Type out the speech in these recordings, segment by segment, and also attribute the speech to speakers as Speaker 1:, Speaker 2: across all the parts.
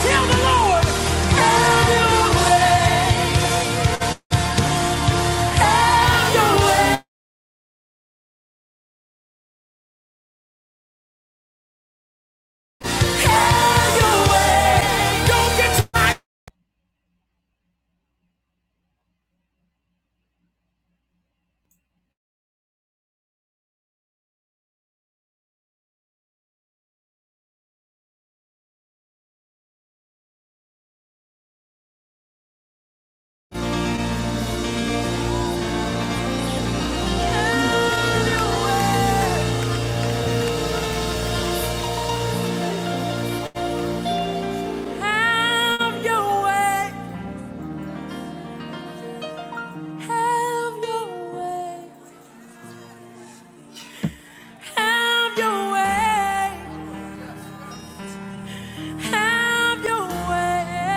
Speaker 1: Tell the Lord, have your way, have your way, have your way. Don't get tired. Have your way, have your way, have your way, have your way, have your way, have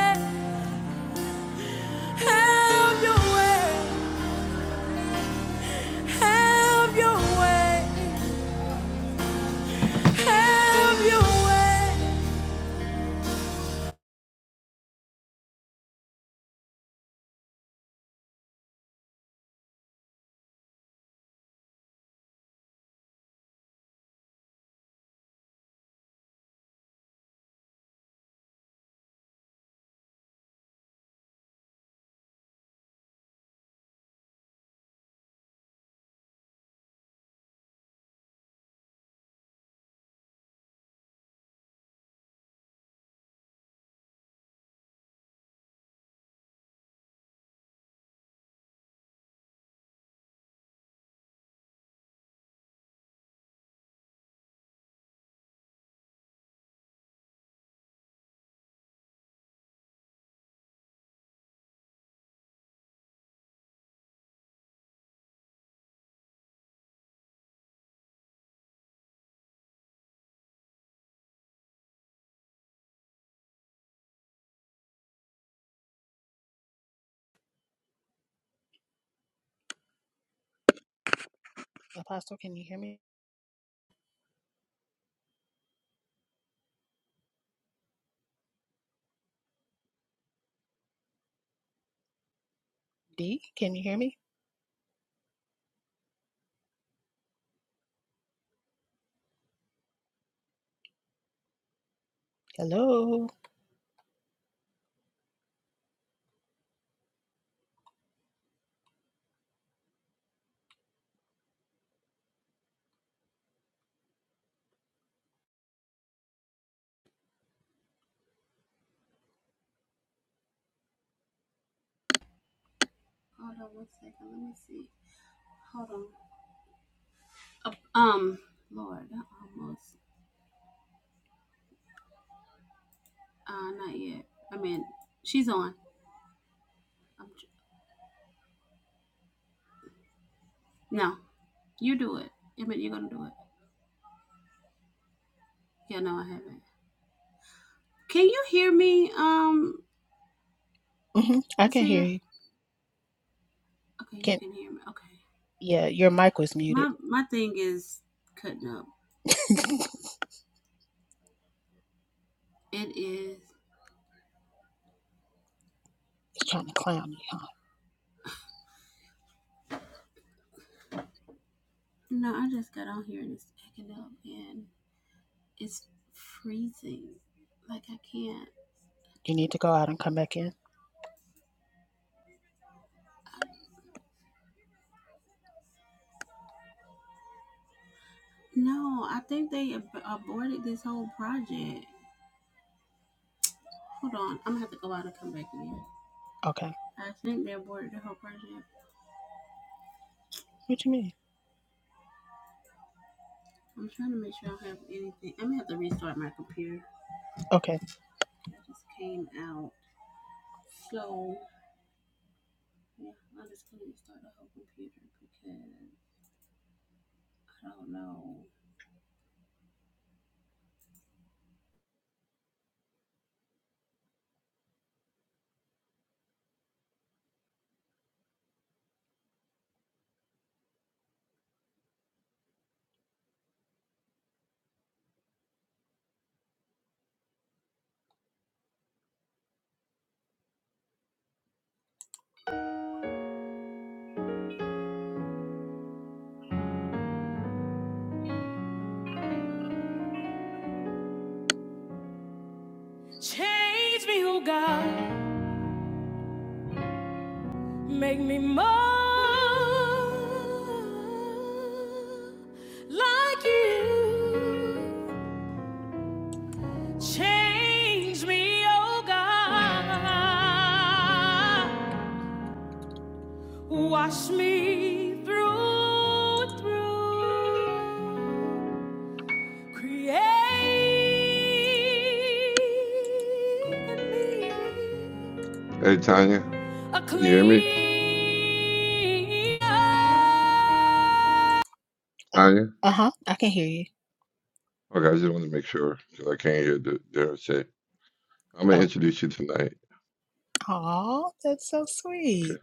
Speaker 1: your way, have your way. have your way.
Speaker 2: Apostle, can you hear me? D, can you hear me? Hello. hmm I can hear you. Can yeah, your mic was muted. trying to clown me, huh? You need to go out and come back in. Okay. What you mean? Okay. Change me, oh God. Make me more like you. Change me, oh God. Wash me through and through. Create in me a clean heart. Oh, uh-huh. I can hear you. Oh. Aw, that's so sweet.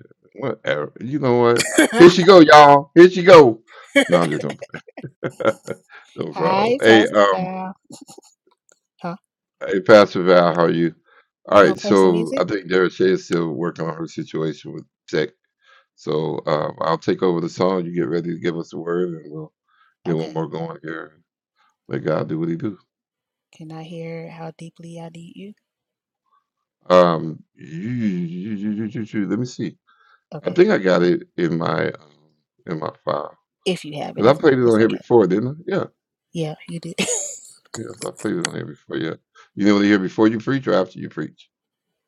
Speaker 2: Hi, Pastor Val. Huh? You gonna play some music? Okay. Can I hear how deeply I need you? Okay. If you have it. If not, it's okay. Yeah, you did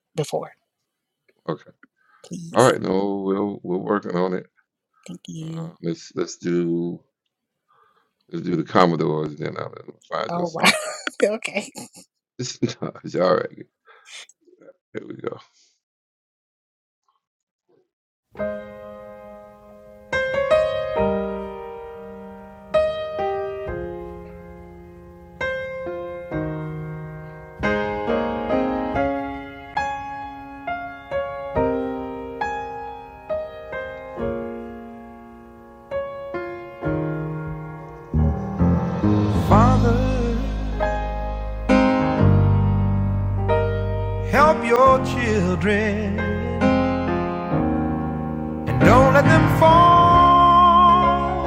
Speaker 2: before. Please. Thank you. Oh wow. okay.
Speaker 3: Father, help your children and don't let them fall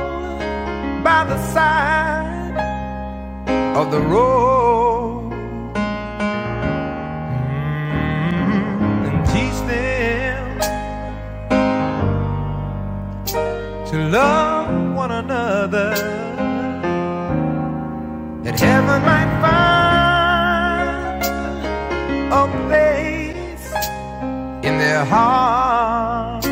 Speaker 3: by the side of the road. Mm, And teach them to love one another that heaven might find a place in their heart.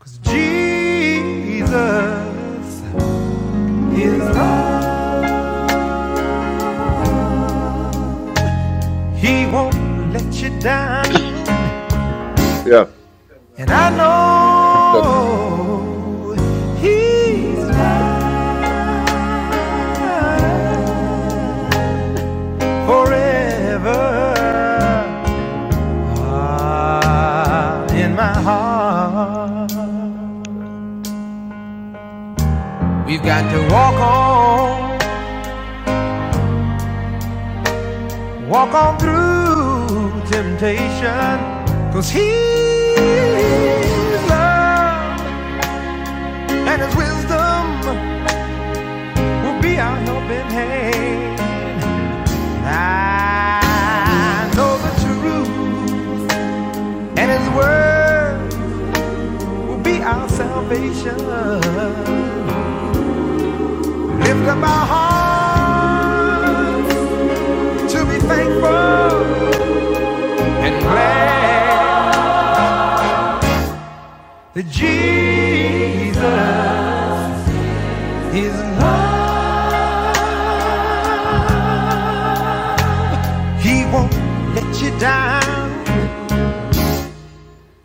Speaker 3: Cause Jesus is love. He won't let you down. And I know He's mine forever Ah, in my heart. We've got to walk on. Walk on through temptation, 'cause cause he's love and his wisdom will be our helping hand. I know the truth, and his word will be our salvation. Lift up our hearts to be thankful, glad that Jesus. His love, He won't let you down.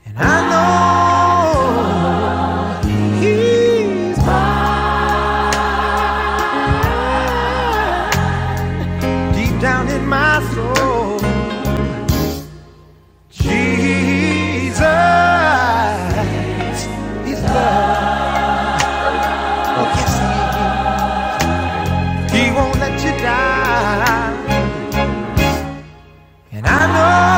Speaker 3: And I know He's mine. deep down in my soul. Jesus, His love, yes, He won't let you down. And I know.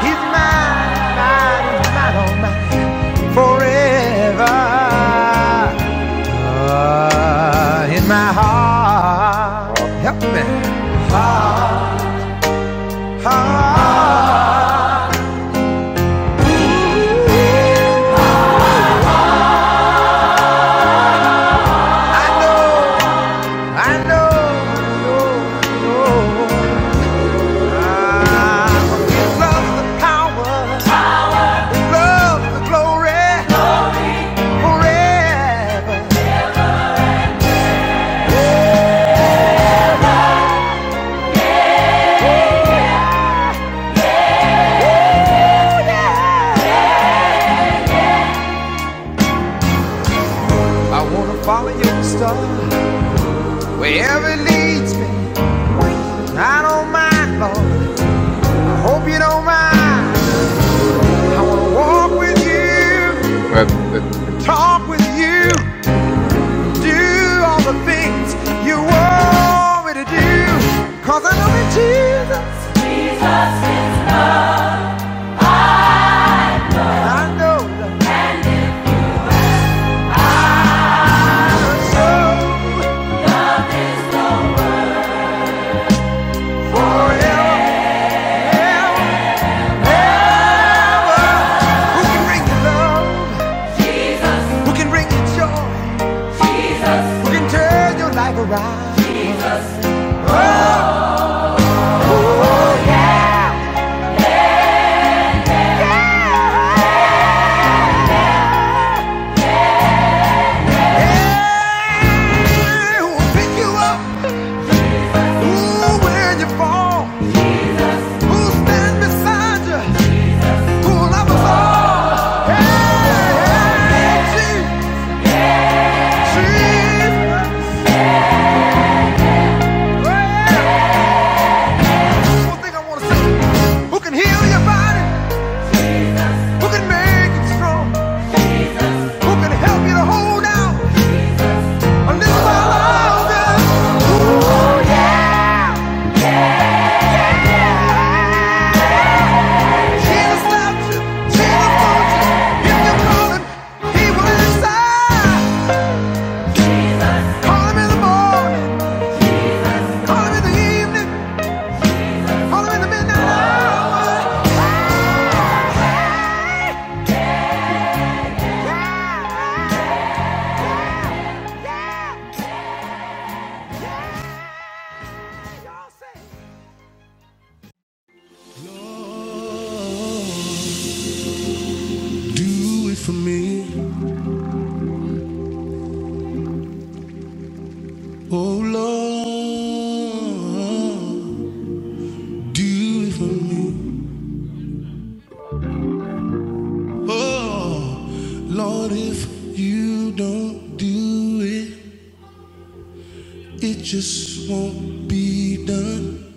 Speaker 3: He's mine, mine, he's mine, oh mine, forever. Ah, in my heart, help me. Heart, heart, heart. I know, I know, know, know. Ah, he loves the power, he loves the glory, forever. I wanna follow your star wherever it leads me. I don't mind, Lord. I hope you don't mind. I want to walk with you, talk with you, do all the things you want me to do. Cause I know that Jesus, I know that I'm so forever, Who can bring you love? Who can bring you joy? Who can turn your life around? Oh, yeah. Yeah, who will pick you up? Ooh, when you fall, who stand beside you? Who love us all? Hey, hey, Jesus. Well, one thing I want to say. Who can heal your body? Who can make it strong? Who can help you to hold out a little while longer? Jesus loves you. Jesus loves you. If you call him, he will answer. Call him in the morning. Call him in the evening. All Do it for me, oh Lord. Do it for me, oh Lord. If you don't do it, it just won't be done.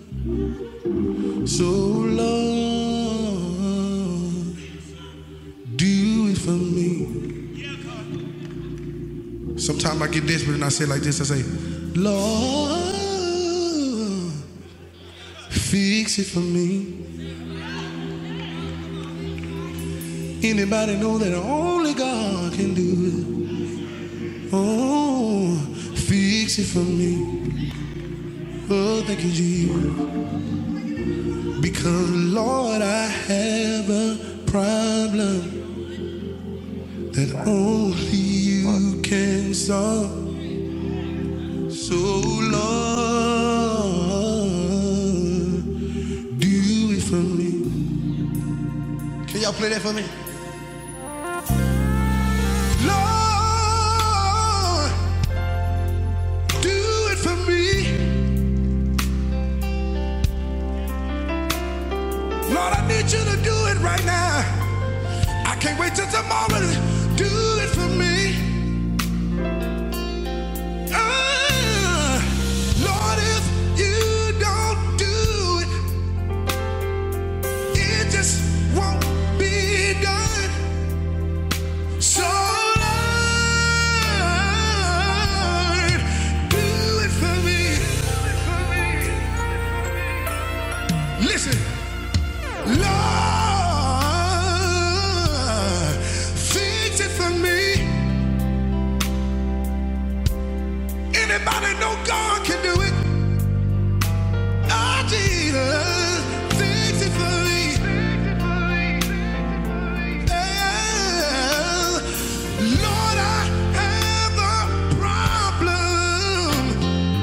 Speaker 3: So Lord, do it for me, Sometimes I get desperate and I say it like this. I say, Lord, fix it for me. Anybody know that only God can do it? Oh, fix it for me. Oh, thank you, Jesus. Because, Lord, I have a problem that only you can solve. So, Lord, do it for me. Can y'all play that for me? Lord, do it for me. Lord, I need you to do it right now. I can't wait till tomorrow. Do it for me. Ah, Lord, if you don't do it, it just won't be done. So, Lord, do it for me. Listen. Lord, fix it for me. Anybody know God can do it? Oh, Jesus, fix it for me. Oh, Lord, I have a problem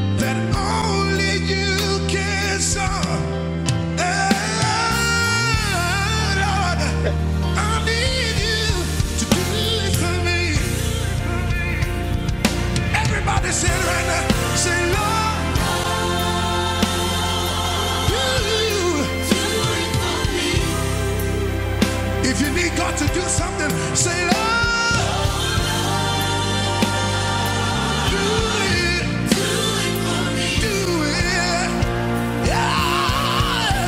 Speaker 3: that only you can solve. Oh, Lord, I need you to do it for me. Everybody say right now, say Lord, you. do it for me. If you need God to do something, say Lord, do it, do it. for me. Do it. Yeah,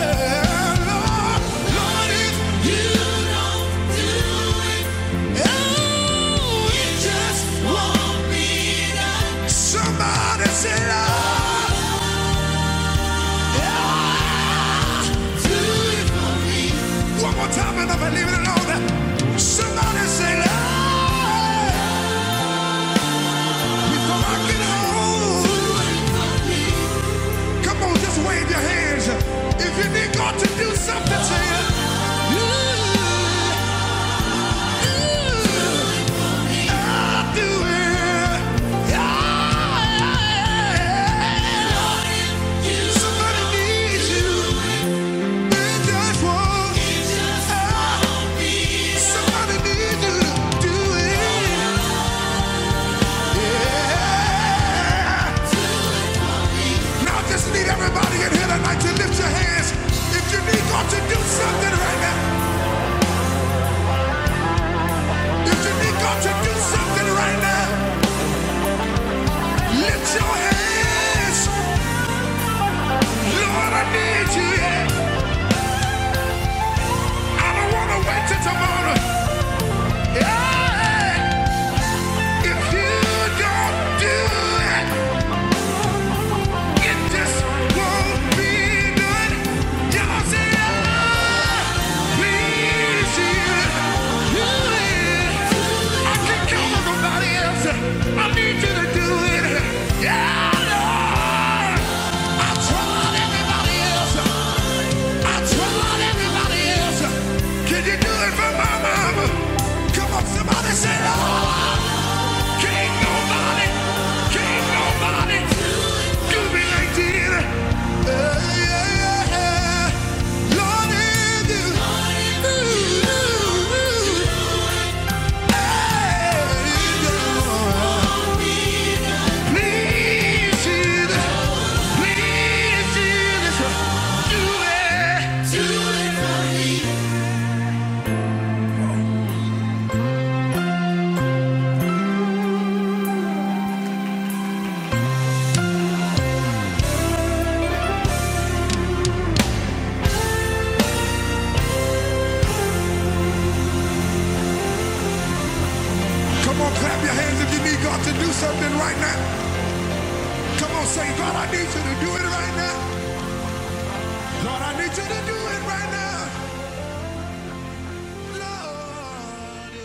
Speaker 3: Lord, Lord, if you, don't do it? oh, you just won't want me to. Somebody say Lord. One more time and I believe it alone. Somebody say, Lord, before I get home. Come on, just wave your hands. If you need God to do something, say it. I'll do it. Yeah. yeah, yeah. Somebody needs you. Tomorrow, yeah. If you don't do it, It just won't be good. Y'all say, "Ah, please, you, I can't count on nobody else. I need you to do it. Yeah, Lord. I tried everybody else. I tried everybody else. Can you do it for my mama? Come on, somebody say, "Ah." Can't nobody, can't nobody do me like you did. Uh, yeah, yeah. Lord, if you, ooh, ooh, ooh, hey, please, Jesus, please, Jesus, do it. Come on, clap your hands if you need God to do something right now. Come on, say, God, I need you to do it right now. Lord, I need you to do it right now. Lord,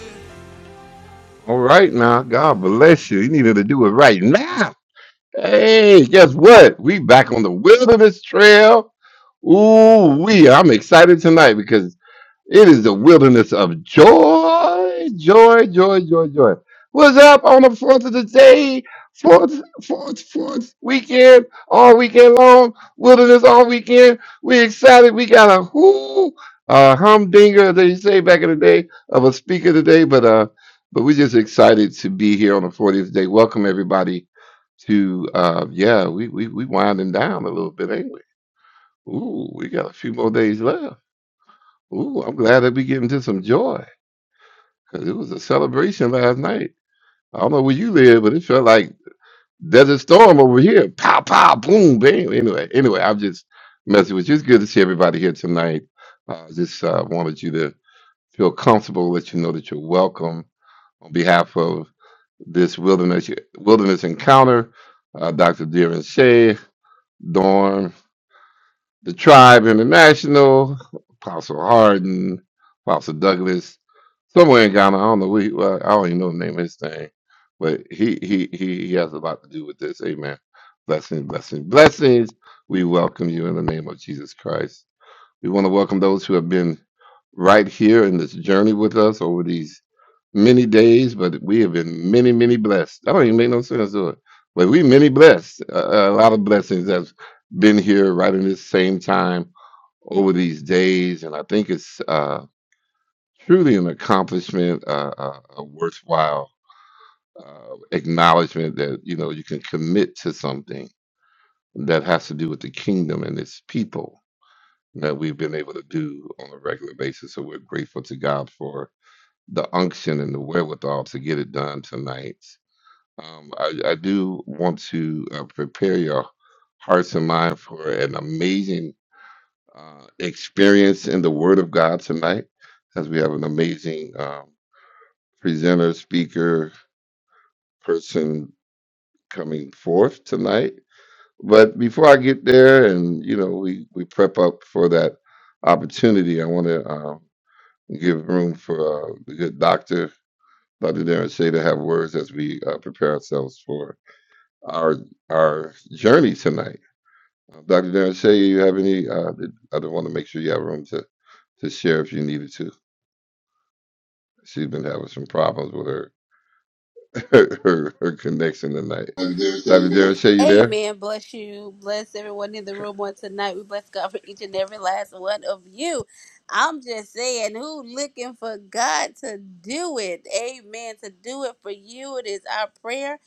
Speaker 4: Happy Davis Day, man. Amen. Bless you. Bless everyone in the room on tonight. We bless God for each and every last one of you. I'm just saying, who looking for God to do it? Amen. To do it for you. It is our prayer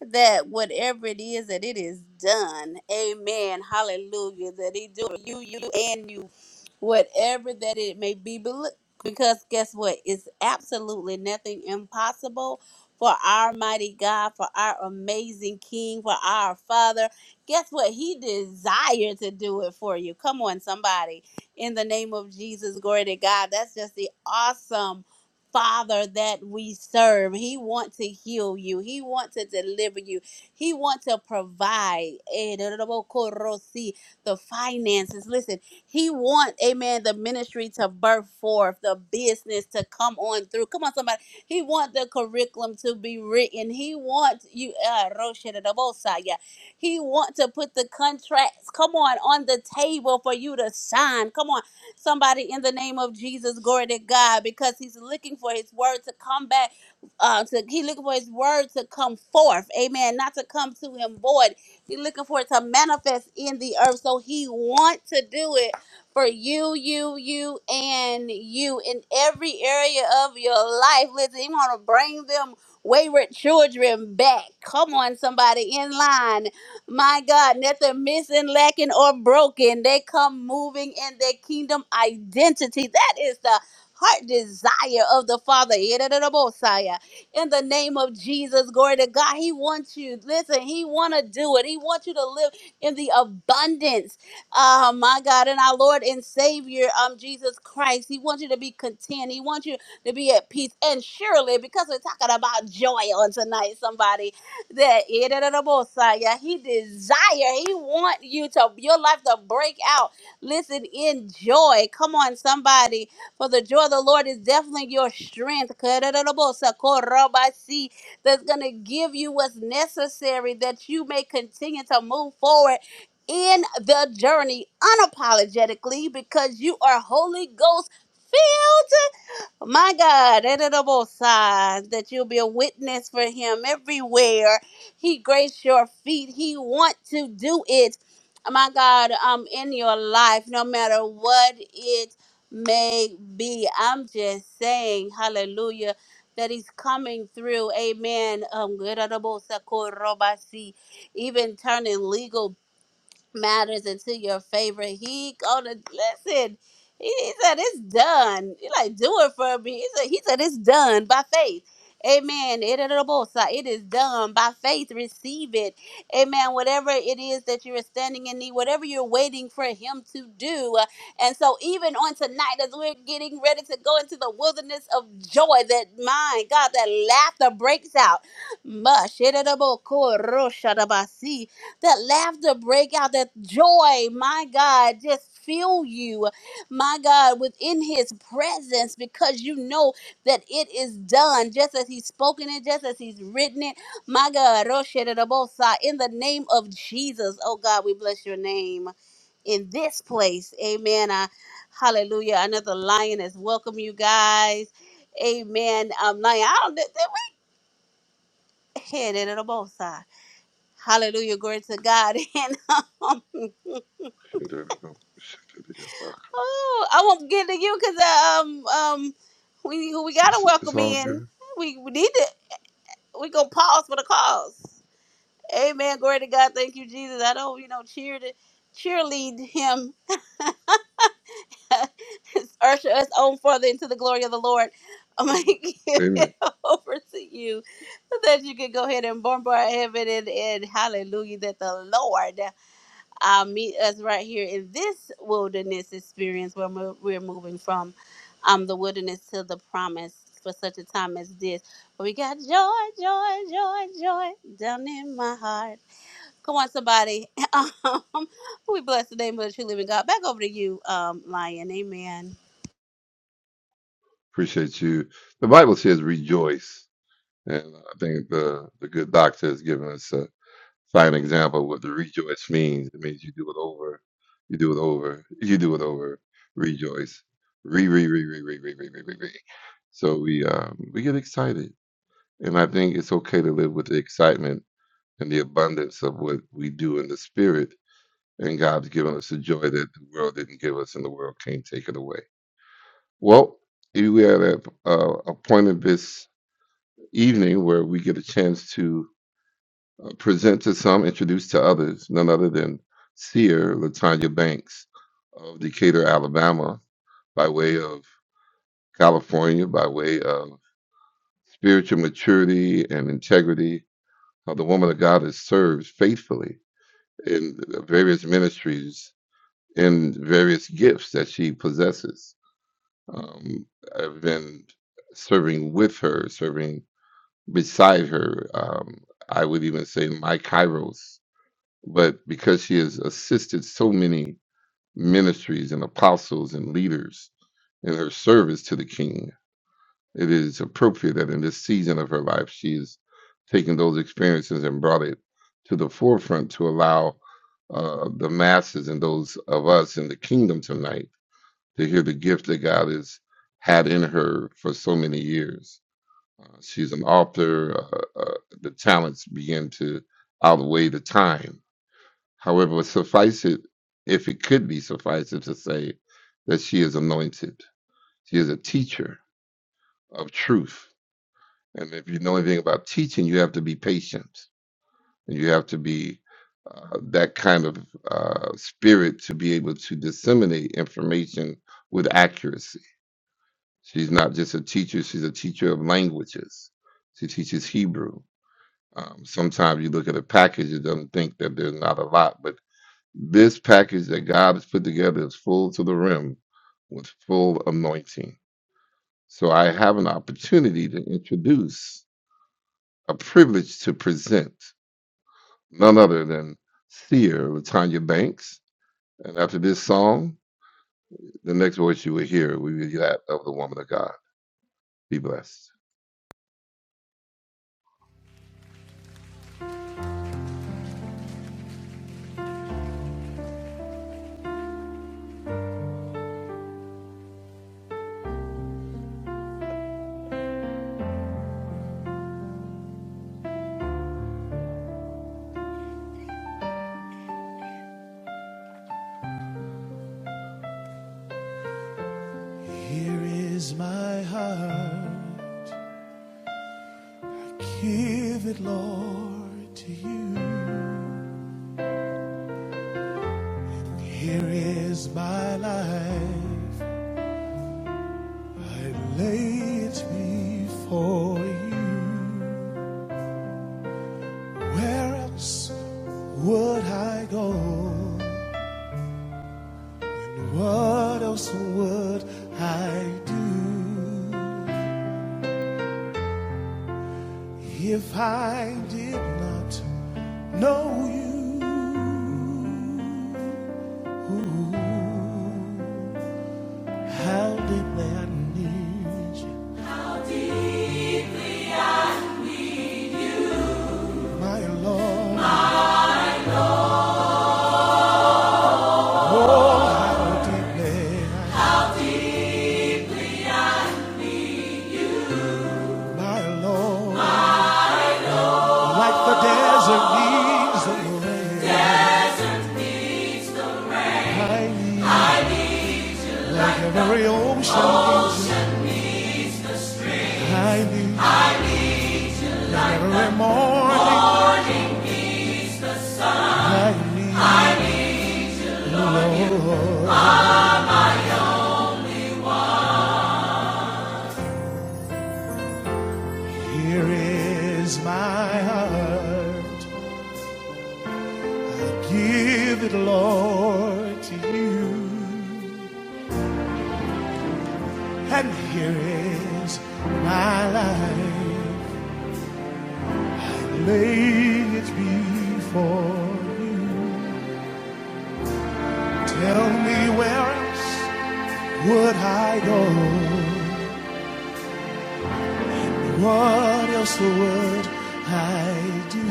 Speaker 4: that whatever it is that it is done. Amen. Hallelujah. That he do it for you, you and you. Whatever that it may be. But look, because guess what? It's absolutely nothing impossible for our mighty God, for our amazing King, for our Father. Guess what? He desired to do it for you. Come on, somebody. In the name of Jesus, glory to God. That's just the awesome Father that we serve. He wants to heal you. He wants to deliver you. He wants to provide eh, the finances. Listen, he wants, amen, the ministry to birth forth, the business to come on through. Come on, somebody. He want the curriculum to be written. He wants you. Uh, Roshadabosaya. he want to put the contracts. Come on, on the table for you to sign. Come on, somebody in the name of Jesus, glory to God, because He's looking for His word to come back. Uh, to He looking for His word to come forth. Amen. Not to come to Him void. He looking for it to manifest in the earth. So He want to do it for you, you, you, and you in every area of your life. Listen, you want to bring them wayward children back. Come on, somebody in line. My God, nothing missing, lacking, or broken. They come moving in their kingdom identity. That is the heart desire of the Father. In the name of Jesus, glory to God. He wants you. Listen, He want to do it. He wants you to live in the abundance uh, my God, and our Lord and Savior, um, Jesus Christ. He wants you to be content. He wants you to be at peace. And surely, because we're talking about joy on tonight, somebody that yeah, He desire, He want you to your life to break out. Listen, in joy. Come on, somebody. For the joy of the Lord is definitely your strength. That's gonna give you what's necessary that you may continue to move forward in the journey unapologetically because you are Holy Ghost. My God, editable signs that you'll be a witness for Him everywhere. He graced your feet. He want to do it. My God, um, in your life, no matter what it may be. I'm just saying, Hallelujah, that He's coming through. Amen. Um, editable sakorobasi, even turning legal matters into your favor. He gonna listen. He he said it's done. He like do it for me. He said, he said it's done by faith. Amen. It it- it- both side. It is done by faith. Receive it. Amen. Whatever it is that you are standing in need, whatever you're waiting for Him to do. Uh, And so, even on tonight, as we're getting ready to go into the wilderness of joy, that my God, that laughter breaks out. Mush. It it- it- both that laughter break out, that joy, my God, just fill you, my God, within his presence because you know that it is done just as he's spoken it, just as he's written it. My God, Roshedebosa, in the name of Jesus, oh God, we bless your name in this place. Amen. I, hallelujah. Another lion has welcome you guys. Amen. Um, lion, I don't, did, did we? Hededebosa. Hallelujah. Glory to God. And um, Oh, I won't get to you because um um we we gotta welcome in. We, we need to we gonna pause for the cause. Amen. Glory to God. Thank you, Jesus. I don't you know cheer to cheerlead him, usher us on further into the glory of the Lord. I'm gonna give it over to you so that you can go ahead and bombard heaven and, and hallelujah that the Lord. uh, meet us right here in this wilderness experience where mo- we're moving from um, the wilderness to the promise for such a time as this. But we got joy, joy, joy, joy down in my heart. Come on, somebody. um, we bless the name of the true living God. Back over to you, um, Lion. Amen.
Speaker 3: here is my heart. Give it, Lord, to you. Here is my life. I lay it before you. Where else would I go? What else would I do if I did not know you? How deeply I need you, my Lord. Oh, how deeply I my Lord. Like the desert needs the rain. I need, like every ocean I need, like every morning. I need, Lord. Here is my heart. I give it, Lord, to you. And here is my life, laying it before you. Tell me where else would I go? What else would I do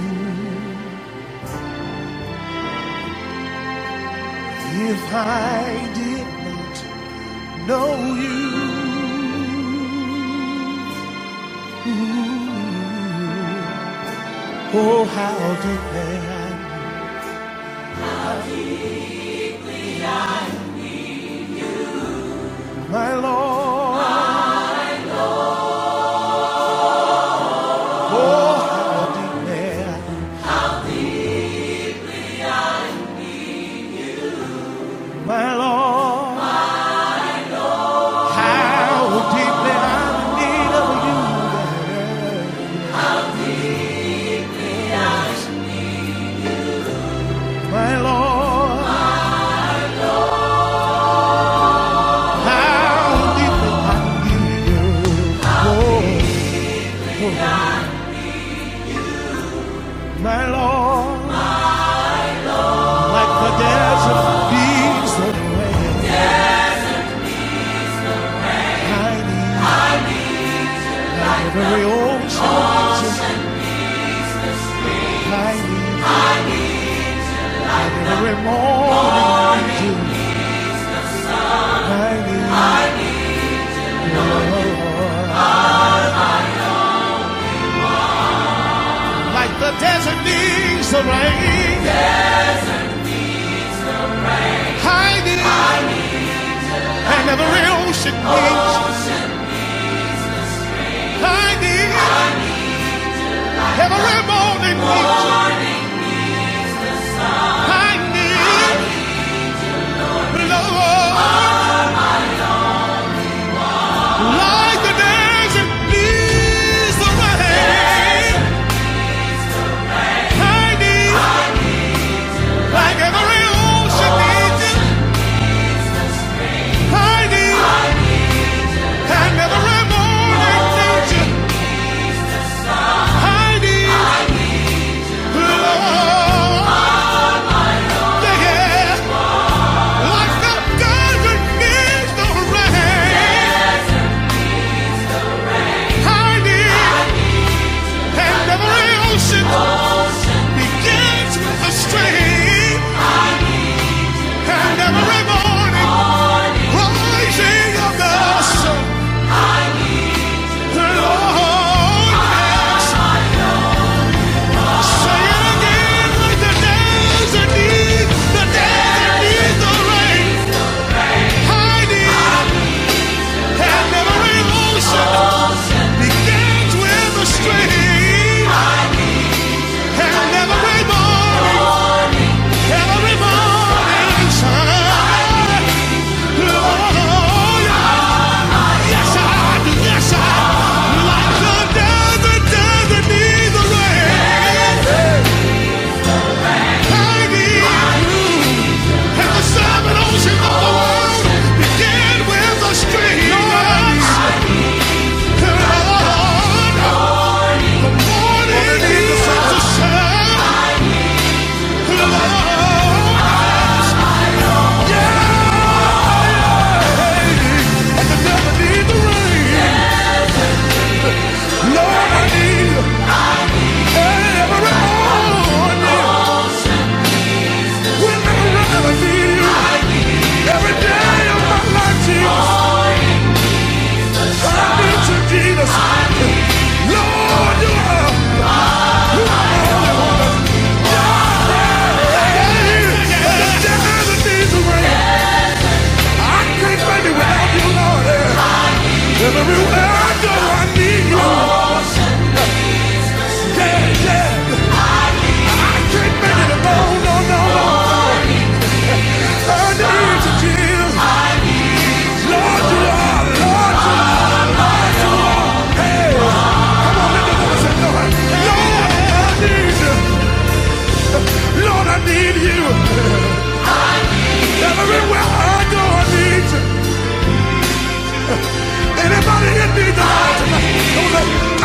Speaker 3: if I did not know you? Oh, how deep, my Lord. Oh, how deep My Lord, how deeply I'm in need of you. yeah. My Lord, how deeply I need you. Oh, my Lord, like the desert beats the rain. I need every ocean, I need every morning. I need you, Lord. Like the desert needs the rain, I need I never real ocean needs you, I need every morning needs. you, I need love like the desert needs the rain. I need like every ocean needs you, I need and every morning needs you, I need love, yeah, like the desert needs the rain. I need and every ocean. begins with a strain, and every morning rising of the sun, the Lord is saying again, like the days that need, the days that need the rain, hiding, and every ocean begins with a strain, and every morning, every morning sun, the shine. Yes, I do. Yes, I. Like the desert, desert needs a rain. I need you. And the seven oceans of the world begin with a string of Lord, morning needs a sun. Lord, yeah. And the devil needs the rain. Lord, I need you every morning. I need you. Every day of my life, Jesus, I need you, Jesus. Lord, you are you are the only one. Yeah, the time that needs a I can't make it without you, Lord. Yeah. everywhere I go, I need you. Yeah, yeah. Can't make it alone, no, no, no. no, I need you, Jesus. Lord, you are, Lord, you are. Lord, Lord, I need you. Lord, I need you. Everywhere I go, I need you. Anybody in me died tonight? Don't let me.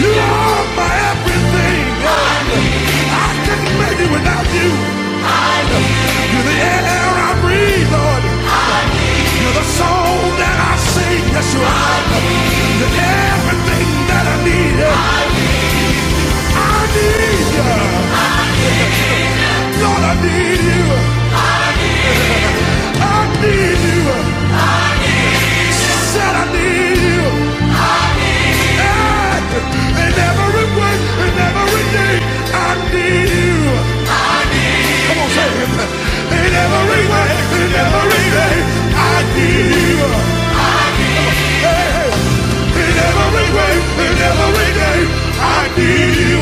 Speaker 3: You are my everything. Couldn't make it without you. You're the air I breathe, Lord. You're the song that I sing. Yes, you are. You're everything that I need. I need you. Lord, I need you. I need you. Said I need you. And in every way, in every day, I need you. Come on, say it. In every way, in every day, I need you. In every way, in every day, I need you.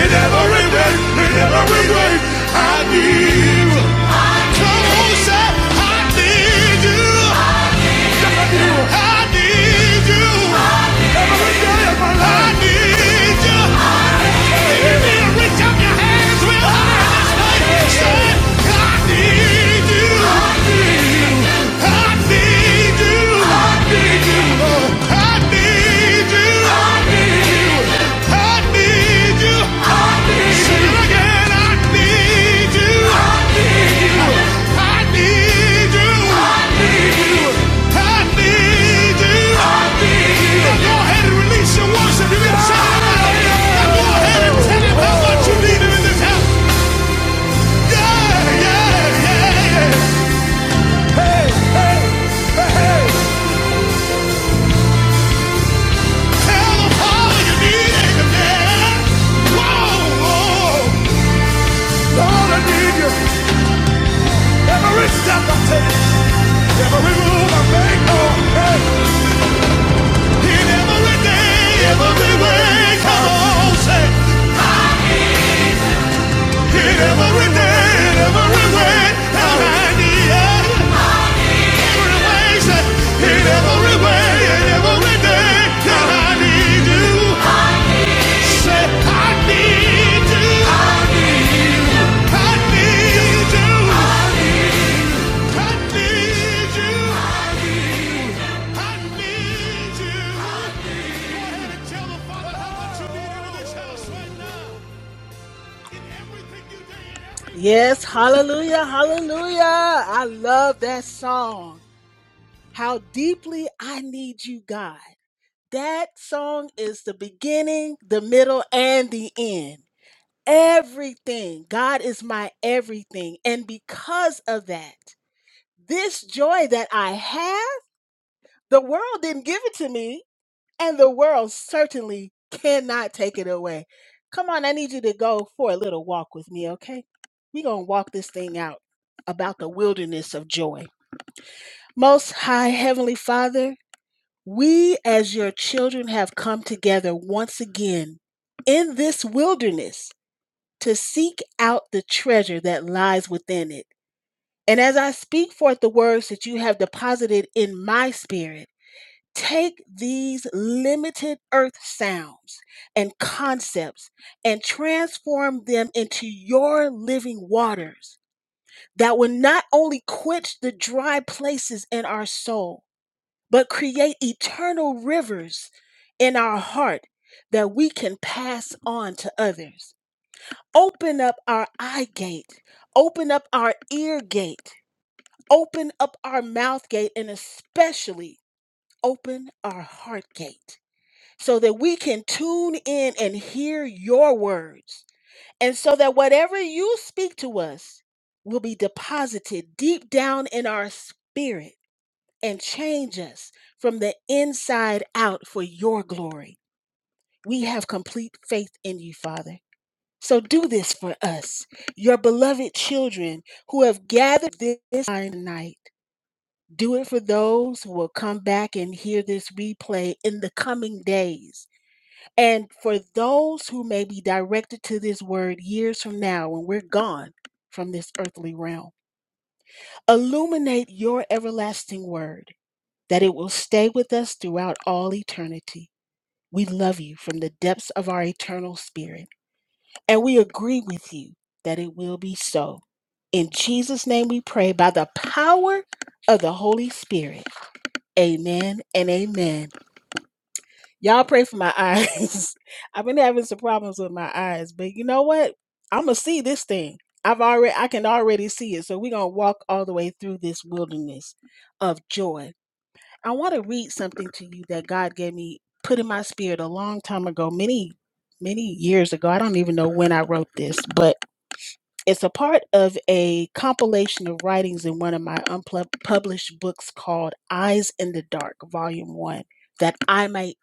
Speaker 3: In every way, in every way, I need you. Come on, say, I need you. Yes, I need you. I need you. I need you need to reach up your hands real high this way, say, I need you. Yeah, yeah, yeah. yeah. Tell them all you need in the Whoa, Lord, I need you. Every step, every move I make, oh. In every day, every way, come on, say. In every day, every way, Lord, I need you. Every way, say. In every way, in every day, Lord, I need you. Say, I need you. I need you. I need you. right
Speaker 2: Yes, hallelujah, hallelujah. I love that song. How deeply I need you, God. That song is the beginning, the middle, and the end. Everything. God is my everything. And because of that, this joy that I have, the world didn't give it to me. and the world certainly cannot take it away. Come on, I need you to go for a little walk with me, okay? We're going to walk this thing out about the wilderness of joy. Most High Heavenly Father, we as your children have come together once again in this wilderness to seek out the treasure that lies within it. And as I speak forth the words that you have deposited in my spirit, Take these limited earth sounds and concepts and transform them into your living waters that will not only quench the dry places in our soul, but create eternal rivers in our heart that we can pass on to others. Open up our eye gate, open up our ear gate, open up our mouth gate, and especially open our heart gate so that we can tune in and hear your words. And so that whatever you speak to us will be deposited deep down in our spirit and change us from the inside out for your glory. We have complete faith in you, Father. So do this for us, your beloved children who have gathered this night. Do it for those who will come back and hear this replay in the coming days and for those who may be directed to this word years from now when we're gone from this earthly realm, illuminate your everlasting word that it will stay with us throughout all eternity. We love you from the depths of our eternal spirit, and we agree with you that it will be so. In Jesus' name we pray by the power of the Holy Spirit. Amen and amen. Y'all pray for my eyes. I've been having some problems with my eyes, but you know what? I'm gonna see this thing. I've already I can already see it. So we're gonna walk all the way through this wilderness of joy. I want to read something to you that God gave me put in my spirit a long time ago, many many years ago. I don't even know when I wrote this, but it's a part of a compilation of writings in one of my unpublished books called Eyes in the Dark, Volume 1, that I might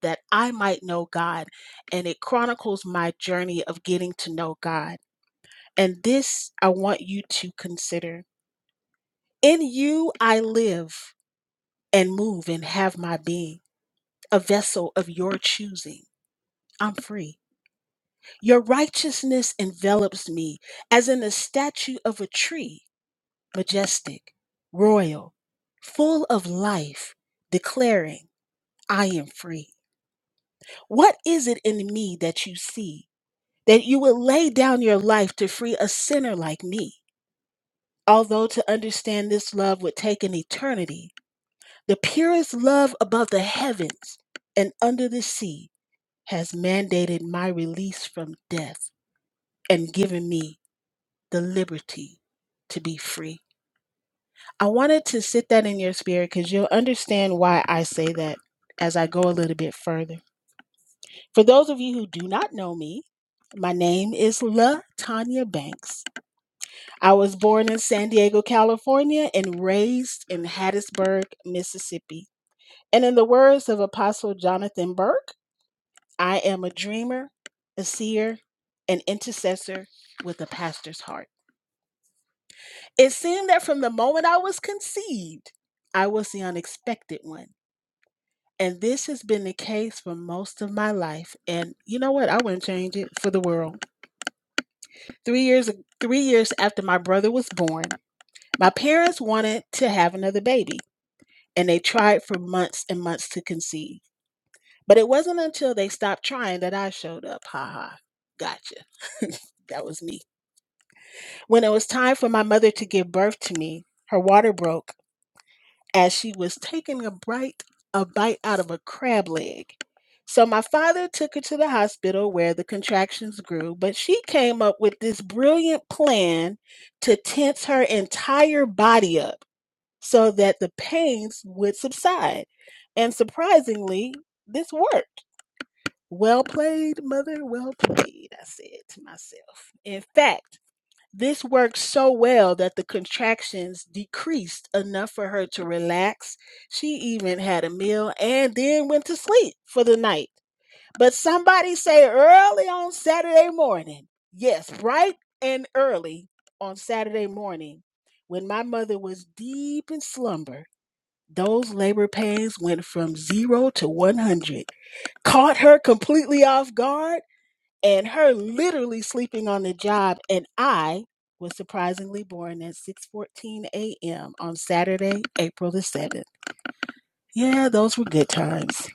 Speaker 2: that I might know God, and it chronicles my journey of getting to know God. And this I want you to consider. In you I live and move and have my being, a vessel of your choosing. I'm free. Your righteousness envelops me as in the statue of a tree. majestic, royal, full of life, declaring, I am free. What is it in me that you see that you would lay down your life to free a sinner like me? Although to understand this love would take an eternity, the purest love above the heavens and under the sea has mandated my release from death and given me the liberty to be free. I wanted to sit that in your spirit because you'll understand why I say that as I go a little bit further. For those of you who do not know me, my name is La Tanya Banks. I was born in San Diego, California, and raised in Hattiesburg, Mississippi. And in the words of Apostle Jonathan Burke, I am a dreamer, a seer, an intercessor with a pastor's heart. It seemed that from the moment I was conceived, I was the unexpected one And this has been the case for most of my life. And you know what? I wouldn't change it for the world. Three years, three years after my brother was born, my parents wanted to have another baby, and they tried for months and months to conceive. But it wasn't until they stopped trying that I showed up. Ha ha. Gotcha. that was me. When it was time for my mother to give birth to me, her water broke as she was taking a bite, a bite out of a crab leg. So my father took her to the hospital where the contractions grew, but she came up with this brilliant plan to tense her entire body up so that the pains would subside. And surprisingly, this worked. Well played, mother, well played, I said to myself. In fact, this worked so well that the contractions decreased enough for her to relax. She even had a meal and then went to sleep for the night. But somebody say early on Saturday morning, yes, bright and early on Saturday morning, when my mother was deep in slumber, those labor pains went from zero to 100, caught her completely off guard and her literally sleeping on the job and i was surprisingly born at 6:14 a.m. on Saturday, April the 7th. Yeah, those were good times.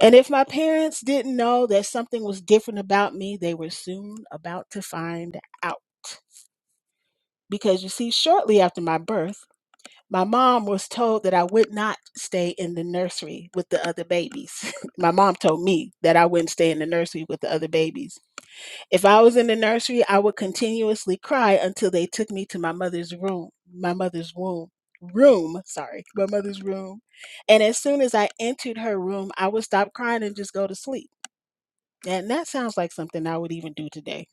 Speaker 2: And if my parents didn't know that something was different about me, they were soon about to find out. Because you see, shortly after my birth, my mom was told that I would not stay in the nursery with the other babies. my mom told me that I wouldn't stay in the nursery with the other babies If I was in the nursery, I would continuously cry until they took me to my mother's room, my mother's womb, room, sorry, my mother's room. And as soon as I entered her room, I would stop crying and just go to sleep. And that sounds like something I would even do today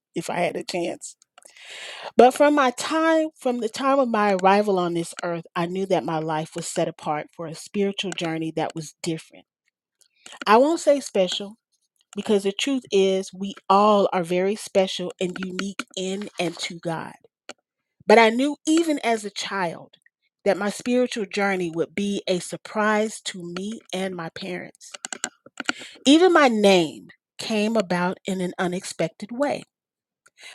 Speaker 2: if I had a chance. But from my time, from the time of my arrival on this earth, I knew that my life was set apart for a spiritual journey that was different. I won't say special Because the truth is, we all are very special and unique in and to God. But I knew even as a child that my spiritual journey would be a surprise to me and my parents. Even my name came about in an unexpected way.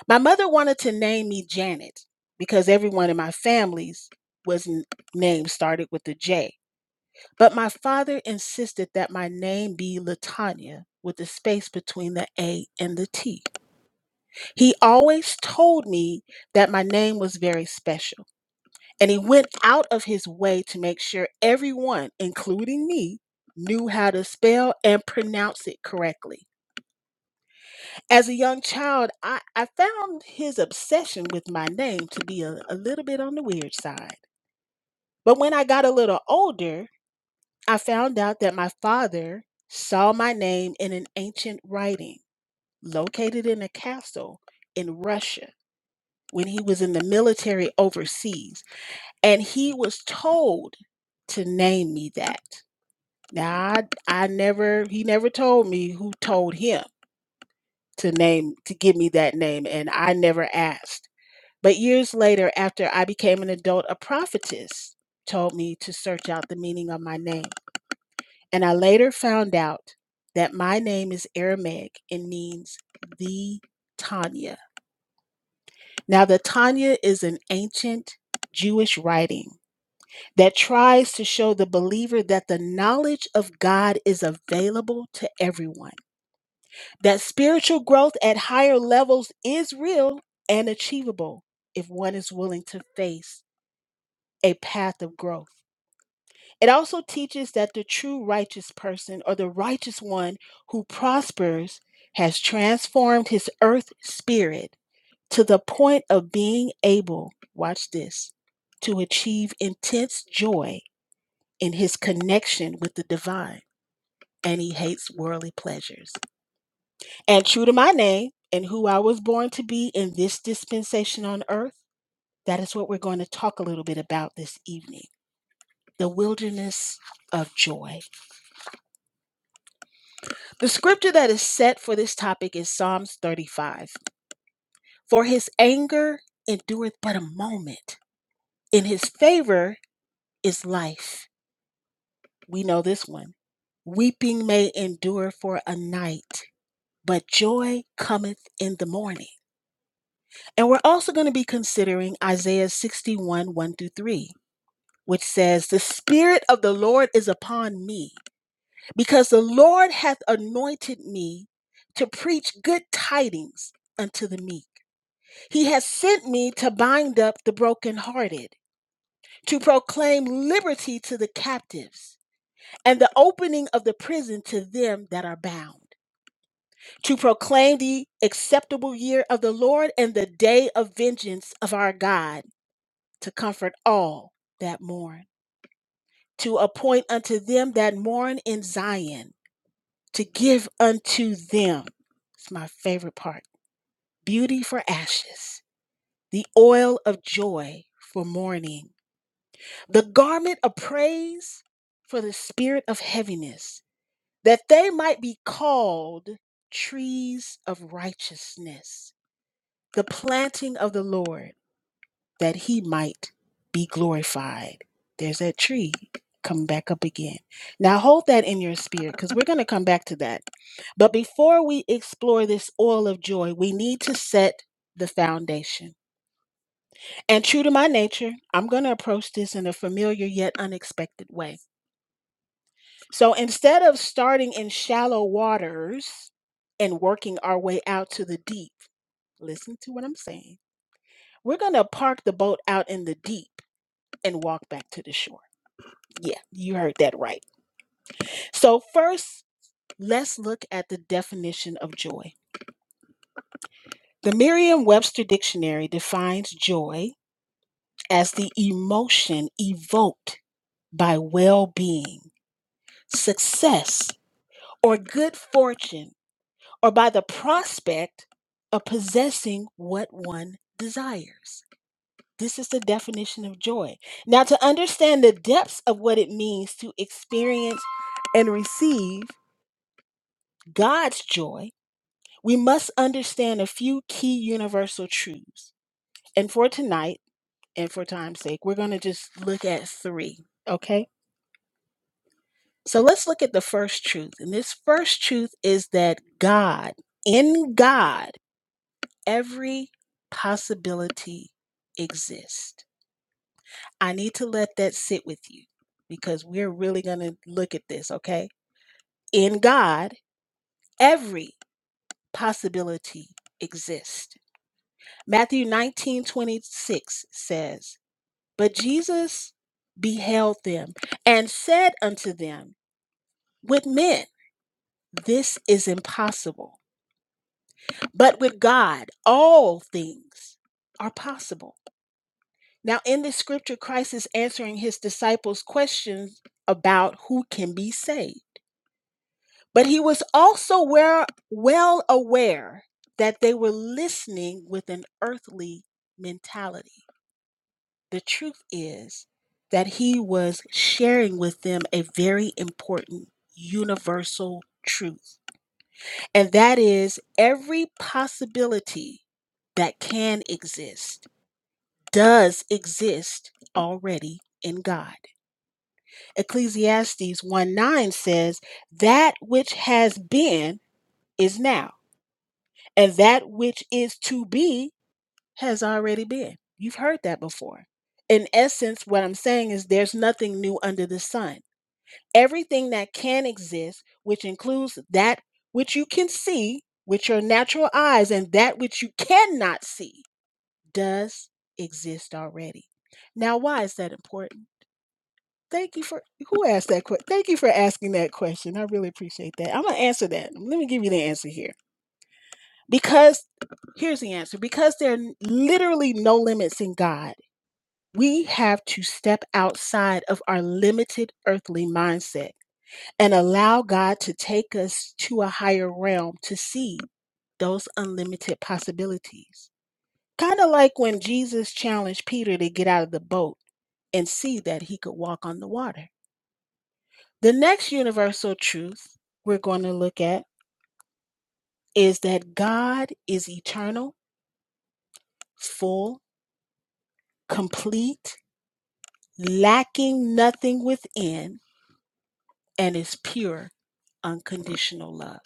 Speaker 2: My mother wanted to name me Janet because everyone in my family's was n- name started with a J. But my father insisted that my name be Latanya with a space between the A and the T. He always told me that my name was very special, and he went out of his way to make sure everyone, including me, knew how to spell and pronounce it correctly. As a young child, I, I found his obsession with my name to be a, a little bit on the weird side. But when I got a little older, I found out that my father saw my name in an ancient writing located in a castle in Russia when he was in the military overseas and he was told to name me that now i i never he never told me who told him to name to give me that name and i never asked but years later after i became an adult a prophetess told me to search out the meaning of my name and i later found out that my name is aramaic and means the tanya now the tanya is an ancient jewish writing that tries to show the believer that the knowledge of God is available to everyone, that spiritual growth at higher levels is real and achievable if one is willing to face a path of growth. It also teaches that the true righteous person or the righteous one who prospers has transformed his earth spirit to the point of being able, watch this, to achieve intense joy in his connection with the divine, and he hates worldly pleasures. And true to my name and who I was born to be in this dispensation on earth, that is what we're going to talk a little bit about this evening the wilderness of joy. The scripture that is set for this topic is Psalms 35. For his anger endureth but a moment, in his favor is life. We know this one. Weeping may endure for a night but joy cometh in the morning. And we're also going to be considering Isaiah 61 1 through 3, which says, The Spirit of the Lord is upon me, because the Lord hath anointed me to preach good tidings unto the meek. He has sent me to bind up the brokenhearted, to proclaim liberty to the captives, and the opening of the prison to them that are bound to proclaim the acceptable year of the Lord and the day of vengeance of our God, to comfort all that mourn, to appoint unto them that mourn in Zion, to give unto them, it's my favorite part, beauty for ashes, the oil of joy for mourning, the garment of praise for the spirit of heaviness, that they might be called trees of righteousness the planting of the Lord, that he might be glorified. There's that tree come back up again. Now hold that in your spirit because we're going to come back to that. But before we explore this oil of joy, we need to set the foundation. And true to my nature, I'm going to approach this in a familiar yet unexpected way. So instead of starting in shallow waters and working our way out to the deep, listen to what I'm saying. We're going to park the boat out in the deep and walk back to the shore. Yeah, you heard that right. So, first, let's look at the definition of joy. The Merriam Webster Dictionary defines joy as the emotion evoked by well being, success, or good fortune, or by the prospect of possessing what one desires. This is the definition of joy. Now, to understand the depths of what it means to experience and receive, God's joy, we must understand a few key universal truths. And for tonight, and for time's sake, we're going to just look at three, okay? So let's look at the first truth. And this first truth is that God, in God, every possibility exists. I need to let that sit with you because we're really going to look at this, okay? In God, every possibility exists. Matthew 19 26 says, But Jesus beheld them and said unto them, With men this is impossible, but with God all things are possible. Now, in this scripture, Christ is answering his disciples' questions about who can be saved. But he was also well aware that they were listening with an earthly mentality. The truth is that he was sharing with them a very important universal truth, and that is every possibility that can exist does exist already in God. Ecclesiastes 1 9 says, That which has been is now, and that which is to be has already been. You've heard that before. In essence, what I'm saying is there's nothing new under the sun. Everything that can exist, which includes that which you can see with your natural eyes and that which you cannot see, does exist already. Now, why is that important? Thank you for who asked that question. Thank you for asking that question. I really appreciate that. I'm gonna answer that. Let me give you the answer here. Because here's the answer. Because there are literally no limits in God, we have to step outside of our limited earthly mindset and allow God to take us to a higher realm to see those unlimited possibilities. Kind of like when Jesus challenged Peter to get out of the boat and see that he could walk on the water. The next universal truth we're going to look at is that God is eternal, full, complete, lacking nothing within, and is pure, unconditional love.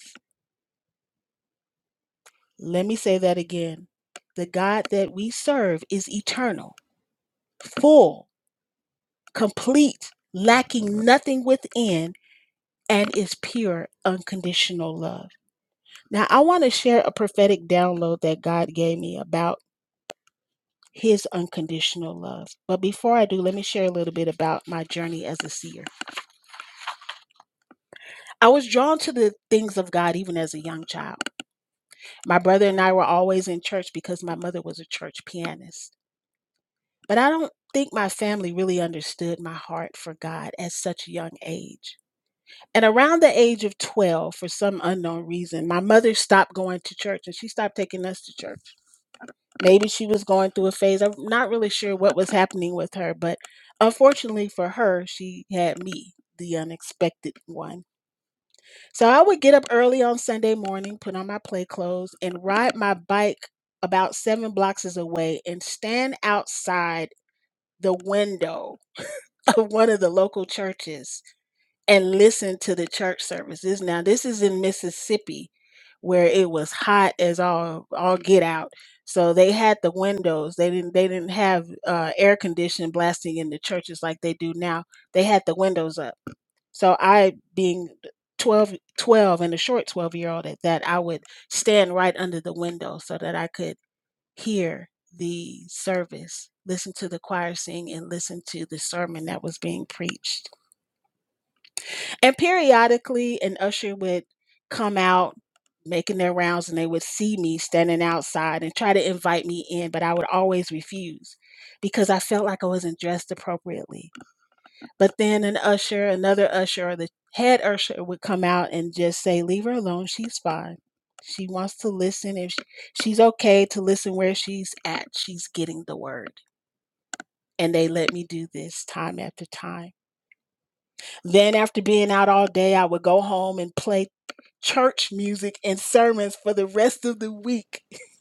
Speaker 2: Let me say that again. The God that we serve is eternal full, complete, lacking nothing within, and is pure, unconditional love. Now, I want to share a prophetic download that God gave me about His unconditional love. But before I do, let me share a little bit about my journey as a seer. I was drawn to the things of God even as a young child. My brother and I were always in church because my mother was a church pianist. But I don't think my family really understood my heart for God at such a young age. And around the age of 12, for some unknown reason, my mother stopped going to church and she stopped taking us to church. Maybe she was going through a phase. I'm not really sure what was happening with her, but unfortunately for her, she had me, the unexpected one. So I would get up early on Sunday morning, put on my play clothes, and ride my bike about seven blocks away and stand outside the window of one of the local churches and listen to the church services. Now, this is in Mississippi where it was hot as all all get out. So they had the windows. They didn't they didn't have uh, air conditioning blasting in the churches like they do now. They had the windows up. So I being 12, 12 and a short 12 year old at that, I would stand right under the window so that I could hear the service, listen to the choir sing and listen to the sermon that was being preached. And periodically, an usher would come out making their rounds and they would see me standing outside and try to invite me in, but I would always refuse because I felt like I wasn't dressed appropriately. But then an usher, another usher, or the head usher would come out and just say, Leave her alone. She's fine. She wants to listen. If sh- she's okay to listen where she's at, she's getting the word. And they let me do this time after time then, after being out all day, I would go home and play church music and sermons for the rest of the week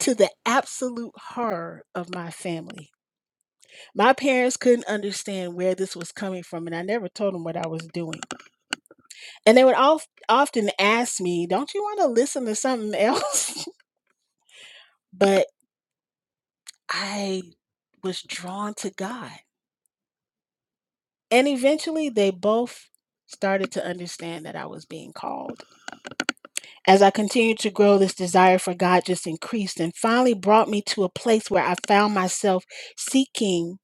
Speaker 2: to the absolute horror of my family. My parents couldn't understand where this was coming from, and I never told them what I was doing. And they would of- often ask me, Don't you want to listen to something else? but I was drawn to God. And eventually, they both started to understand that I was being called. As I continued to grow, this desire for God just increased and finally brought me to a place where I found myself seeking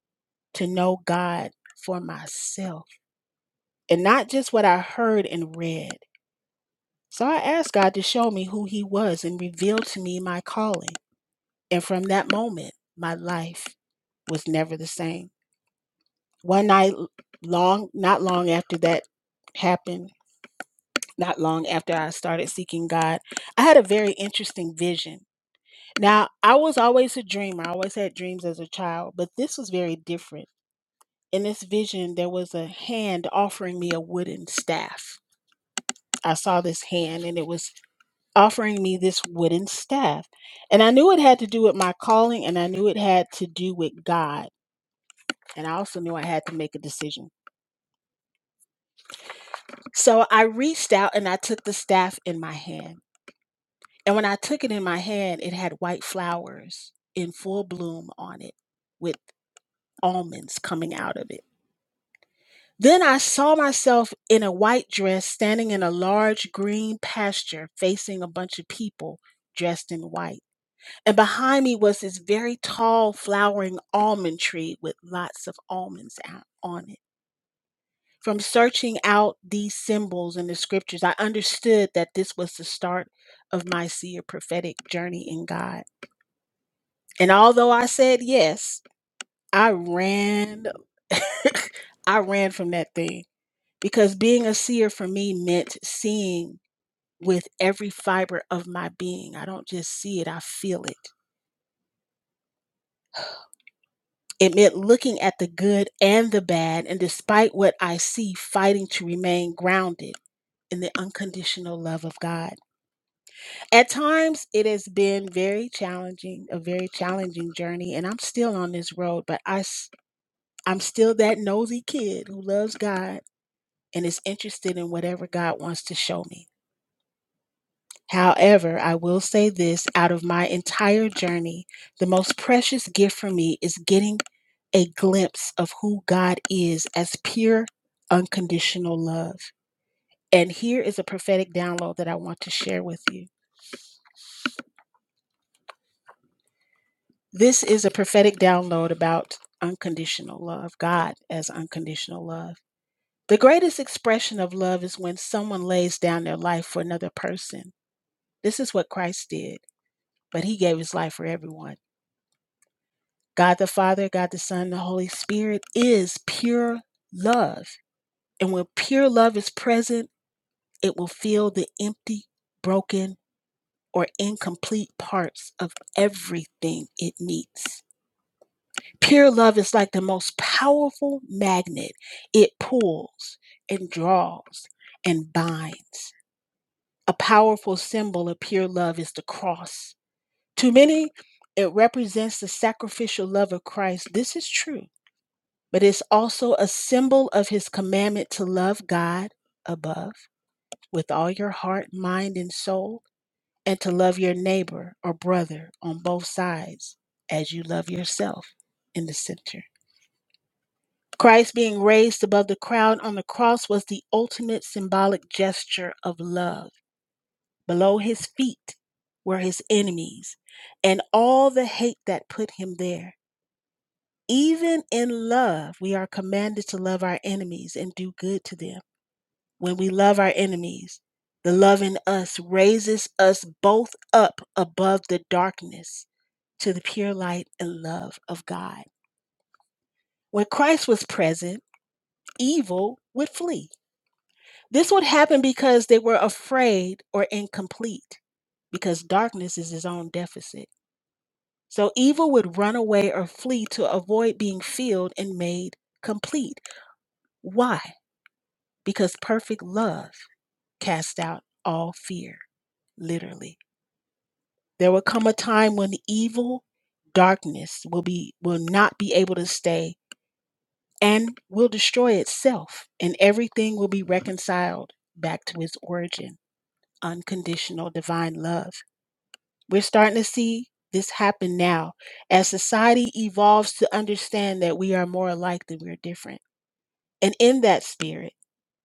Speaker 2: to know God for myself and not just what I heard and read. So I asked God to show me who He was and reveal to me my calling. And from that moment, my life was never the same. One night, long, not long after that happened, not long after I started seeking God, I had a very interesting vision. Now, I was always a dreamer. I always had dreams as a child, but this was very different. In this vision, there was a hand offering me a wooden staff. I saw this hand and it was offering me this wooden staff. And I knew it had to do with my calling and I knew it had to do with God. And I also knew I had to make a decision. So I reached out and I took the staff in my hand. And when I took it in my hand, it had white flowers in full bloom on it with almonds coming out of it. Then I saw myself in a white dress standing in a large green pasture facing a bunch of people dressed in white. And behind me was this very tall flowering almond tree with lots of almonds out on it. From searching out these symbols in the scriptures, I understood that this was the start of my seer prophetic journey in God. And although I said yes, I ran I ran from that thing because being a seer for me meant seeing with every fiber of my being. I don't just see it, I feel it. It meant looking at the good and the bad, and despite what I see, fighting to remain grounded in the unconditional love of God. At times, it has been very challenging, a very challenging journey, and I'm still on this road, but I, i s- I'm still that nosy kid who loves God and is interested in whatever God wants to show me. However, I will say this out of my entire journey, the most precious gift for me is getting a glimpse of who God is as pure, unconditional love. And here is a prophetic download that I want to share with you. This is a prophetic download about unconditional love, God as unconditional love. The greatest expression of love is when someone lays down their life for another person. This is what Christ did, but he gave his life for everyone. God the Father, God the Son, the Holy Spirit is pure love. And when pure love is present, it will fill the empty, broken, or incomplete parts of everything it meets. Pure love is like the most powerful magnet. It pulls and draws and binds. A powerful symbol of pure love is the cross. To many, it represents the sacrificial love of Christ. This is true but it's also a symbol of his commandment to love God above with all your heart, mind, and soul, and to love your neighbor or brother on both sides as you love yourself in the center. Christ being raised above the crowd on the cross was the ultimate symbolic gesture of love. Below his feet were his enemies and all the hate that put him there. Even in love, we are commanded to love our enemies and do good to them When we love our enemies, the love in us raises us both up above the darkness to the pure light and love of God. When Christ was present, evil would flee. This would happen because they were afraid or incomplete, because darkness is his own deficit. So evil would run away or flee to avoid being filled and made complete. Why? Because perfect love casts out all fear, literally. There will come a time when evil, darkness will be will not be able to stay and will destroy itself, and everything will be reconciled back to its origin, unconditional divine love. We're starting to see this happen now as society evolves to understand that we are more alike than we're different. And in that spirit,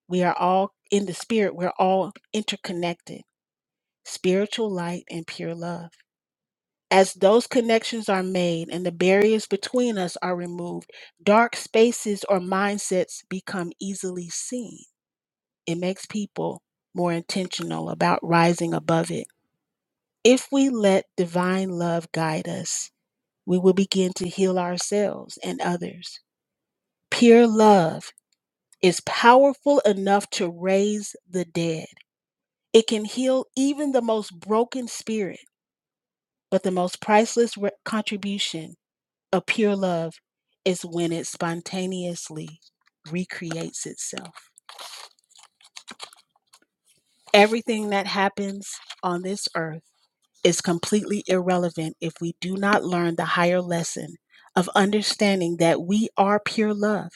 Speaker 2: we are all in the spirit, we're all interconnected. Spiritual light and pure love. As those connections are made and the barriers between us are removed, dark spaces or mindsets become easily seen. It makes people more intentional about rising above it. If we let divine love guide us, we will begin to heal ourselves and others. Pure love is powerful enough to raise the dead. It can heal even the most broken spirit, but the most priceless re- contribution A pure love is when it spontaneously recreates itself. Everything that happens on this earth is completely irrelevant if we do not learn the higher lesson of understanding that we are pure love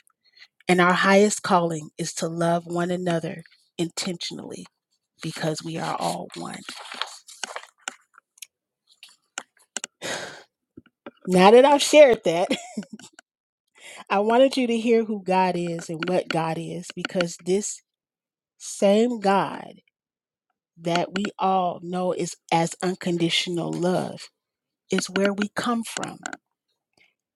Speaker 2: and our highest calling is to love one another intentionally because we are all one. Now that I've shared that, I wanted you to hear who God is and what God is because this same God. that we all know is as unconditional love is where we come from.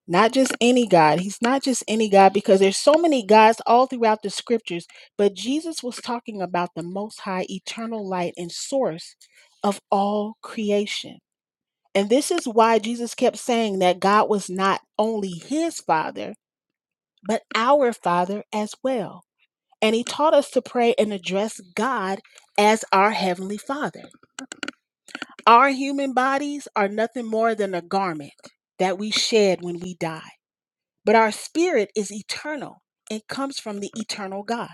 Speaker 2: Not just any God. He's not just any God because there's so many gods all throughout the scriptures, but Jesus was talking about the most high eternal light and source of all creation. And this is why Jesus kept saying that God was not only his father, but our father as well. And he taught us to pray and address God as our heavenly father. Our human bodies are nothing more than a garment that we shed when we die, but our spirit is eternal and comes from the eternal God.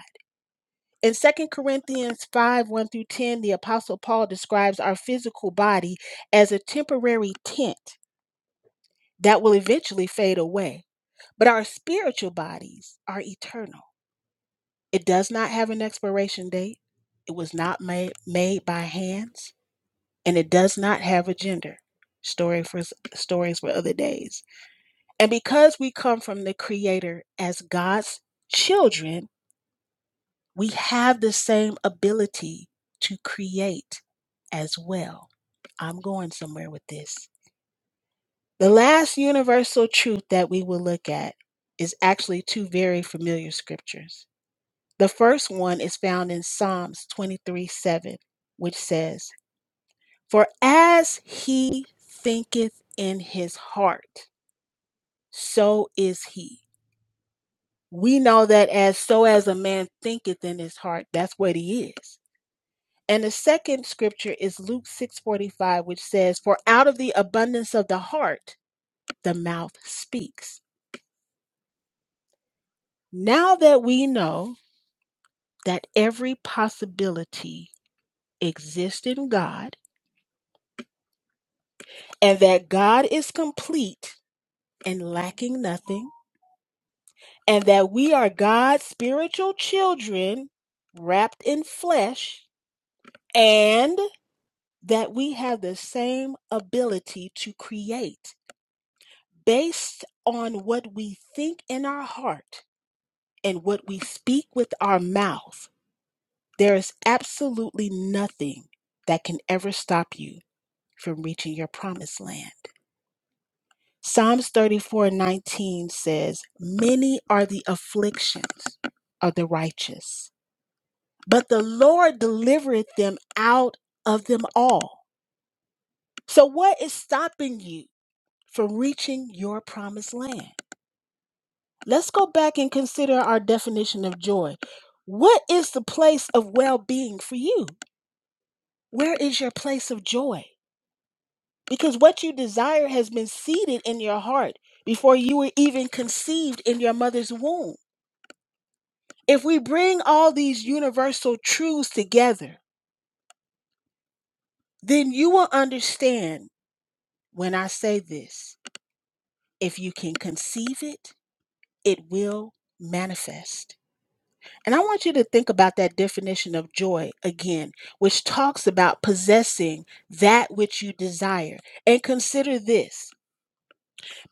Speaker 2: In Second Corinthians 5 1 through 10, the Apostle Paul describes our physical body as a temporary tent that will eventually fade away, but our spiritual bodies are eternal. It does not have an expiration date, it was not made, made by hands. and it does not have a gender. Story for stories for other days. And because we come from the creator as God's children, we have the same ability to create as well. I'm going somewhere with this. The last universal truth that we will look at is actually two very familiar scriptures. The first one is found in Psalms 23 7, which says, For as he thinketh in his heart, so is he. We know that as so as a man thinketh in his heart, that's what he is. And the second scripture is Luke 6:45 which says, "For out of the abundance of the heart the mouth speaks." Now that we know that every possibility exists in God and that God is complete and lacking nothing, and that we are God's spiritual children wrapped in flesh, and that we have the same ability to create based on what we think in our heart and what we speak with our mouth. There is absolutely nothing that can ever stop you from reaching your promised land. Psalms 34:19 says, "Many are the afflictions of the righteous, but the Lord delivereth them out of them all. So, what is stopping you from reaching your promised land? Let's go back and consider our definition of joy. What is the place of well being for you? Where is your place of joy? Because what you desire has been seeded in your heart before you were even conceived in your mother's womb. If we bring all these universal truths together, then you will understand when I say this If you can conceive it, it will manifest. And I want you to think about that definition of joy again, which talks about possessing that which you desire. And consider this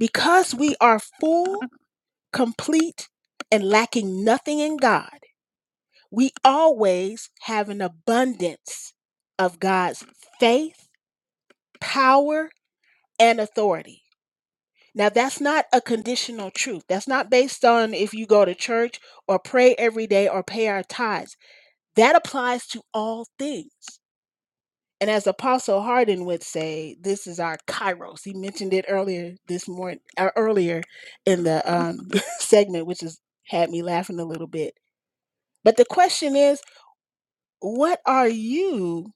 Speaker 2: because we are full, complete, and lacking nothing in God, we always have an abundance of God's faith, power, and authority. Now, that's not a conditional truth. That's not based on if you go to church or pray every day or pay our tithes. That applies to all things. And as Apostle Hardin would say, this is our kairos. He mentioned it earlier this morning, uh, earlier in the um, segment, which has had me laughing a little bit. But the question is, what are you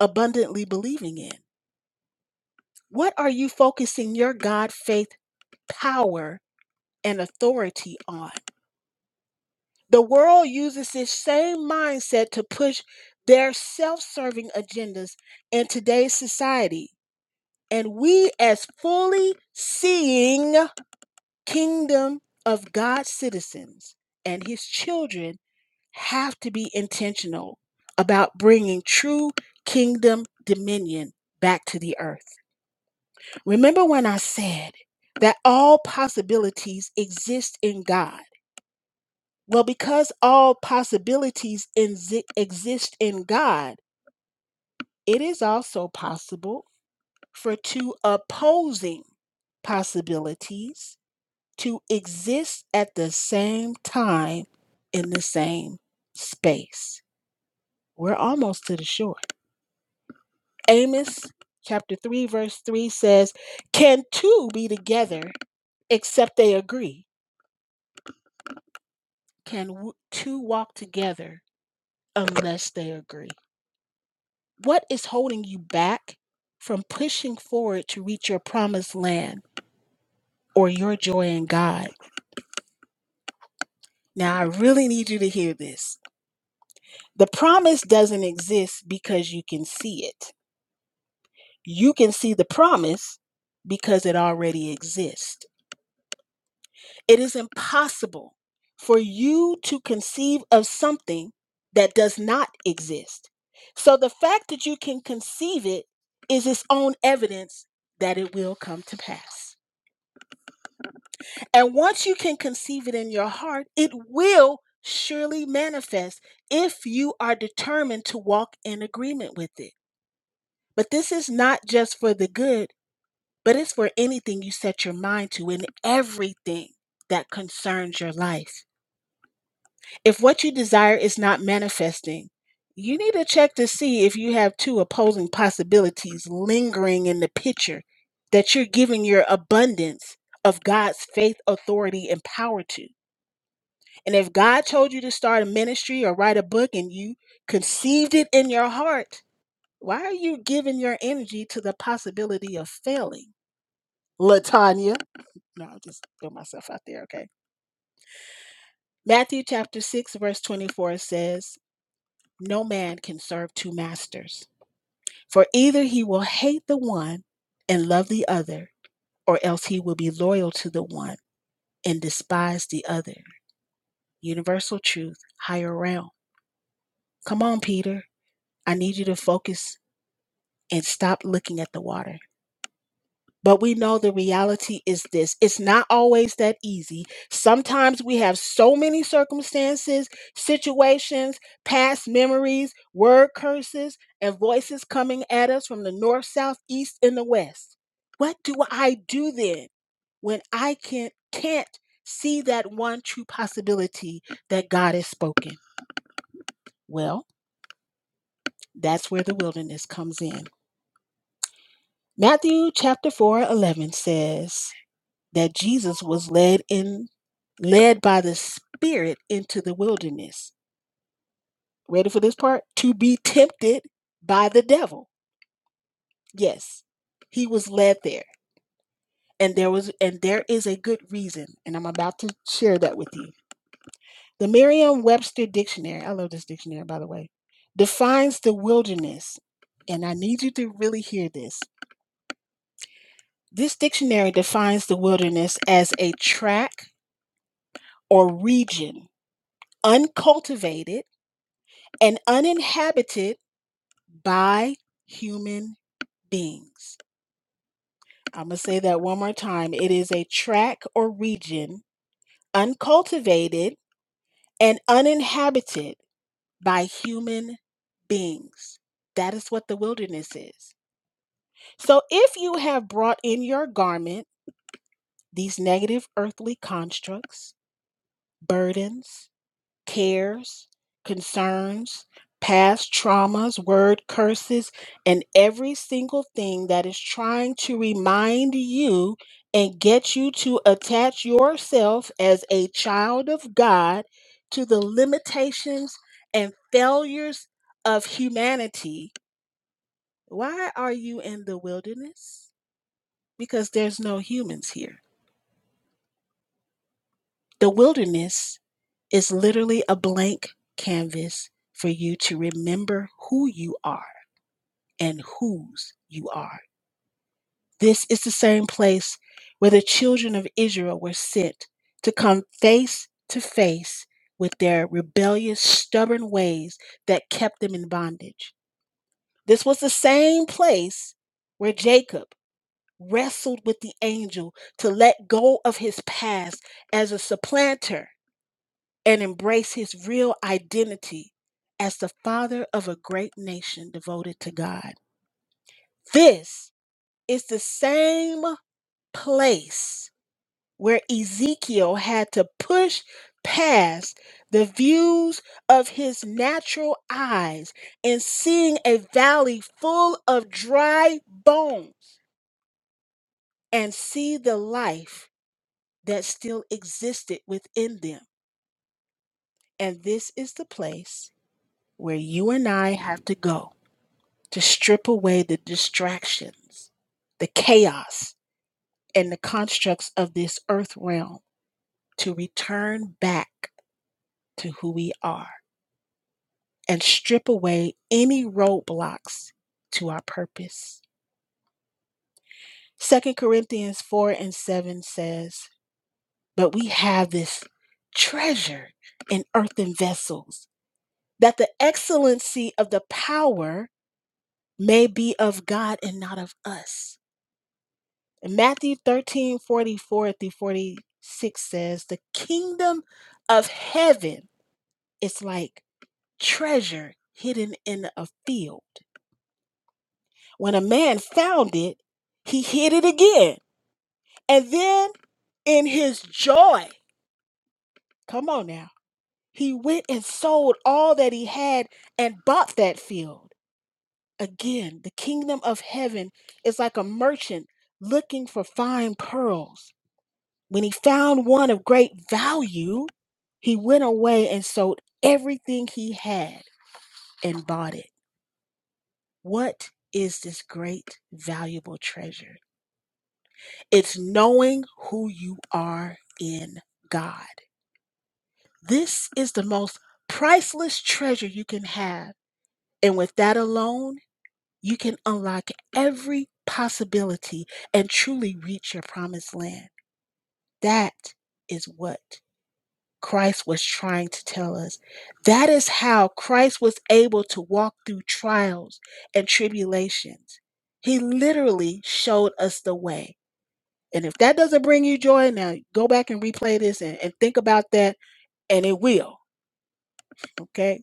Speaker 2: abundantly believing in? What are you focusing your God faith power and authority on? The world uses this same mindset to push their self serving agendas in today's society. And we, as fully seeing kingdom of God citizens and his children, have to be intentional about bringing true kingdom dominion back to the earth. Remember when I said that all possibilities exist in God? Well, because all possibilities exi- exist in God, it is also possible for two opposing possibilities to exist at the same time in the same space. We're almost to the shore. Amos chapter 3, verse 3 says, Can two be together except they agree? Can w- two walk together unless they agree? What is holding you back from pushing forward to reach your promised land or your joy in God? Now, I really need you to hear this. The promise doesn't exist because you can see it. You can see the promise because it already exists. It is impossible for you to conceive of something that does not exist. So the fact that you can conceive it is its own evidence that it will come to pass. And once you can conceive it in your heart, it will surely manifest if you are determined to walk in agreement with it. But this is not just for the good, but it's for anything you set your mind to and everything that concerns your life. If what you desire is not manifesting, you need to check to see if you have two opposing possibilities lingering in the picture that you're giving your abundance of God's faith, authority, and power to. And if God told you to start a ministry or write a book and you conceived it in your heart, why are you giving your energy to the possibility of failing? Latanya. No, I'll just throw myself out there, okay? Matthew chapter 6, verse 24 says, No man can serve two masters, for either he will hate the one and love the other, or else he will be loyal to the one and despise the other. Universal truth, higher realm. Come on, Peter. I need you to focus and stop looking at the water. But we know the reality is this it's not always that easy. Sometimes we have so many circumstances, situations, past memories, word curses, and voices coming at us from the north, south, east, and the west. What do I do then when I can't, can't see that one true possibility that God has spoken? Well, that's where the wilderness comes in. Matthew chapter 4 11 says, that Jesus was led in led by the spirit into the wilderness. Ready for this part? To be tempted by the devil. Yes. He was led there. And there was and there is a good reason, and I'm about to share that with you. The Merriam-Webster dictionary, I love this dictionary by the way, defines the wilderness, and I need you to really hear this. This dictionary defines the wilderness as a track or region uncultivated and uninhabited by human beings. I'm going to say that one more time. It is a tract or region uncultivated and uninhabited by human beings. That is what the wilderness is. So if you have brought in your garment, these negative earthly constructs, burdens, cares, concerns, past traumas, word curses, and every single thing that is trying to remind you and get you to attach yourself as a child of God to the limitations and failures of humanity. Why are you in the wilderness? Because there's no humans here. The wilderness It's literally a blank canvas for you to remember who you are and whose you are. This is the same place where the children of Israel were sent to come face to face with their rebellious, stubborn ways that kept them in bondage. This was the same place where Jacob wrestled with the angel to let go of his past as a supplanter and embrace his real identity as the father of a great nation devoted to God. This is the same place where Ezekiel had to push past the views of his natural eyes and seeing a valley full of dry bones and see the life that still existed within them. And this is the place where you and I have to go to strip away the distractions, the chaos, and the constructs of this earth realm, to return back to who we are and strip away any roadblocks to our purpose. Second Corinthians 4 and 7 says, But we have this treasure in earthen vessels, that the excellency of the power may be of God and not of us. Matthew 13 44 through 46 says, The kingdom of heaven is like treasure hidden in a field. When a man found it, he hid it again. And then in his joy, come on now, he went and sold all that he had and bought that field. Again, the kingdom of heaven is like a merchant looking for fine pearls. When he found one of great value, He went away and sold everything he had and bought it. What is this great, valuable treasure? It's knowing who you are in God. This is the most priceless treasure you can have. And with that alone, you can unlock every possibility and truly reach your promised land. That is what Christ was trying to tell us. That is how Christ was able to walk through trials and tribulations. He literally showed us the way. And if that doesn't bring you joy, now go back and replay this and, and think about that, and it will. Okay.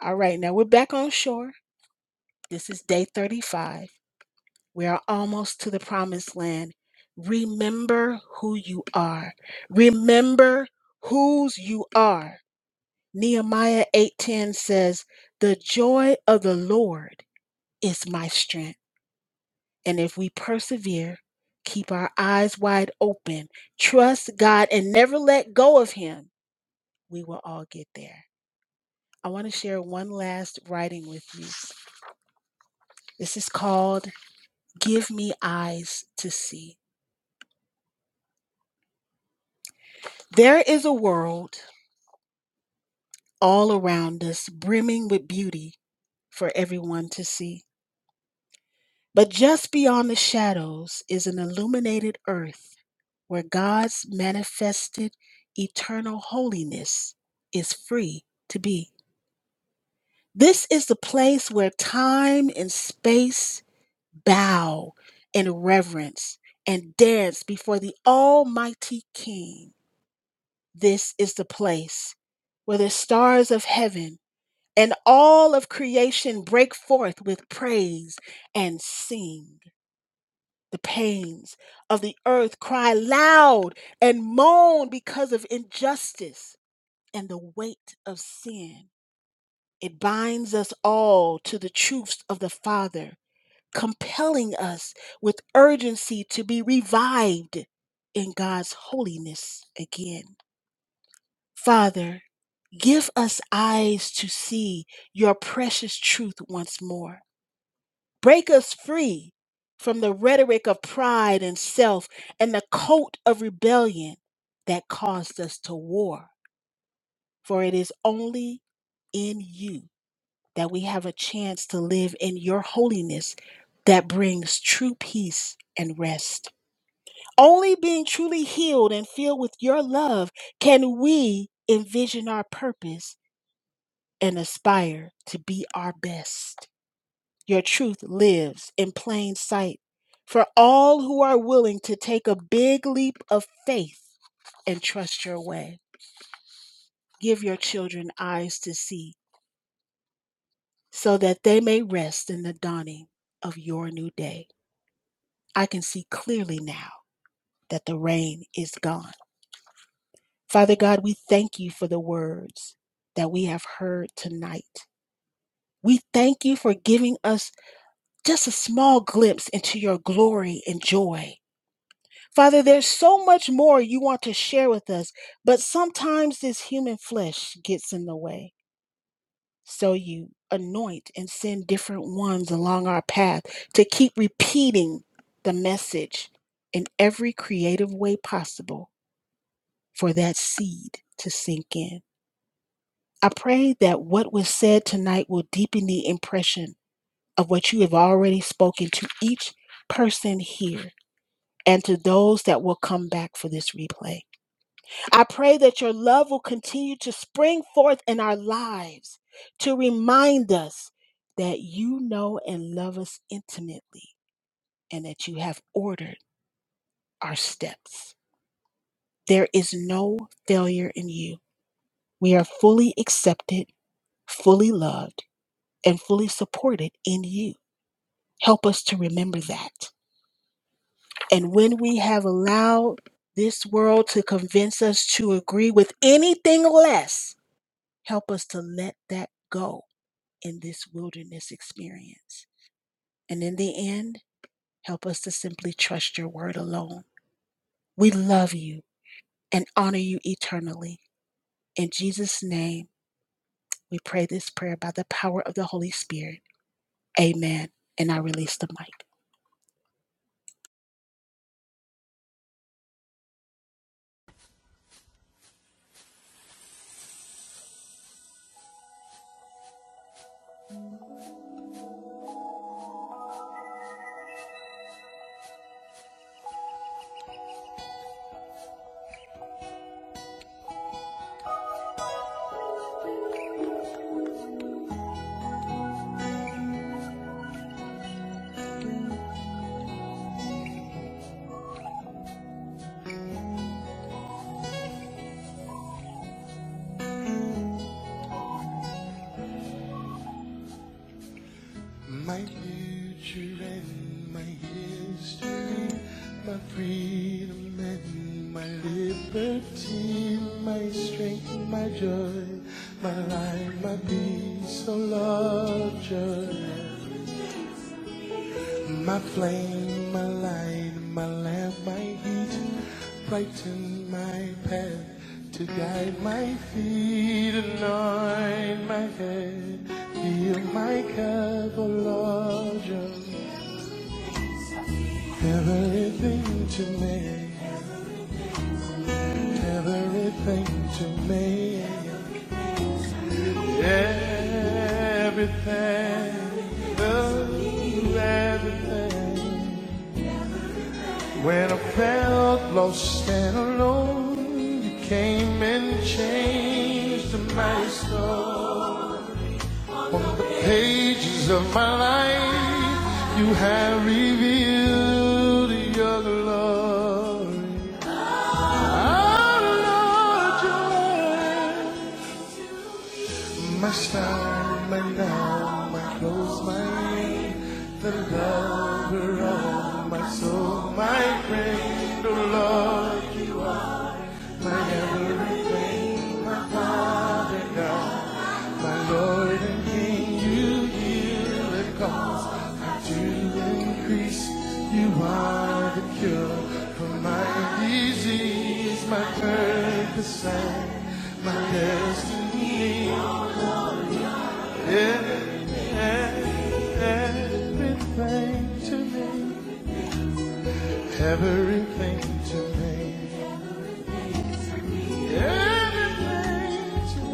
Speaker 2: All right. Now we're back on shore. This is day 35. We are almost to the promised land. Remember who you are. Remember whose you are. Nehemiah 8:10 says, "The joy of the Lord is my strength." And if we persevere, keep our eyes wide open, trust God and never let go of him, we will all get there. I want to share one last writing with you. This is called Give Me Eyes to See. There is a world all around us brimming with beauty for everyone to see. But just beyond the shadows is an illuminated earth where God's manifested eternal holiness is free to be. This is the place where time and space bow in reverence and dance before the Almighty King. This is the place where the stars of heaven and all of creation break forth with praise and sing. The pains of the earth cry loud and moan because of injustice and the weight of sin. It binds us all to the truths of the Father, compelling us with urgency to be revived in God's holiness again. Father, give us eyes to see your precious truth once more Break us free from the rhetoric of pride and self and the coat of rebellion that caused us to war. For it is only in you that we have a chance to live in your holiness that brings true peace and rest. Only being truly healed and filled with your love can we envision our purpose and aspire to be our best. Your truth lives in plain sight for all who are willing to take a big leap of faith and trust your way. Give your children eyes to see so that they may rest in the dawning of your new day. I can see clearly now that the rain is gone. Father God, we thank you for the words that we have heard tonight. We thank you for giving us just a small glimpse into your glory and joy Father, there's so much more you want to share with us, but sometimes this human flesh gets in the way. So you anoint and send different ones along our path to keep repeating the message in every creative way possible for that seed to sink in. I pray that what was said tonight will deepen the impression of what you have already spoken to each person here and to those that will come back for this replay. I pray that your love will continue to spring forth in our lives to remind us that you know and love us intimately and that you have ordered our steps. There is no failure in you. We are fully accepted, fully loved, and fully supported in you. Help us to remember that. And when we have allowed this world to convince us to agree with anything less, help us to let that go in this wilderness experience. And in the end, help us to simply trust your word alone. We love you and honor you eternally. In Jesus' name, we pray this prayer by the power of the Holy Spirit. Amen. And I release the mic.
Speaker 3: My future and my history, my freedom and my everything to me. Everything, oh, everything. When I felt lost and alone, you came and changed my soul. Pages of my life, you have revealed your glory. Out of Lord, joy, my star, my now, my close, my the lover of my soul, my friend, oh Lord. my everything, my Father my Lord and King, you heal the cause to increase. You are the cure for my disease, my purpose my destiny. Everything everything to me, everything to me, everything to me.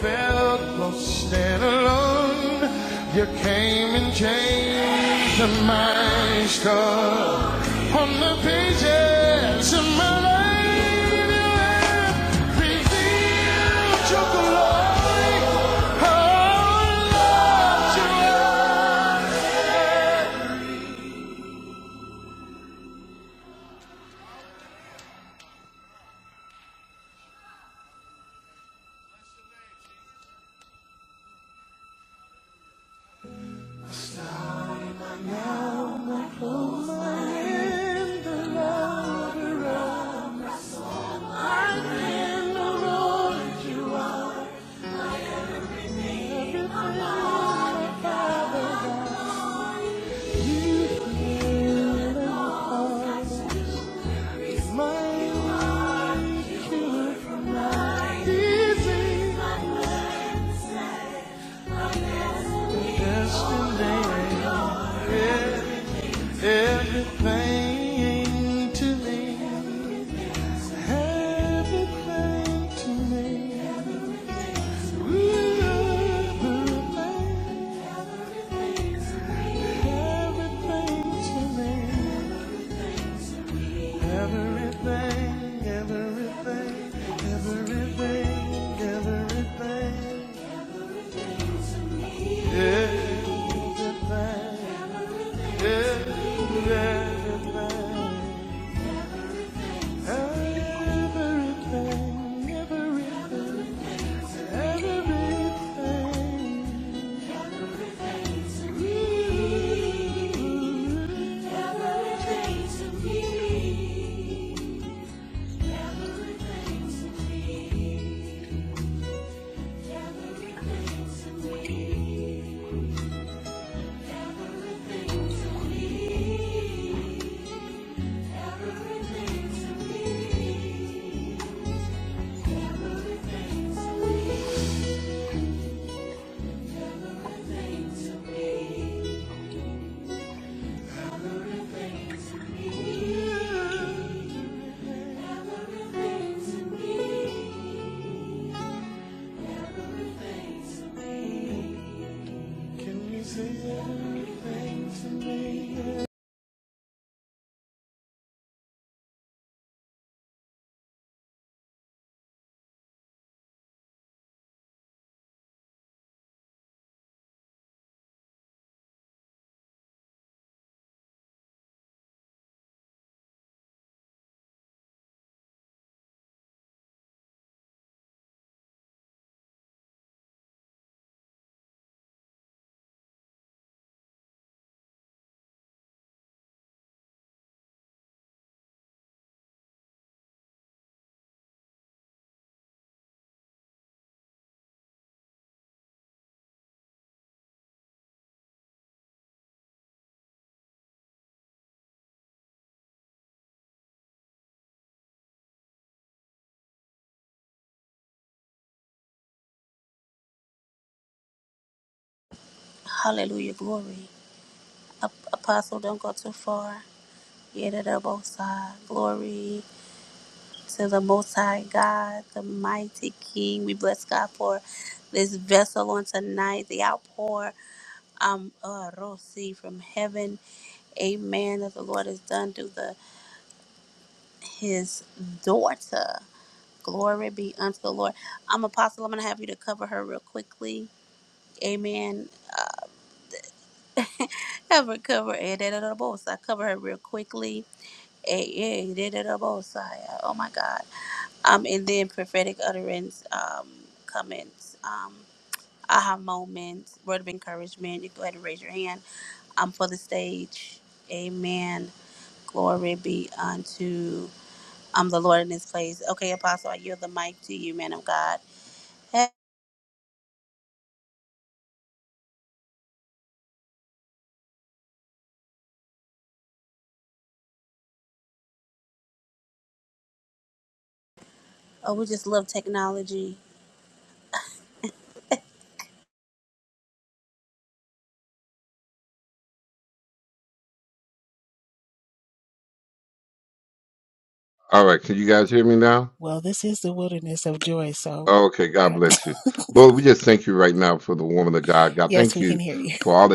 Speaker 3: felt lost and alone. You came and changed my story on the pages of my life. You have revealed your glory. Oh, Lord, you are everything to me. Everything to me. Everything. Everything to me. Everything, everything, everything, everything. Everything, everything, everything, everything, every, everything.
Speaker 4: Hallelujah. Glory. Ap- Apostle, don't go too far. Yeah, that elbow side. Glory. to the Most High God, the mighty King. We bless God for this vessel on tonight, the outpour um, uh, Rosi from heaven. Amen. That the Lord has done through the His daughter. Glory be unto the Lord. I'm Apostle. I'm gonna have you to cover her real quickly. Amen. Cover her cover. eh, da, da, da, boss. I cover her real quickly. Eh, eh, da, da, da, boss. I- Oh my God. Um, and then prophetic utterance. Um, comments. um, aha moment, word of encouragement, you go ahead and raise your hand. I'm for the stage. Amen. Glory be unto um the Lord in His place. Okay, Apostle, I yield the mic to you, man of God. Hey, oh, we just love technology.
Speaker 2: Well, this is the wilderness of joy, so I. Yes, we can hear you.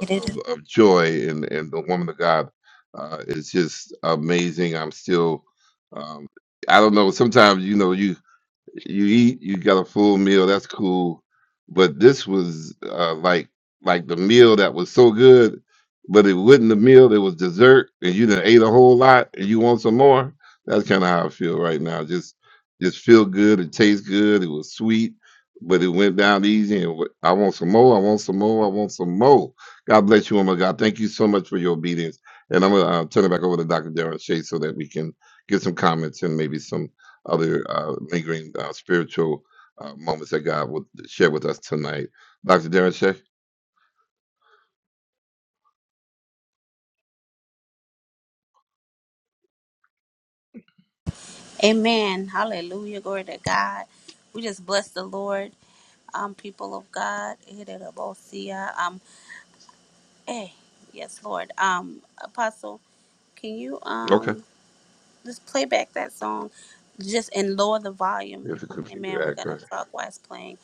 Speaker 4: It is- Amen. Hallelujah. Glory to God. We just bless the Lord um, people of God, Hiderabosia, um, hey, yes, Lord, um, Apostle, can you, um? Just play back that song, just and lower the volume. Amen. We're gonna talk while it's playing.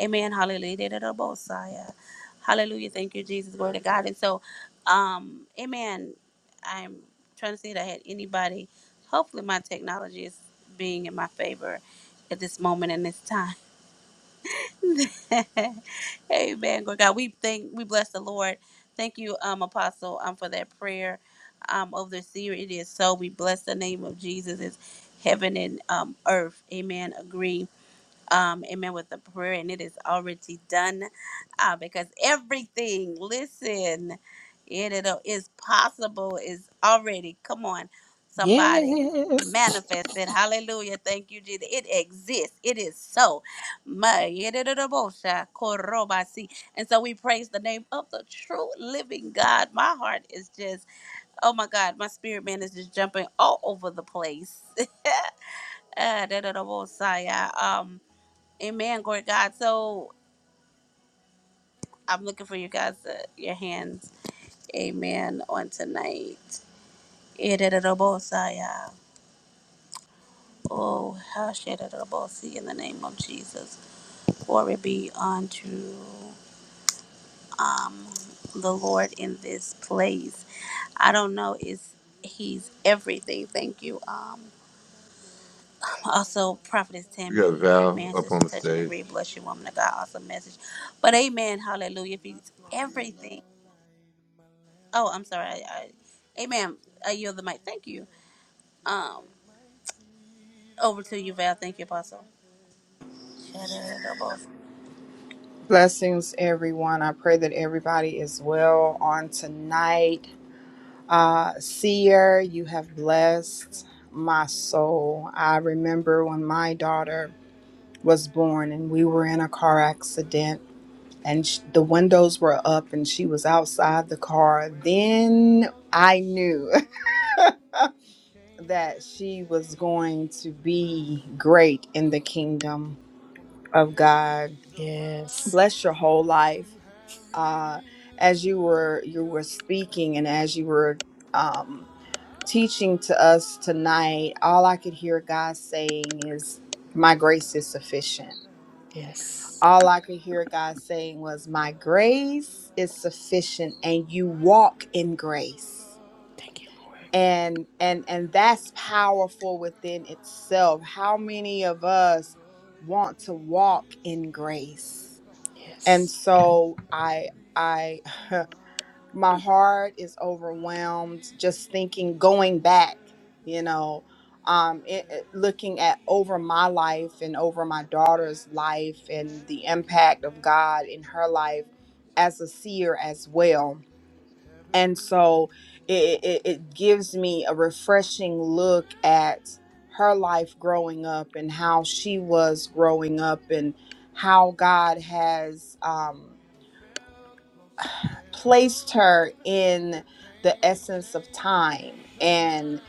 Speaker 4: Amen. Hallelujah. Da-da-da-bo-saya. Hallelujah. Thank you, Jesus. Glory to God. And so, um, Amen. I'm trying to see if I had anybody. Hopefully, my technology is being in my favor at this moment and this time. Amen. Lord God, we thank we bless the Lord. Thank you, um, Apostle, um, for that prayer um of the seer. It is so. We bless the name of Jesus. It's heaven and um earth. Amen. Agree um, amen, with the prayer, and it is already done uh, because everything, listen, it it'll- is possible, is already, come on,
Speaker 2: Yes.
Speaker 4: somebody manifested. Hallelujah. Thank you, Jesus. It exists. It is so. My, yidididabosha, korobasi. And so we praise the name of the true living God. My heart is just, oh my God, my spirit man is just jumping all over the place. Ah, da, da, da, bo, sa, ya. Um, Amen, glory to God. So I'm looking for you guys, uh, your hands. Amen on tonight. Ederobosaya. Oh, how should it see in the name of Jesus? Glory be unto um, the Lord in this place. I don't know. Is he's everything. Thank you. Um, also prophetess Tammy. Amen. Sister touch and agree. Bless you, woman of God. Awesome message. But amen. Hallelujah. If he's everything. Oh, I'm sorry. I, I, amen. I yield the mic. Thank you. Um, over to you, Val. Thank you, Apostle. Shadadadabos.
Speaker 5: Blessings, everyone. I pray that everybody is well on tonight. Uh, Seer, you have blessed my soul. I remember when my daughter was born and we were in a car accident, and sh- the windows were up and she was outside the car. Then I knew that she was going to be great in the kingdom of God.
Speaker 2: Yes.
Speaker 5: Bless your whole life uh, as you were you were speaking and as you were um, teaching to us tonight, all I could hear God saying is, "My grace is sufficient."
Speaker 2: Yes.
Speaker 5: All I could hear God saying was, "My grace is sufficient, and you walk in grace."
Speaker 2: Thank you, Lord.
Speaker 5: And and and that's powerful within itself. How many of us want to walk in grace? And
Speaker 2: Yes.
Speaker 5: so I I. my heart is overwhelmed just thinking going back you know um it, it- looking at over my life and over my daughter's life and the impact of god in her life as a seer as well and so it, it, it gives me a refreshing look at her life growing up and how she was growing up and how god has um placed her in the essence of time and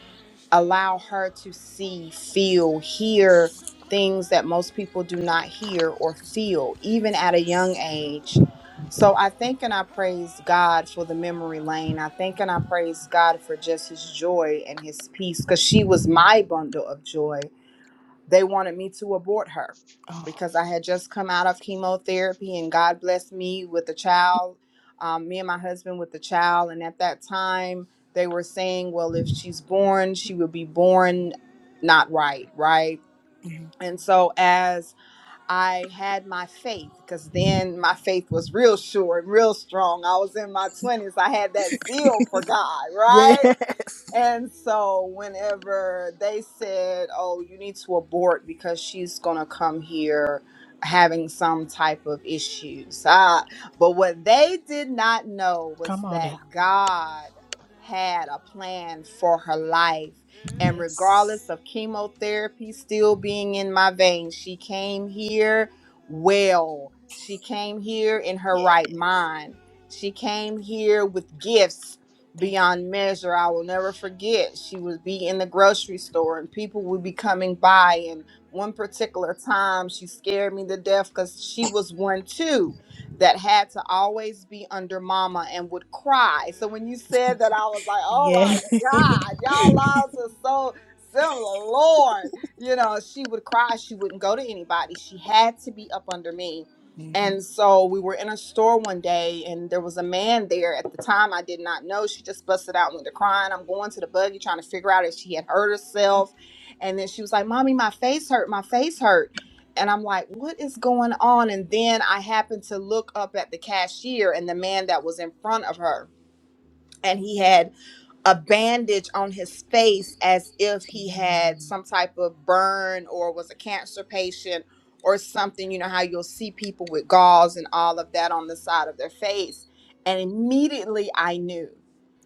Speaker 5: allow her to see, feel, hear things that most people do not hear or feel, even at a young age. So I thank and I praise God for the memory lane. I thank and I praise God for just his joy and his peace because she was my bundle of joy they wanted me to abort her
Speaker 2: Oh.
Speaker 5: because I had just come out of chemotherapy and God blessed me with a child, um, me and my husband with a child. And at that time, they were saying, well, if she's born, she will be born not right, right?
Speaker 2: mm.
Speaker 5: And so as I had my faith, because then my faith was real sure and real strong. I was in my 20s. I had that zeal for God,
Speaker 2: Yeah.
Speaker 5: right? And so whenever they said, "Oh, you need to abort because she's going to come here having some type of issues." Ah, but what they did not know
Speaker 2: Come
Speaker 5: was
Speaker 2: on
Speaker 5: that
Speaker 2: now.
Speaker 5: God had a plan for her life. And regardless
Speaker 2: Yes.
Speaker 5: of chemotherapy still being in my veins, she came here well. She came here in her right
Speaker 2: Yes.
Speaker 5: mind. She came here with gifts
Speaker 2: Thank you.
Speaker 5: beyond measure. I will never forget. She would be in the grocery store and people would be coming by. And one particular time, she scared me to death because she was one too that had to always be under mama and would cry. So when you said that, I was like, oh
Speaker 2: Yeah.
Speaker 5: my God, y'all lives are so similar. Lord, you know, she would cry. She wouldn't go to anybody. She had to be up under me
Speaker 2: Mm-hmm.
Speaker 5: and so we were in a store one day, and there was a man there. At the time, I did not know. She just busted out into crying. I'm going to the buggy trying to figure out if she had hurt herself. And then she was like, Mommy, my face hurt. My face hurt. And I'm like, What is going on? And then I happened to look up at the cashier and the man that was in front of her. And he had a bandage on his face as if he had
Speaker 2: Mm.
Speaker 5: some type of burn or was a cancer patient or something. You know how you'll see people with gauze and all of that on the side of their face. And immediately I knew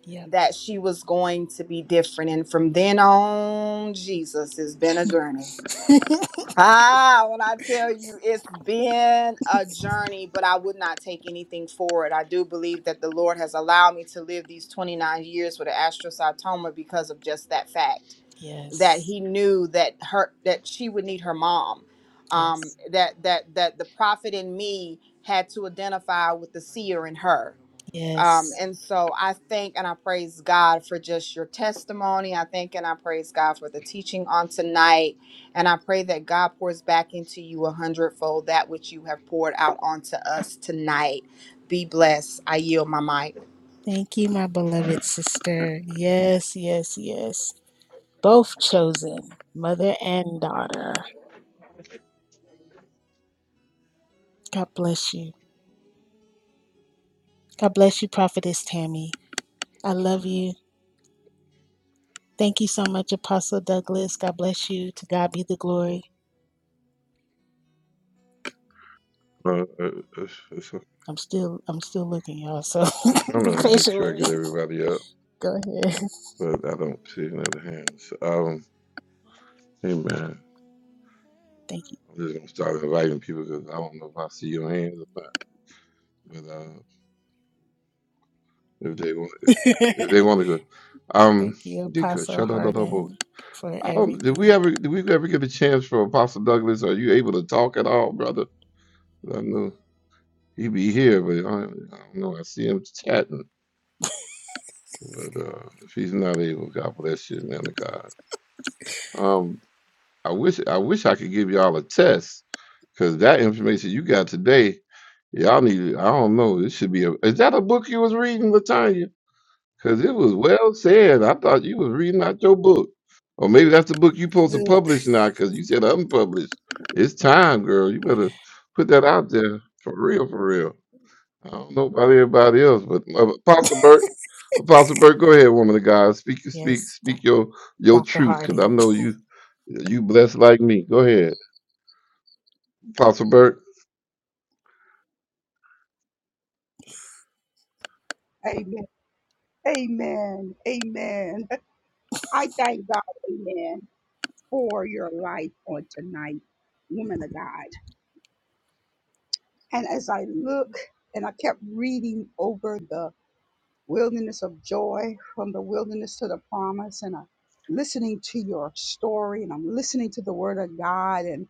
Speaker 2: Yep.
Speaker 5: that she was going to be different. And from then on, Jesus, has been a journey. Ah, when I tell you it's been a journey, but I would not take anything for it. I do believe that the Lord has allowed me to live these 29 years with an astrocytoma because of just that fact that
Speaker 2: yes.
Speaker 5: he knew that her that she would need her mom.
Speaker 2: Yes.
Speaker 5: Um that that that the prophet in me had to identify with the seer in her. Um,
Speaker 2: Yes.
Speaker 5: and so I thank and I praise God for just your testimony. I thank and I praise God for the teaching on tonight. And I pray that God pours back into you a hundredfold that which you have poured out onto us tonight. Be blessed. I yield my mic.
Speaker 2: Thank you, my beloved sister. Yes, yes, yes. Both chosen, mother and daughter. God bless you. God bless you, Prophetess Tammy. I love you. Thank you so much, Apostle Douglas. God bless you. To God be the glory. I'm still I'm still looking, y'all, so be patient with me. Go ahead. Thank you. Thank you, Apostle Harden, for everything. Good. Yes, Doc- Dr. Harden.
Speaker 6: Amen. Amen. Amen. I thank God, amen, for your life on tonight, woman of God. And as I look and I kept reading over the wilderness of joy from the wilderness to the promise, and I'm listening to your story and I'm listening to the word of God. And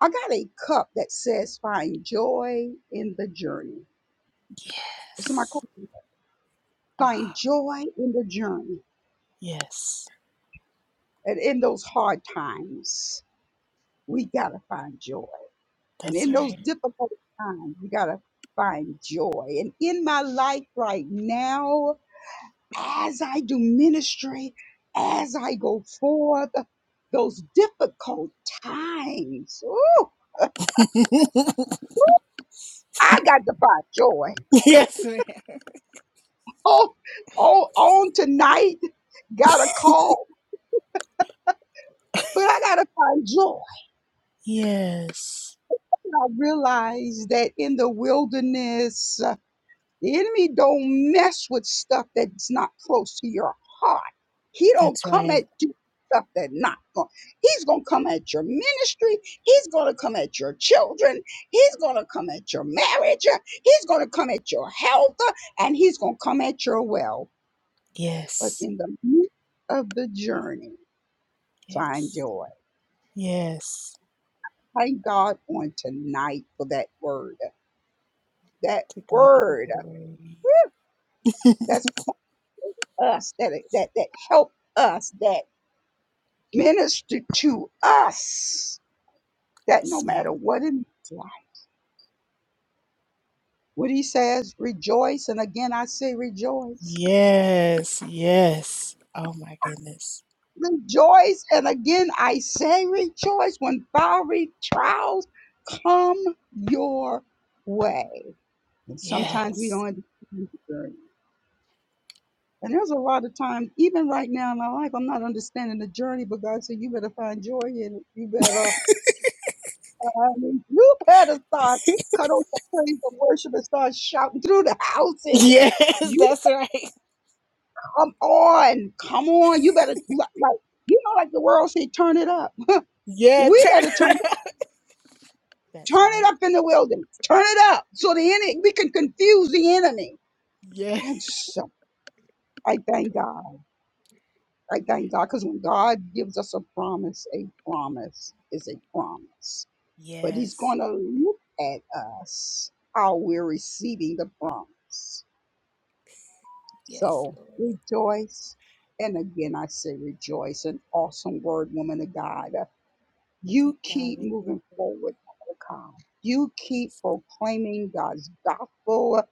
Speaker 6: I got a cup that says, Find joy in the journey. It's in my
Speaker 2: Yes.
Speaker 6: cup.
Speaker 2: Ah,
Speaker 6: Find joy in the journey
Speaker 2: yes.
Speaker 6: and in those hard times. we gotta find joy. And
Speaker 2: That's
Speaker 6: in those
Speaker 2: right.
Speaker 6: difficult times, we gotta find joy. And in my life right now, as I do ministry, as I go forth, those difficult times, ooh, I got to find joy.
Speaker 2: yes, ma'am.
Speaker 6: Oh, oh, on tonight, got a call, but I gotta find joy.
Speaker 2: Yes,
Speaker 6: I realized that in the wilderness. The enemy don't mess with stuff that's not close to your heart. He don't
Speaker 2: that's
Speaker 6: come
Speaker 2: right.
Speaker 6: at you with stuff that not going. He's gonna come at your ministry. He's gonna come at your children. He's gonna come at your marriage. He's gonna come at your health, and he's gonna come at your well. But
Speaker 2: Yes,
Speaker 6: in the midst of the journey, find
Speaker 2: yes,
Speaker 6: joy.
Speaker 2: yes.
Speaker 6: Thank God on tonight for that word. That
Speaker 2: To God be the
Speaker 6: word.
Speaker 2: glory.
Speaker 6: That's us that that that help us that minister to us that no
Speaker 2: Yes,
Speaker 6: matter
Speaker 2: ma'am.
Speaker 6: what it looks like what he says rejoice and again i say rejoice
Speaker 2: Yes, yes. Oh my goodness.
Speaker 6: rejoice and again i say rejoice when fiery trials come your way and sometimes we
Speaker 2: Yes.
Speaker 6: don't understand the journey and there's a lot of times even right now in my life i'm not understanding the journey but god said you better find joy in it you better I mean, You better start cut off the praise and worship and start shouting through the house. And
Speaker 2: Yes,
Speaker 6: you
Speaker 2: that's right.
Speaker 6: come on, come on. You better li- like you know, like the world say, turn it up.
Speaker 2: Yeah,
Speaker 6: We
Speaker 2: turn it
Speaker 6: better turn
Speaker 2: around. That's
Speaker 6: turn
Speaker 2: right.
Speaker 6: it up in the wilderness. Turn it up so the enemy we can confuse the enemy.
Speaker 2: Yeah.
Speaker 6: And so I thank God. I thank God because when God gives us a promise, a promise is a promise. But He's
Speaker 2: Yes.
Speaker 6: going to look at us how we're receiving the promise.
Speaker 2: Yes,
Speaker 6: So
Speaker 2: Lord.
Speaker 6: rejoice. And again, I say rejoice. An awesome word, woman of God.
Speaker 2: To
Speaker 6: You
Speaker 2: God
Speaker 6: keep
Speaker 2: be the
Speaker 6: moving
Speaker 2: glory.
Speaker 6: forward, Malachi. You keep
Speaker 2: Yes,
Speaker 6: proclaiming God's gospel.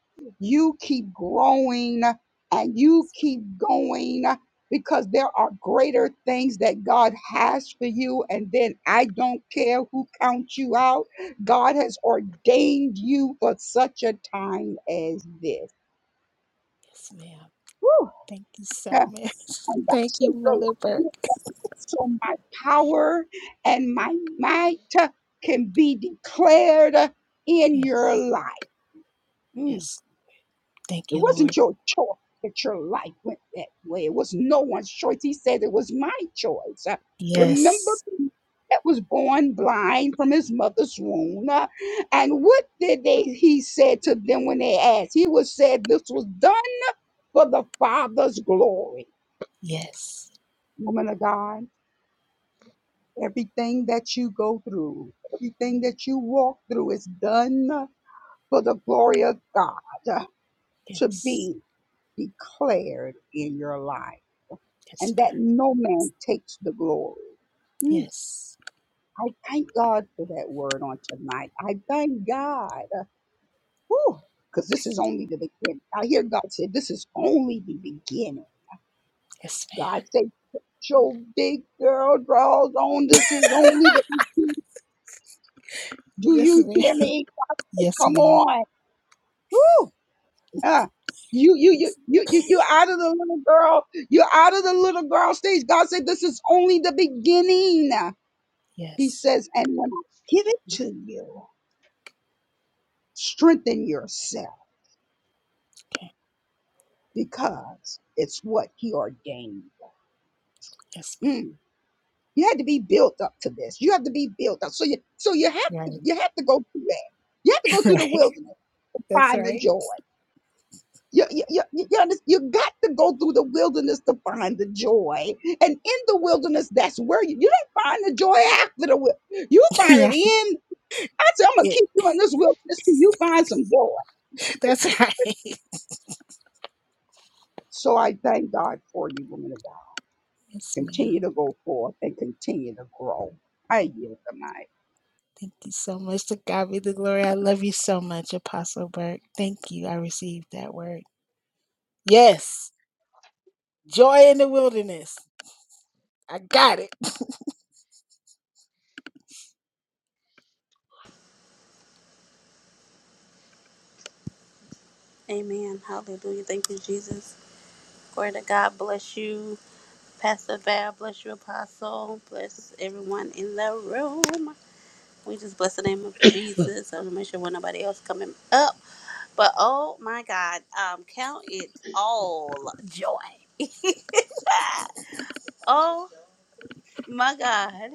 Speaker 6: You keep growing and you keep going because there are greater things that God has for you. And then I don't care who counts you out. God has ordained you for such a time as this.
Speaker 2: yes, ma'am.
Speaker 6: Woo!
Speaker 2: Thank you so much.
Speaker 6: I want
Speaker 2: Thank
Speaker 6: to
Speaker 2: you,
Speaker 6: go
Speaker 2: Mother
Speaker 6: out
Speaker 2: Burke.
Speaker 6: so my power and my might uh, can be declared uh, in your
Speaker 2: Yes.
Speaker 6: life. Mm,
Speaker 2: Yes, Thank
Speaker 6: It
Speaker 2: you,
Speaker 6: wasn't
Speaker 2: Lord.
Speaker 6: your choice that your life went that way. It was no one's choice. He said it was my choice. Uh, Remember
Speaker 2: Yes,
Speaker 6: me that was born blind from his mother's womb. Uh, And what did they he said to them when they asked? He was said this was done for the Father's glory.
Speaker 2: yes,
Speaker 6: Woman of God. Everything that you go through, everything that you walk through is done for the glory of God to
Speaker 2: yes,
Speaker 6: be declared in your life
Speaker 2: yes,
Speaker 6: and
Speaker 2: ma'am.
Speaker 6: that no man takes the glory. Mm,
Speaker 2: yes,
Speaker 6: I thank God for that word on tonight. I thank God. Because this is only the beginning. I hear God say, This is only the beginning.
Speaker 2: yes, ma'am.
Speaker 6: God say, "Put Your big girl draws on. This is only the. Do
Speaker 2: Yes,
Speaker 6: you
Speaker 2: ma'am.
Speaker 6: hear me?
Speaker 2: Yes,
Speaker 6: Come
Speaker 2: ma'am.
Speaker 6: on. Woo! Ah, you, you, you,
Speaker 2: Yes,
Speaker 6: you, you, you out of the little girl. You're out of the little girl stage. God said, this is only the beginning. He
Speaker 2: yes.
Speaker 6: says, and when I give it to you, strengthen yourself
Speaker 2: Okay.
Speaker 6: because it's what he ordained.
Speaker 2: Yes,
Speaker 6: Mm. You had to be built up to this. You have to be built up. So you, so you have
Speaker 2: ma'am.
Speaker 6: to,
Speaker 2: right,
Speaker 6: you have to go through that. You have to go through the
Speaker 2: right.
Speaker 6: wilderness to
Speaker 2: That's
Speaker 6: find the
Speaker 2: right.
Speaker 6: joy. You, you, you, you, you under- you got to go through the wilderness to find the joy. And in the wilderness, that's where you, you don't find the joy after the wil- You find it
Speaker 2: right.
Speaker 6: in. I said, I'm going to
Speaker 2: It.
Speaker 6: keep you in this wilderness till you find some joy.
Speaker 2: That's right.
Speaker 6: So I thank God for you, woman of God.
Speaker 2: Yes, ma'am.
Speaker 6: Continue to go forth and continue to grow. I yield the mic.
Speaker 2: Thank you so much. To God be the glory. I love you so much, Apostle Burke. Thank you. I received that word. Yes, joy in the wilderness. I got it.
Speaker 4: Amen. Hallelujah. Thank you, Jesus. Glory to God. Bless you, Pastor Val. Bless you, Apostle. Bless everyone in the room. We just bless the name of Jesus. I want to make sure when nobody else coming up. But oh my God, um, count it all joy. oh my God,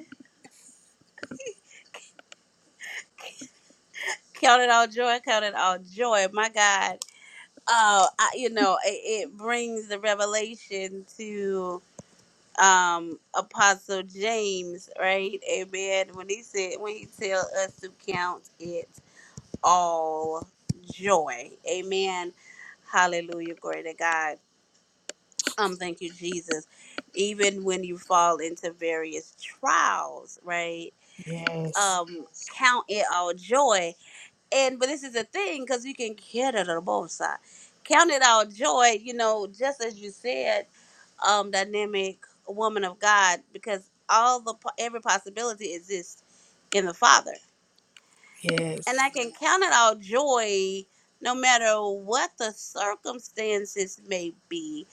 Speaker 4: count it all joy. Count it all joy. My God Oh, I, you know, it, it brings the revelation to um Apostle James, right? Amen. When he said, when he tell us to count it all joy, Amen. Hallelujah, glory to God. Um, thank you, Jesus. Even when you fall into various trials, right?
Speaker 2: Yes.
Speaker 4: Um, count it all joy and but this is a thing because you can get it on both sides. Count it all joy, you know, just as you said, um, dynamic woman of God, because all the po- every possibility exists in the Father, and I
Speaker 2: Yes.
Speaker 4: can count it all joy, no matter what the circumstances may be.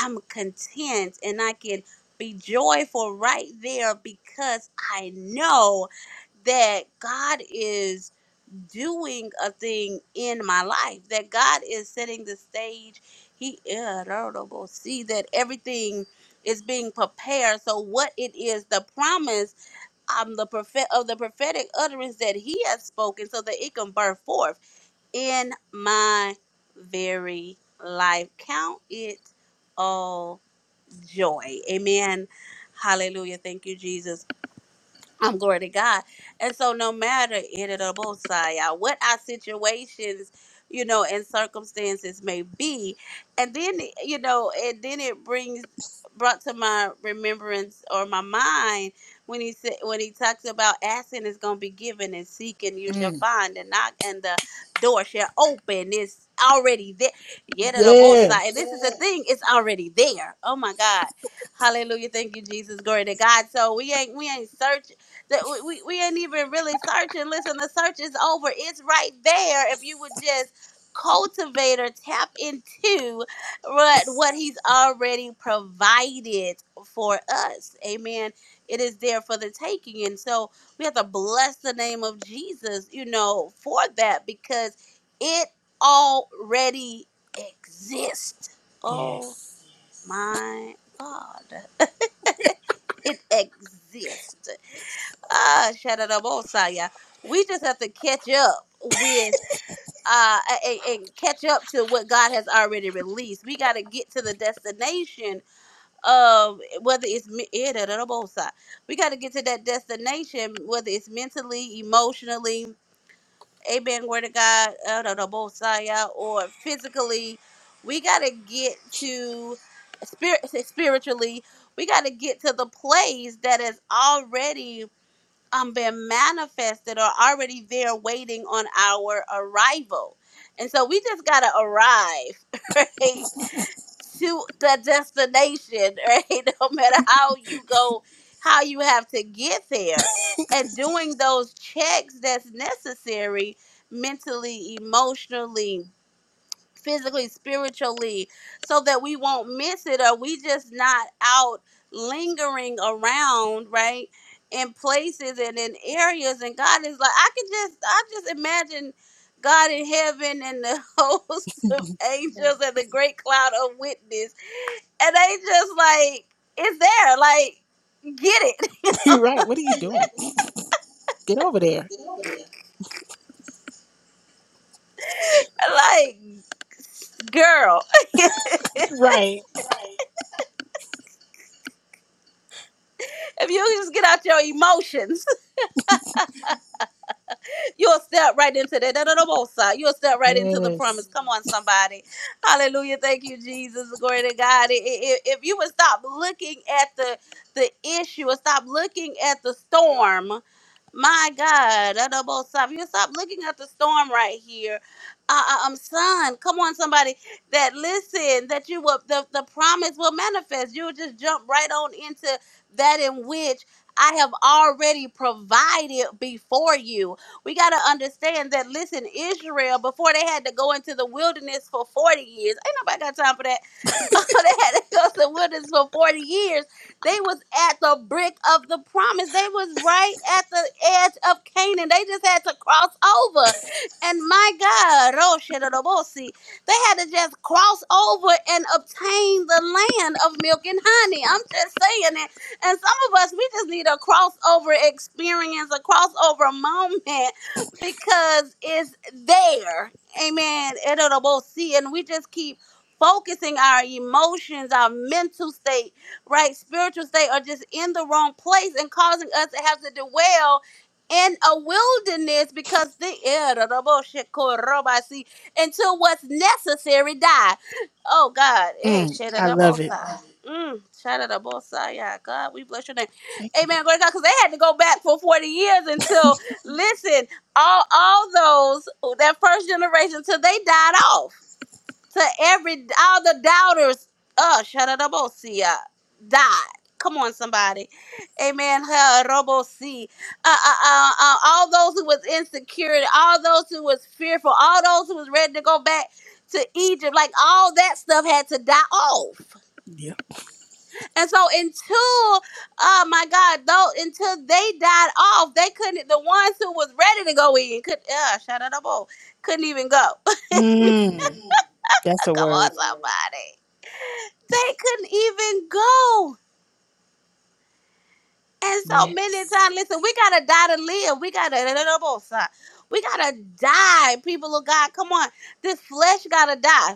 Speaker 4: I'm content, and I can be joyful right there because I know that God is doing a thing in my life. That God is setting the stage. He yeah, da, da, bo- see that everything is being prepared. So what it is, the promise um, the prophet of the prophetic utterance that He has spoken, so that it can burn forth in my very life. Count it all joy. Amen. Hallelujah. Thank you, Jesus. I'm glory to God. And so no matter in it or both side, uh, what our situations, you know, and circumstances may be. And then you know, and then it brings brought to my remembrance or my mind when he said when he talks about asking is gonna be given and seeking you shall
Speaker 2: Mm.
Speaker 4: find and knock and the door shall open. It's already there. Yet it or both side. And
Speaker 2: Yes.
Speaker 4: this is the thing, it's already there. Oh my God. Hallelujah. Thank you, Jesus. Glory to God. So we ain't we ain't searching that we, we, we ain't even really searching. Listen, the search is over. It's right there if you would just cultivate or tap into what what he's already provided for us. Amen. It is there for the taking. And so we have to bless the name of Jesus, you know, for that because it already exists. Oh
Speaker 2: Yes.
Speaker 4: my God. It exists. Ah, Shadadabosaya. We just have to catch up with uh and, and catch up to what God has already released. We got to get to the destination of whether it's me- eh, da, da, da, bosa. we got to get to that destination whether it's mentally, emotionally, amen, word of God, eh, da, da, bosaya, or physically. We got to get to spirit spiritually. We got to get to the place that is already um been manifested or already there waiting on our arrival. And so we just gotta arrive, right? To the destination, right? No matter how you go, how you have to get there. And doing those checks that's necessary mentally, emotionally, physically, spiritually, so that we won't miss it or we just not out lingering around, right? In places and in areas. And God is like, I could just I just imagine God in heaven and the host of angels and the great cloud of witness. And they just like, it's there. Like, get it.
Speaker 2: You're right. What are you doing? Get over there.
Speaker 4: Like, girl,
Speaker 2: Right.
Speaker 4: if you just get out your emotions You'll step right into that. that- that- that most side. You'll step right into the promise.
Speaker 2: Yes.
Speaker 4: Come on, somebody. Hallelujah. Thank you, Jesus. Glory to God. I- I- If you would stop looking at the the issue and stop looking at the storm my God, double stop. You stop looking at the storm right here. Uh, uh, um, son, come on, somebody that listen, that you will, the, the promise will manifest. You'll just jump right on into that in which I have already provided before you. We got to understand that, listen, Israel, before they had to go into the wilderness for 40 years, ain't nobody got time for that. they had to go to the wilderness for 40 years. They was at the brink of the promise. They was right at the edge of Canaan. They just had to cross over. And my God, Roshidorobosi, they had to just cross over and obtain the land of milk and honey. I'm just saying it. And some of us, we just need a crossover experience, a crossover moment because it's there. Amen. it And we just keep focusing our emotions, our mental state, right, spiritual state, are just in the wrong place and causing us to have to dwell in a wilderness because the air of the bullshit see until what's necessary die. Oh God, eh,
Speaker 2: Mm.
Speaker 4: shit
Speaker 2: I
Speaker 4: the
Speaker 2: love
Speaker 4: both
Speaker 2: it.
Speaker 4: sides. Mm, shout out to both sides. Yeah, God, we bless your name.
Speaker 2: Thank you, Lord.
Speaker 4: Amen. Glory to God. Because they had to go back for 40 years until, listen, all all those, that first generation, till they died off to every all the doubters. Uh, Shadadabosia died. Come on, somebody. Amen. Ha-robosi. Uh, uh, uh, uh, all those who was insecure, all those who was fearful, all those who was ready to go back to Egypt, like all that stuff had to die off.
Speaker 2: Yep.
Speaker 4: And so until, oh my God, though, until they died off, they couldn't, the ones who was ready to go in, could, uh, Shadadabo, couldn't even go.
Speaker 2: Mm.
Speaker 4: Come
Speaker 2: That's a word.
Speaker 4: on, somebody. They couldn't even go. And so many
Speaker 2: Yes.
Speaker 4: times, listen, we gotta die to live. We gotta we gotta die, people of God. Come on. This flesh gotta die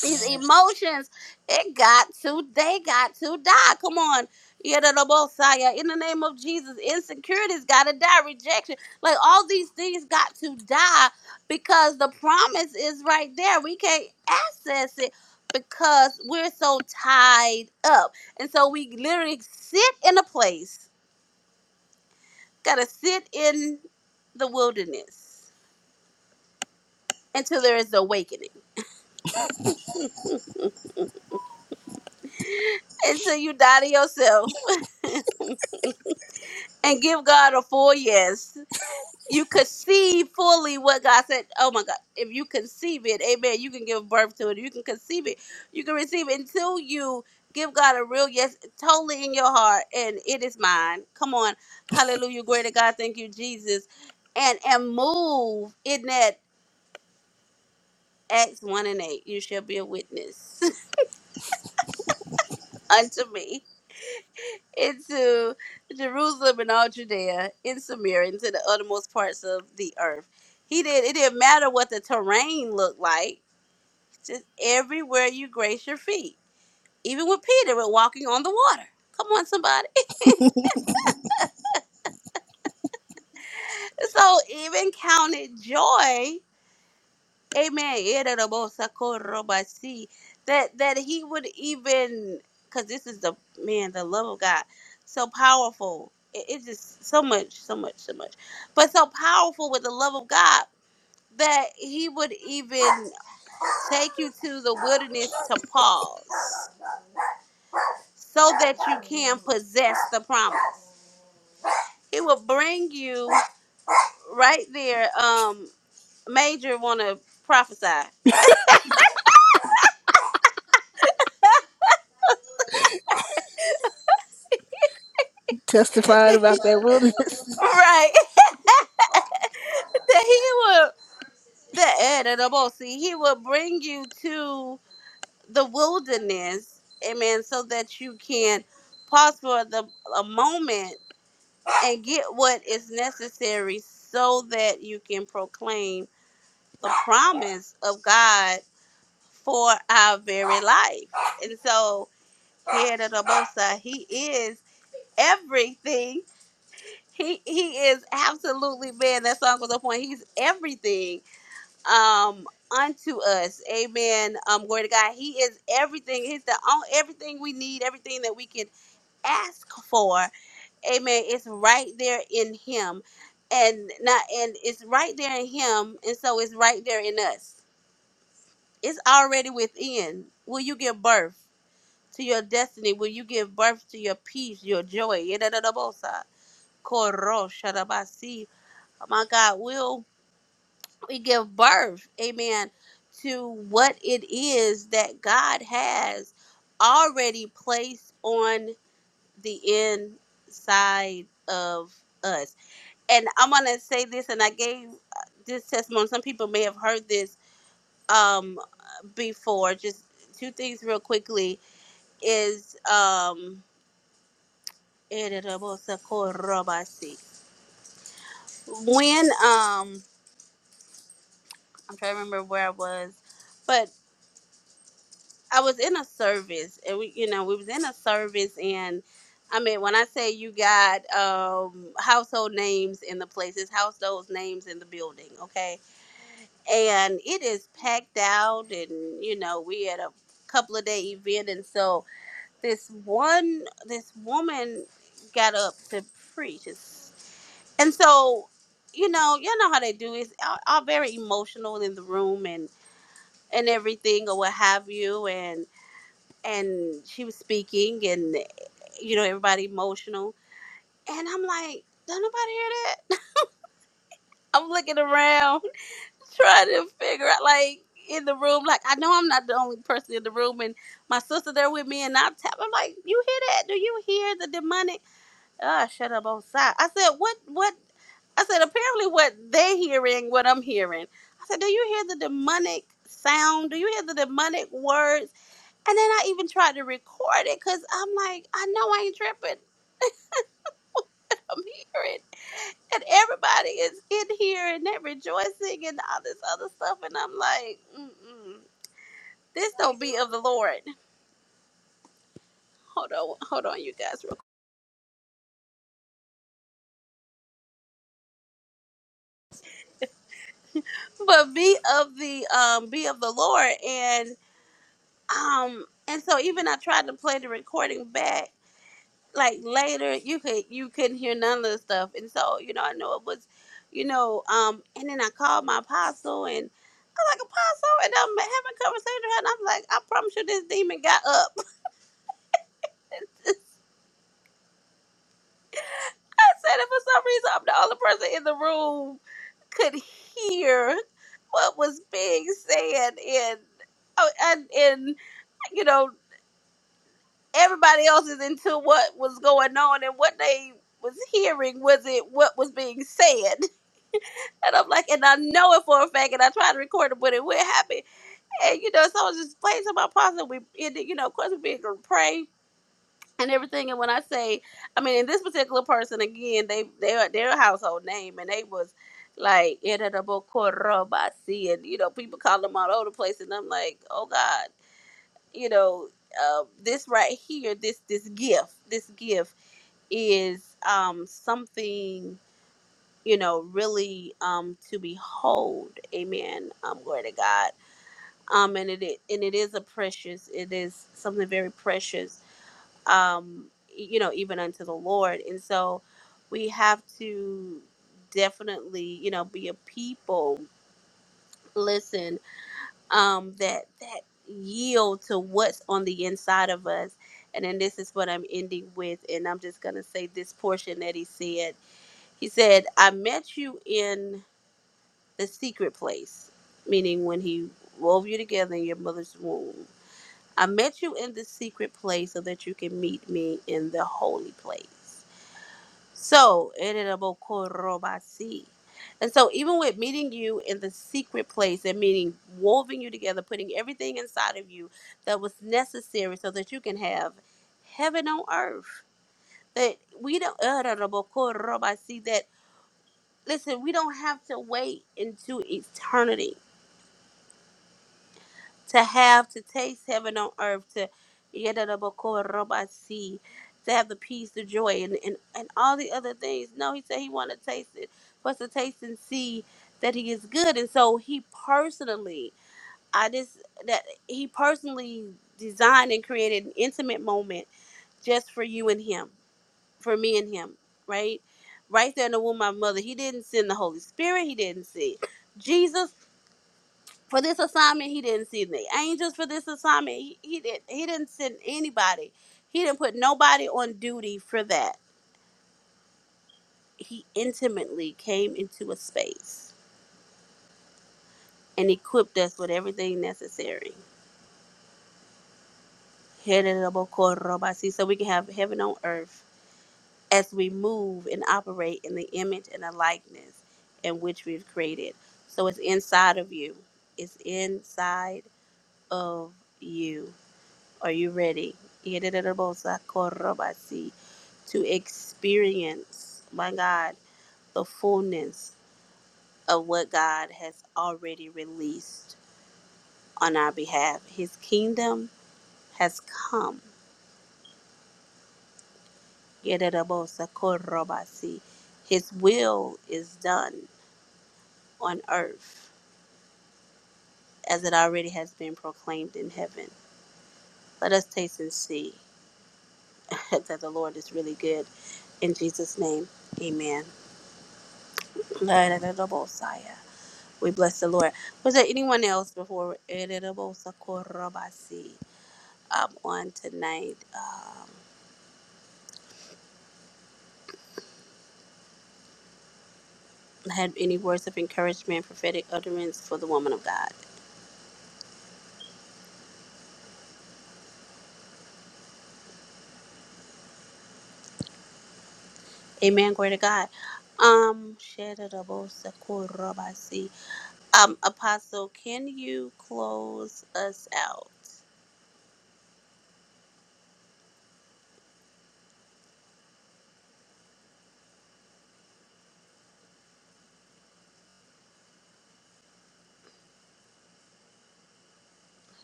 Speaker 4: these emotions it got to they got to die come on Yadadabosaya. in the name of jesus Insecurity's got to die rejection like all these things got to die because the promise is right there we can't access it because we're so tied up and so we literally sit in a place gotta sit in the wilderness until there is awakening until you die to yourself and give god a full yes you conceive fully what God said. Oh my God. If you conceive it, amen, you can give birth to it. You can conceive it. You can receive it until you give God a real yes, totally in your heart, and it is mine. Come on. Hallelujah. Glory to God. Thank you, Jesus. And and move in that Acts 1 and 8. You shall be a witness unto me into Jerusalem and all Judea, in Samaria, and to the uttermost parts of the earth. He did. It didn't matter what the terrain looked like Just everywhere you grace your feet. Even with Peter, with walking on the water. Come on, somebody. So even counted joy, amen, irarabosakoroba-si, that, that he would even, because this is the, man, the love of God, so powerful. It- It's just so much, so much, so much. But so powerful with the love of God that he would even take you to the wilderness to pause so that you can possess the promise. It will bring you right there. Um, Major want to prophesy,
Speaker 2: Testifying about that wilderness.
Speaker 4: right? that he will that eh, the boss, see he will bring you to the wilderness, amen, so that you can pause for the a moment and get what is necessary, so that you can proclaim the promise of God for our very life. And so, here he is everything He he is absolutely man. That song was on point. He's everything um unto us. Amen. Um, glory to God. He is everything. He's the all everything we need, everything that we can ask for. Amen. It's right there in him. And not and it's right there in him. And so it's right there in us. It's already within. Will you give birth to your destiny? Will you give birth to your peace, your joy? oh my God, will we give birth, amen, to what it is that God has already placed on the inside of us. And I'm going to say this, and I gave uh, this testimony. Some people may have heard this um, before. Just two things, real quickly, is. Um, when um I'm trying to remember where I was, but. I was in a service, and we, you know, we was in a service, and I mean, when I say you got um, household names in the places, household names in the building, okay, and it is packed out, and you know, we had a couple of day event, and so this one, this woman got up to preach, It's- and so, you know, y'all know how they do is all all very emotional in the room and and everything or what have you, and she was speaking and you know everybody emotional and i'm like don't nobody hear that i'm looking around trying to figure out like in the room like i know i'm not the only person in the room and my sister there with me and i'm tap i'm like you hear that do you hear the demonic ah shut up on side i said what what i said apparently what they're hearing what i'm hearing i said do you hear the demonic sound do you hear the demonic words And then I even tried to record it because I'm like, I know I ain't tripping. I'm hearing. And everybody is in here and they're rejoicing and all this other stuff. And I'm like, Mm-mm, this don't be of the Lord. Hold on, hold on, you guys. Real quick. But be of the um, be of the Lord. And um, and so even I tried to play the recording back. Like later, you could you couldn't hear none of the stuff. And so you know, I know it was, you know, um, and then I called my apostle and. like apostle and I'm having a conversation with her and I'm like, I promise you this demon got up. I said if for some reason I'm the only person in the room could hear what was being said in oh, and and you know, everybody else is into what was going on and what they was hearing was it what was being said. And I'm like, and I know it for a fact, and I tried to record it, but it wouldn't happen. And you know, so I was just playing some my apostle. We, and, you know, of course, we begin to pray and everything. And when I say, I mean, in this particular person again, they they are their household name, and they was like irritable Korobasi, and you know, people call them all over the place, and I'm like, oh God, you know, uh, this right here, this this gift, this gift is um something you know really um to behold amen um glory to god um and it i- and it is a precious it is something very precious um, e, you know, even unto the Lord. And so we have to definitely, you know, be a people, listen, um, that that yield to what's on the inside of us. And then this is what I'm ending with, and I'm just gonna say this portion that he said. He said, I met you in the secret place, meaning when he wove you together in your mother's womb. I met you in the secret place so that you can meet me in the holy place So, Ererebokorobasi. and so even with meeting you in the secret place and meaning woven you together, putting everything inside of you that was necessary so that you can have heaven on earth. That we don't Ererebokorobasi, that listen, we don't have to wait into eternity to have to taste heaven on earth to Yedadabakorobasi, to have the peace the joy and, and and all the other things no he said he wanted to taste it for us to taste and see that he is good and so he personally i just that he personally designed and created an intimate moment just for you and him for me and him right right there in the womb of my mother he didn't send the holy spirit he didn't send jesus for this assignment he didn't send the angels for this assignment he, he did not he didn't send anybody he didn't put nobody on duty for that he intimately came into a space and equipped us with everything necessary so we can have heaven on earth as we move and operate in the image and the likeness in which we've created so it's inside of you it's inside of you Are you ready? To experience, my God, the fullness of what God has already released on our behalf. His kingdom has come. His will is done on earth as it already has been proclaimed in heaven. Let us taste and see that the Lord is really good. In Jesus' name, amen. We bless the Lord. Was there anyone else before Editable Sakurabasi um, on tonight? Um, had any words of encouragement, prophetic utterance for the woman of God? Amen. Glory to God. Um, Sheditable Sakurabasi. Um, Apostle, can you close us out?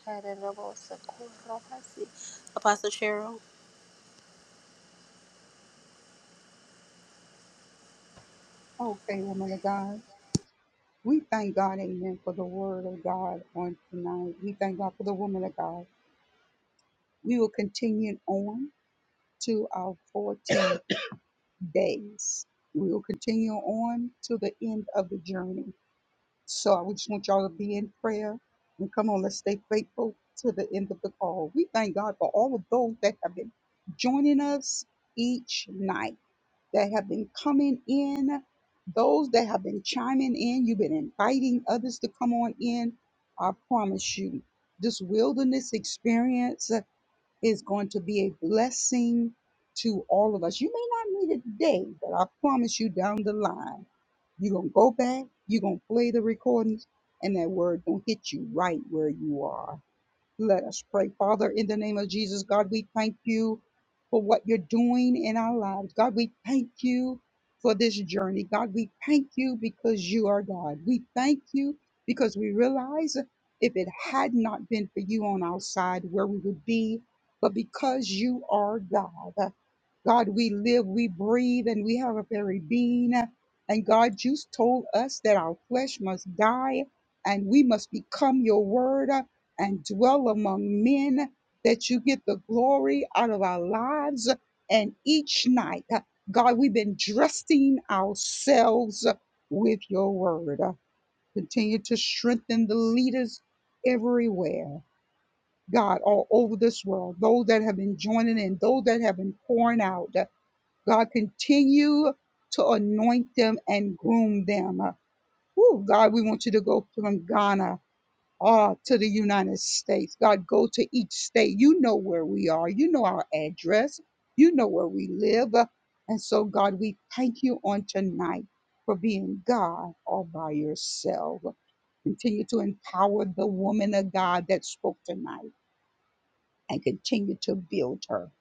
Speaker 4: Sheditable Sakurabasi. Apostle Cheryl?
Speaker 6: Okay, woman of God. We thank God, amen, for the word of God on tonight. We thank God for the woman of God. We will continue on to our 14. days. We will continue on to the end of the journey. So I just want y'all to be in prayer and come on, let's stay faithful to the end of the call. We thank God for all of those that have been joining us each night, that have been coming in, those that have been chiming in. You've been inviting others to come on in. I promise you, this wilderness experience is going to be a blessing to all of us. You may not need it today, but I promise you down the line, you're going to go back, you're going to play the recordings, and that word going to hit you right where you are. Let us pray. Father, in the name of Jesus, God, we thank you for what you're doing in our lives. God, we thank you for this journey. God, we thank you because you are God. We thank you because we realize if it had not been for you on our side, where we would be, but because you are God. God, we live, we breathe, and we have a very being. And God, you told us that our flesh must die and we must become your word and dwell among men, that you get the glory out of our lives. And each night, uh, God, we've been dressing ourselves uh, with your word. Uh, Continue to strengthen the leaders everywhere, God, all over this world, those that have been joining in, those that have been pouring out. Uh, God, continue to anoint them and groom them. Uh, Woo, God, we want you to go from Ghana uh, to the United States. God, go to each state. You know where we are. You know our address. You know where we live. Uh, And so, God, we thank you on tonight for being God all by yourself. Continue to empower the woman of God that spoke tonight and continue to build her.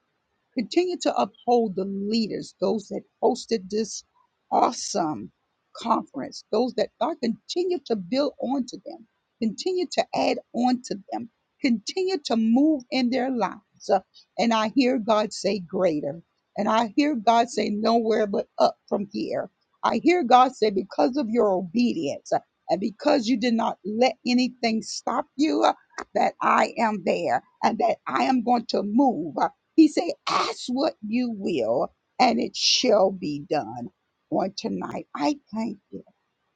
Speaker 6: Continue to uphold the leaders, those that hosted this awesome conference, those that God continue to build onto them, continue to add on to them, continue to move in their lives. Uh, And I hear God say, Greater. And I hear God say, Nowhere but up from here. I hear God say, Because of your obedience uh, and because you did not let anything stop you, uh, that I am there and that I am going to move. Uh, he said, ask what you will, and it shall be done on tonight. I thank you.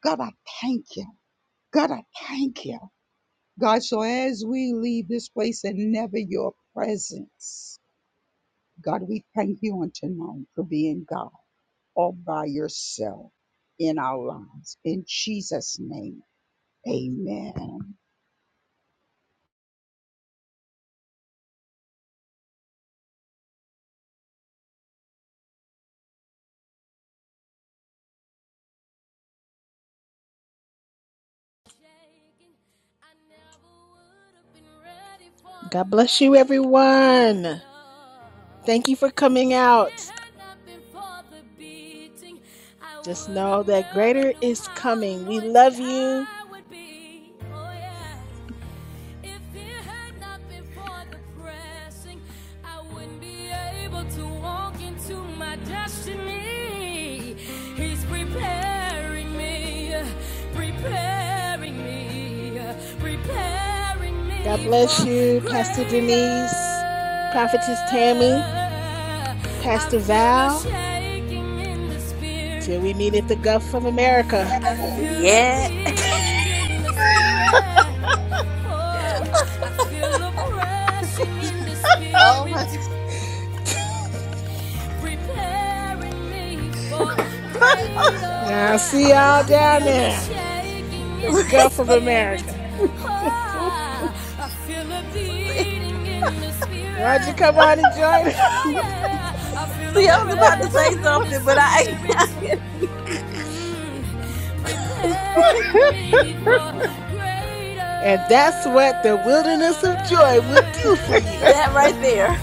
Speaker 6: God, I thank you. God, I thank you. God, so as we leave this place and never your presence, God, we thank you on tonight for being God all by yourself in our lives. In Jesus' name, amen.
Speaker 2: God bless you, everyone. Thank you for coming out. Just know that greater is coming. We love you. If it had not been for the pressing, I wouldn't be able to walk into my destiny. He's preparing me, preparing me, preparing me. God bless you, Pastor Denise, Prophetess Tammy, Pastor Val. Till we meet at the Gulf of America.
Speaker 4: Yeah.
Speaker 2: Oh, I
Speaker 4: Oh my God.
Speaker 2: Now, see y'all down there. The in Gulf of America. Why don't you come on and join us. I feel a
Speaker 4: See, I was about to say
Speaker 2: pressing in the
Speaker 4: something, but I,
Speaker 2: spirit.
Speaker 4: I couldn't.
Speaker 2: And that's what the wilderness of joy will do for you.
Speaker 4: that right there.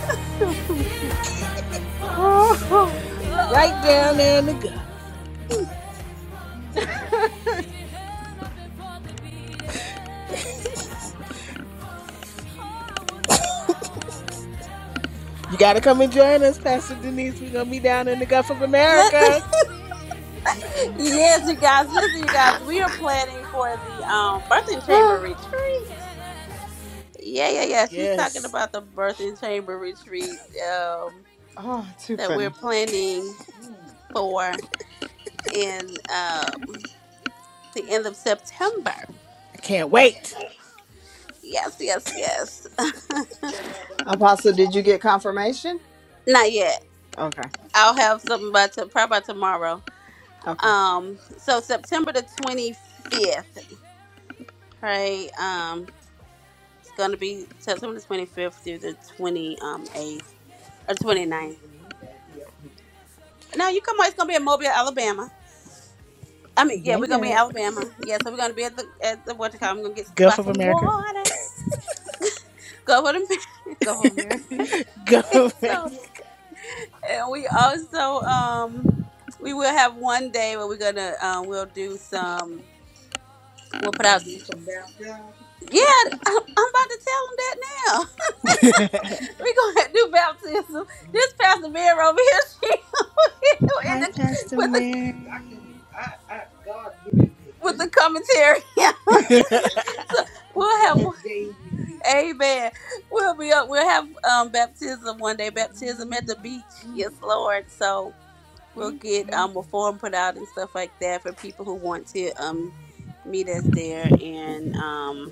Speaker 2: Right down there in the gut. You got to come and join us, Pastor Denise. We're going to be down in the Gulf of
Speaker 4: let
Speaker 2: America.
Speaker 4: yes, you guys, listen, you guys, we are planning for the um birthing chamber retreat. Yeah, yeah, yeah. She's talking
Speaker 2: Yes.
Speaker 4: about the birthing chamber retreat um
Speaker 5: Oh, too
Speaker 4: that we're
Speaker 5: funny.
Speaker 4: planning for in um the end of September.
Speaker 2: I can't wait.
Speaker 4: Yes, yes, yes.
Speaker 5: Apostle, did you get confirmation?
Speaker 4: Not yet.
Speaker 5: Okay.
Speaker 4: I'll have something by to, probably by tomorrow.
Speaker 5: Okay.
Speaker 4: Um, so September the twenty fifth, right? um, It's gonna be September the twenty fifth through the twenty um, eighth or twenty ninth. 29th. No, you come on. It's gonna be in Mobile, Alabama. I mean, yeah,
Speaker 2: Yeah,
Speaker 4: we're gonna be
Speaker 2: yeah.
Speaker 4: in Alabama. Yeah, so we're gonna be at the at the water I'm gonna get buy
Speaker 2: Gulf of
Speaker 4: some
Speaker 2: America.
Speaker 4: water. Go for the mar- go for Mary.
Speaker 2: Gulf of
Speaker 4: so
Speaker 2: America.
Speaker 4: and we also um we will have one day where we're gonna um we'll do some we'll put out yeah, I'm, I'm about to tell them that now. We're going to do baptism. This Pastor Bear over here, and
Speaker 2: Hi,
Speaker 4: the,
Speaker 2: Pastor
Speaker 4: with the I can,
Speaker 2: Mary.
Speaker 4: I, I, God give me this. with the commentary. Yeah, we'll have. God gave me this. Amen. We'll be up. We'll have um baptism one day. Baptism at the beach. Yes, Mm. Lord. So we'll get um a form put out and stuff like that for people who want to um meet us there and um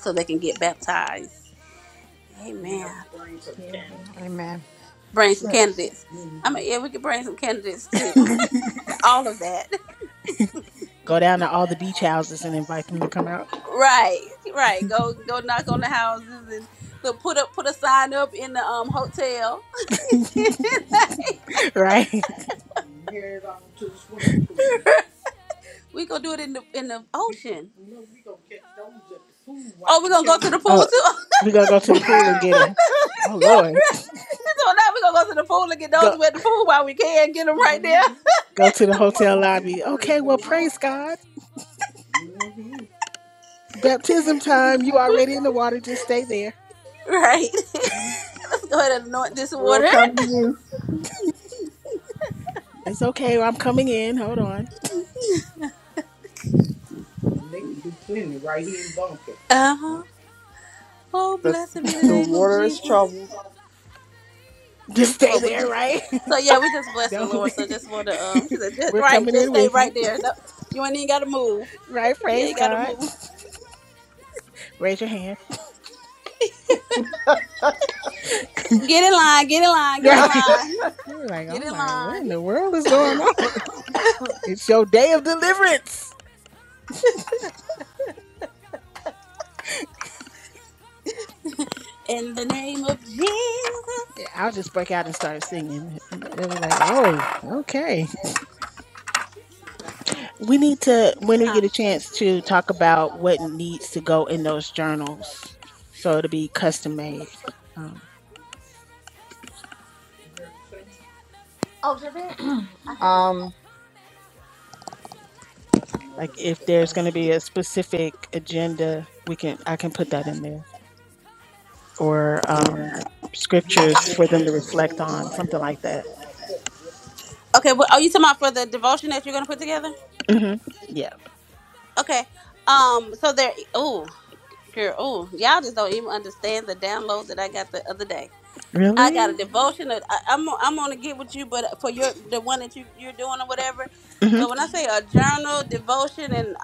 Speaker 4: so they can get baptized. Amen. We have to Bring some candidates.
Speaker 5: Amen.
Speaker 4: Bring some candidates. Mhm. I mean, yeah, we could bring some candidates too. All of that.
Speaker 2: Go down to all the beach houses and invite them to come out,
Speaker 4: Right, right. Go go knock on the houses and look put up put a sign up in the um hotel.
Speaker 2: right?
Speaker 4: we gonna do it in the in the ocean. No, we gonna catch those at the pool. Oh, we gonna go to the pool
Speaker 2: Oh,
Speaker 4: too.
Speaker 2: we gonna go to the pool and get a. Oh Lord,
Speaker 4: so now we gonna go to the pool and get those
Speaker 2: go
Speaker 4: who at the pool while we can get them right there.
Speaker 2: go to the hotel lobby. Okay, well praise God. Baptism time. You already in the water. Just stay there.
Speaker 4: Right. Let's go ahead and anoint this
Speaker 5: We'll
Speaker 4: water.
Speaker 5: come to you.
Speaker 2: It's okay. I'm coming in. Hold on.
Speaker 4: Uh huh. Oh,
Speaker 5: The
Speaker 4: blessed be the
Speaker 5: the
Speaker 4: name of
Speaker 5: water is
Speaker 4: Jesus.
Speaker 5: troubled.
Speaker 2: Just stay
Speaker 4: But we
Speaker 2: there,
Speaker 4: just
Speaker 2: right?
Speaker 4: so yeah, we just bless the
Speaker 2: Don't.
Speaker 4: Lord. So just want to um, she said just
Speaker 2: We're
Speaker 4: right,
Speaker 2: coming
Speaker 4: just
Speaker 2: in
Speaker 4: stay
Speaker 2: with you,
Speaker 4: right there. No, you ain't even gotta move.
Speaker 2: right?
Speaker 4: You
Speaker 2: Praise
Speaker 4: ain't gotta
Speaker 2: God.
Speaker 4: move.
Speaker 2: Raise your hand,
Speaker 4: Get in line, get in line, get in
Speaker 2: right?
Speaker 4: line,
Speaker 2: You're like,
Speaker 4: get
Speaker 2: oh
Speaker 4: in
Speaker 2: my, what
Speaker 4: line.
Speaker 2: in the world is going on? It's your day of deliverance.
Speaker 4: In the name of Jesus.
Speaker 2: Yeah, I'll just break out and start singing. They'll be like, oh, okay. We need to, when we
Speaker 4: Huh.
Speaker 2: get a chance, to talk about what needs to go in those journals, so it'll be custom made. Um,
Speaker 4: Oh, Javette, I haven't.
Speaker 5: um,
Speaker 2: like if there's going to be a specific agenda, we can I can put that in there, or um, scriptures for them to reflect on, something like that.
Speaker 4: Okay, well, are you talking about for the devotion that you're gonna put together?
Speaker 2: hmm Yeah.
Speaker 4: Okay. Um. So there. Oh, girl. Oh, y'all just don't even understand the download that I got the other day. I got a
Speaker 2: Really?
Speaker 4: devotion. I, I'm I'm gonna get with you, but for your the one that you you're doing or whatever. But when I say a journal devotion and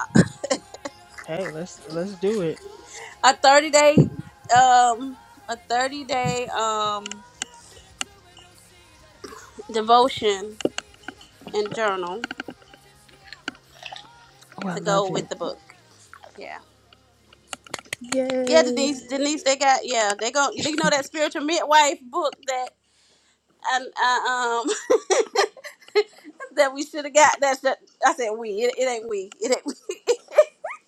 Speaker 2: Hey, let's let's do it.
Speaker 4: a 30 day um a 30 day um devotion and journal
Speaker 2: Oh, I
Speaker 4: to
Speaker 2: love
Speaker 4: go
Speaker 2: it.
Speaker 4: with the book. Yeah. Yeah,
Speaker 2: Yay!
Speaker 4: Denise. Denise, they got yeah. They go. You know that spiritual midwife book that and uh, um that we should have got. That's that. I said we. It, it ain't we. It ain't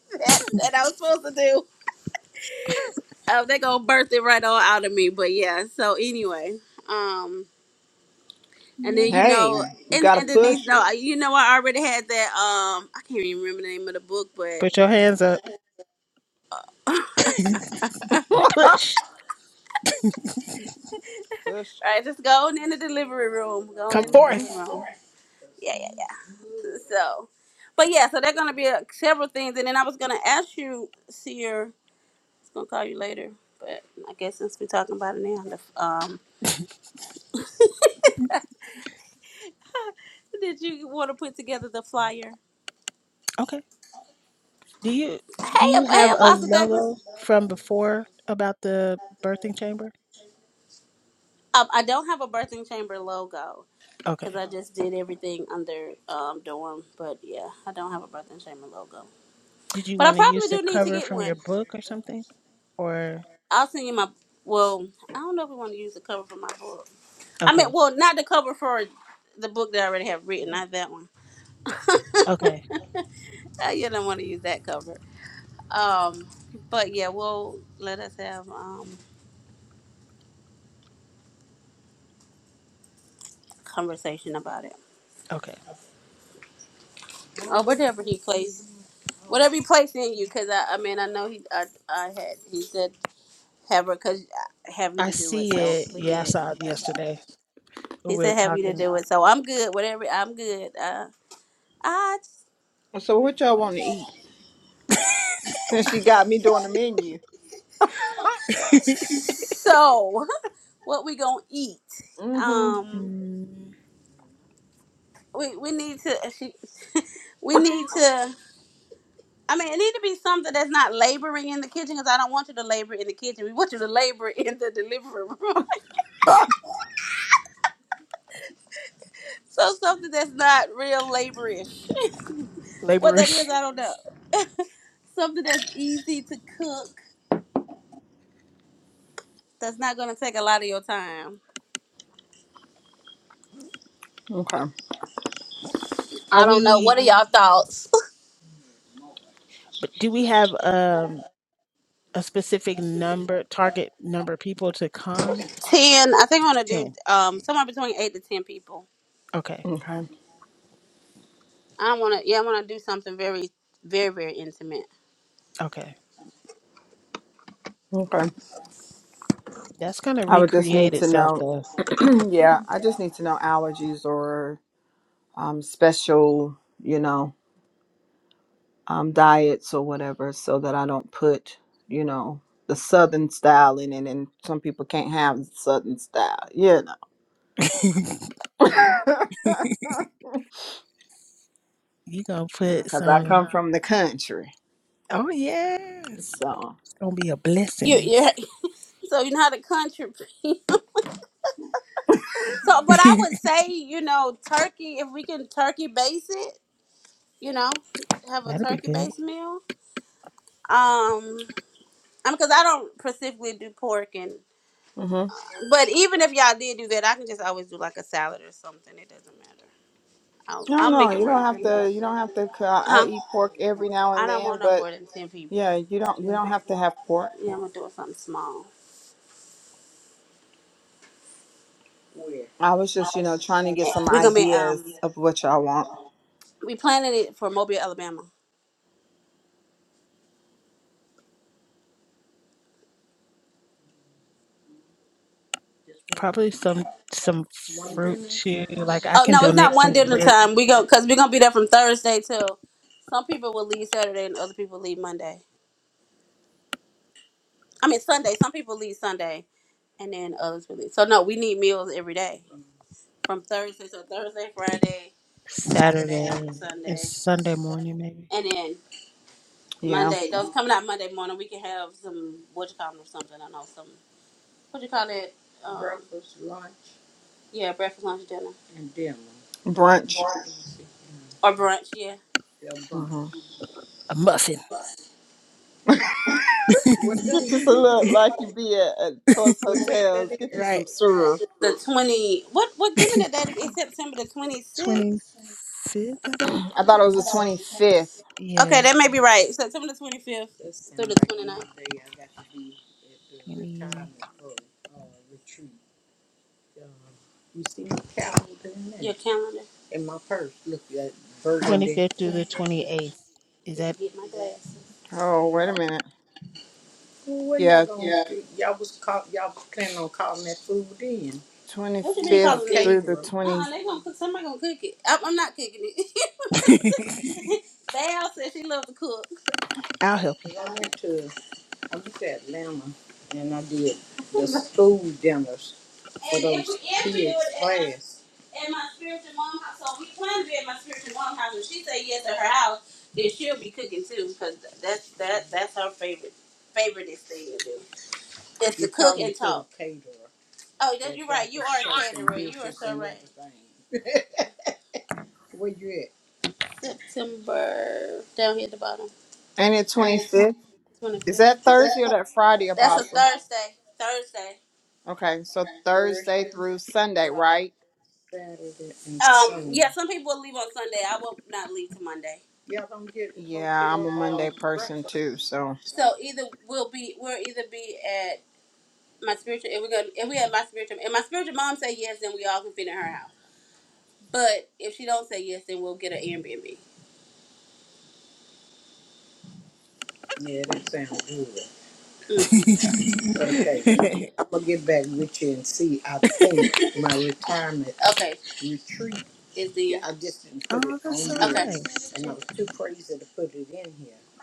Speaker 4: that that I was supposed to do. Oh, they gonna birth it right all out of me. But yeah. So anyway, um, and
Speaker 2: Yay!
Speaker 4: then you
Speaker 5: hey,
Speaker 4: know,
Speaker 5: you
Speaker 4: and,
Speaker 5: gotta
Speaker 4: and Denise,
Speaker 5: push.
Speaker 4: no, you know, I already had that. Um, I can't even remember the name of the book, but
Speaker 2: Put your hands up. Push.
Speaker 5: push.
Speaker 4: all right, just go on in the delivery room. Go on
Speaker 2: Come
Speaker 4: in the
Speaker 2: forth.
Speaker 4: delivery room. Yeah, yeah, yeah. So, but yeah, so they're gonna be uh, several things, and then I was gonna ask you, Seer. I was gonna call you later, but I guess since we're talking about it now, the, um, did you want to put together the flyer?
Speaker 2: Okay. Do you
Speaker 4: Hey,
Speaker 2: do you
Speaker 4: Ap- hey,
Speaker 2: have a
Speaker 4: Apostle Douglas.
Speaker 2: logo from before about the birthing chamber?
Speaker 4: Um, I don't have a birthing chamber logo because
Speaker 2: Okay.
Speaker 4: I just did everything under um, dorm. But yeah, I don't have a birthing chamber logo.
Speaker 2: Did you
Speaker 4: But I
Speaker 2: want to use
Speaker 4: probably
Speaker 2: the
Speaker 4: do need to
Speaker 2: cover
Speaker 4: get
Speaker 2: from your
Speaker 4: one.
Speaker 2: book or something? Or
Speaker 4: I'll send you my. Well, I don't know if we want to use the cover for my book. I mean,
Speaker 2: okay,
Speaker 4: well, not the cover for the book that I already have written, not that one.
Speaker 2: okay,
Speaker 4: Uh, You don't want to use that cover. Um, but yeah, well, let us have um conversation about it
Speaker 2: okay.
Speaker 4: or whatever he plays, whatever he plays in you. Because I, I mean, I know he, I, I had he said have her cause I have you
Speaker 2: I
Speaker 4: to do it,
Speaker 2: see
Speaker 4: so
Speaker 2: it.
Speaker 4: we
Speaker 2: Yeah, I
Speaker 4: good.
Speaker 2: saw it yesterday.
Speaker 4: He
Speaker 2: We're
Speaker 4: said have you to
Speaker 2: talking
Speaker 4: do it, so I'm good. Whatever, I'm good. Uh, I
Speaker 5: So what y'all want to eat? Since she got me doing the menu.
Speaker 4: so what we gonna eat?
Speaker 5: Mm-hmm.
Speaker 4: Um,
Speaker 2: mm,
Speaker 4: we we need to uh, she, we need to. I mean, it need to be something that's not laboring in the kitchen because I don't want you to labor in the kitchen. We want you to labor in the delivery room. so something that's not real laborish. what that
Speaker 2: laborers.
Speaker 4: is, I don't know. Something that's easy to cook that's not gonna take a lot of your time.
Speaker 5: Okay.
Speaker 2: Are
Speaker 4: I don't know.
Speaker 2: we?
Speaker 4: What are y'all thoughts?
Speaker 2: But do we have um a specific number, target number of people to come?
Speaker 4: ten. I think I want to do
Speaker 2: Ten.
Speaker 4: um somewhere between eight to ten people.
Speaker 2: Okay.
Speaker 5: Okay.
Speaker 4: I want to. Yeah, I want to do something very, very, very intimate.
Speaker 2: Okay,
Speaker 5: Okay.
Speaker 2: that's gonna
Speaker 5: I would just need
Speaker 2: recreate
Speaker 5: to
Speaker 2: itself
Speaker 5: know.
Speaker 2: though.
Speaker 5: yeah, I just need to know allergies or um special, you know, um diets or whatever so that I don't put, you know, the southern style in it and some people can't have the southern style, you know.
Speaker 2: You gonna put
Speaker 5: Because I
Speaker 2: some
Speaker 5: come from the country.
Speaker 2: oh yes. It's
Speaker 5: So
Speaker 2: gonna be a
Speaker 4: You, you.
Speaker 2: blessings.
Speaker 4: So you know how the country. so, but I would say you know turkey. If we can turkey base it, you know, have a
Speaker 2: That'll be
Speaker 4: turkey
Speaker 2: good.
Speaker 4: based meal. Um, I mean, because I don't specifically do pork and.
Speaker 5: mm-hmm.
Speaker 4: But even if y'all did do that, I can just always do like a salad or something. It doesn't matter. I'll,
Speaker 5: No,
Speaker 4: I'll
Speaker 5: no,
Speaker 4: make it
Speaker 5: you
Speaker 4: work.
Speaker 5: don't have to. You don't have to. c- uh, I
Speaker 4: Huh?
Speaker 5: eat pork every now
Speaker 4: I
Speaker 5: and
Speaker 4: don't
Speaker 5: then,
Speaker 4: want no
Speaker 5: but
Speaker 4: more than ten people.
Speaker 5: yeah, you don't. We don't have
Speaker 4: Yeah,
Speaker 5: to have pork.
Speaker 4: I'm gonna do it something small.
Speaker 5: I was just, you know, trying to get some
Speaker 4: We're gonna be
Speaker 5: ideas
Speaker 4: um
Speaker 5: of what y'all want.
Speaker 4: we planning it for Mobile, Alabama.
Speaker 2: Probably some some fruit too. Like I
Speaker 4: Oh
Speaker 2: can
Speaker 4: no, it's not
Speaker 2: donate
Speaker 4: one
Speaker 2: some
Speaker 4: dinner
Speaker 2: fruit
Speaker 4: time. We go because we're gonna be there from Thursday till some people will leave Saturday and other people leave Monday. I mean Sunday. Some people leave Sunday and then others will leave. So no, we need meals every day from Thursday. So Thursday, Friday, Saturday, and
Speaker 2: Saturday and
Speaker 4: Sunday,
Speaker 2: Sunday morning maybe.
Speaker 4: and then
Speaker 5: Yeah,
Speaker 4: Monday. Those coming out Monday morning, we can have some wood or something. I know some. what do you call it? Um, yeah, breakfast, lunch, dinner,
Speaker 5: brunch.
Speaker 4: or brunch. Yeah,
Speaker 5: hmm
Speaker 2: A muffin.
Speaker 5: Get you some look like you be at, at Choice Hotels. Get you
Speaker 2: right.
Speaker 5: some sir.
Speaker 4: the twenty. What what? Give me the date. It's September the twenty
Speaker 2: Twenty
Speaker 4: sixth.
Speaker 2: fifth about?
Speaker 5: I thought it was the twenty fifth.
Speaker 2: Yeah,
Speaker 4: Okay, that may be right. September the twenty fifth through the sounds the 29th.
Speaker 2: twenty
Speaker 4: Your calendar. I
Speaker 2: 25th through the 28th. Is
Speaker 4: need to
Speaker 2: that?
Speaker 4: get my glasses.
Speaker 5: Oh, wait a minute. Yeah, twenty
Speaker 4: What you been calling
Speaker 5: fifth
Speaker 4: me?
Speaker 5: through the
Speaker 4: Uh uh
Speaker 5: twenty.
Speaker 4: they gonna cook. Somebody gonna cook it. I'm, I'm not cooking it. Val said she loved to cook.
Speaker 2: I'll help you.
Speaker 4: for those kids' class. At my spiritual mom house, so we plan to be at my spiritual mom house. If she say yes at her house, then she'll be cooking too, because that's that that's her favorite favorite thing to do. It's to You cook probably and could talk. have paid her. Oh, that, you're right. You are a Shakes and caterer. You are dishes so and right. everything. September down here at the bottom,
Speaker 5: Ain't it twenty fifth?
Speaker 4: twenty
Speaker 5: Is
Speaker 4: fifth.
Speaker 5: that Thursday or that Friday,
Speaker 4: That's a
Speaker 5: Apostle?
Speaker 4: Thursday. Thursday.
Speaker 5: Okay, so Thursday through Sunday, right?
Speaker 4: Saturday. and Um, Sunday. yeah, some people will leave on Sunday. I will not leave till Monday.
Speaker 5: Yeah, I'm a Monday person too, so.
Speaker 4: So either we'll be we'll either be at my spiritual if we go if we at my spiritual if my spiritual mom say yes then we all can fit in her house. But if she don't say yes then we'll get an Airbnb. hmm Okay. Is the
Speaker 2: oh, that's so
Speaker 4: okay here.
Speaker 2: nice.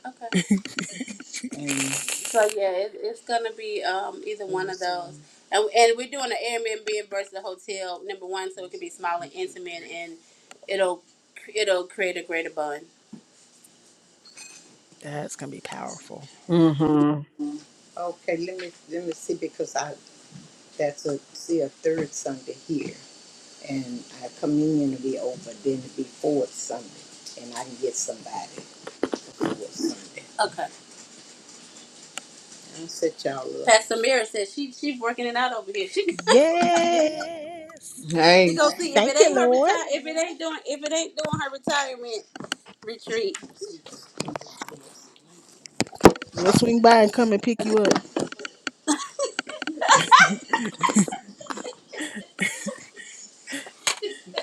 Speaker 4: okay. So yeah, it, it's gonna be um either one of those, and and we're doing an Airbnb versus a hotel number one so it can be small and intimate and it'll it'll create a greater bond.
Speaker 2: That's going to be powerful.
Speaker 5: hmm
Speaker 4: Okay. Pastor Mira says she she's working it out over here. She
Speaker 2: Yes.
Speaker 4: She
Speaker 5: Hey,
Speaker 4: go see if
Speaker 2: Thank
Speaker 4: it
Speaker 2: you,
Speaker 4: ain't her
Speaker 2: Lord.
Speaker 4: retire if it ain't doing if it ain't doing her retirement retreat.
Speaker 2: We'll swing by and come and pick you up.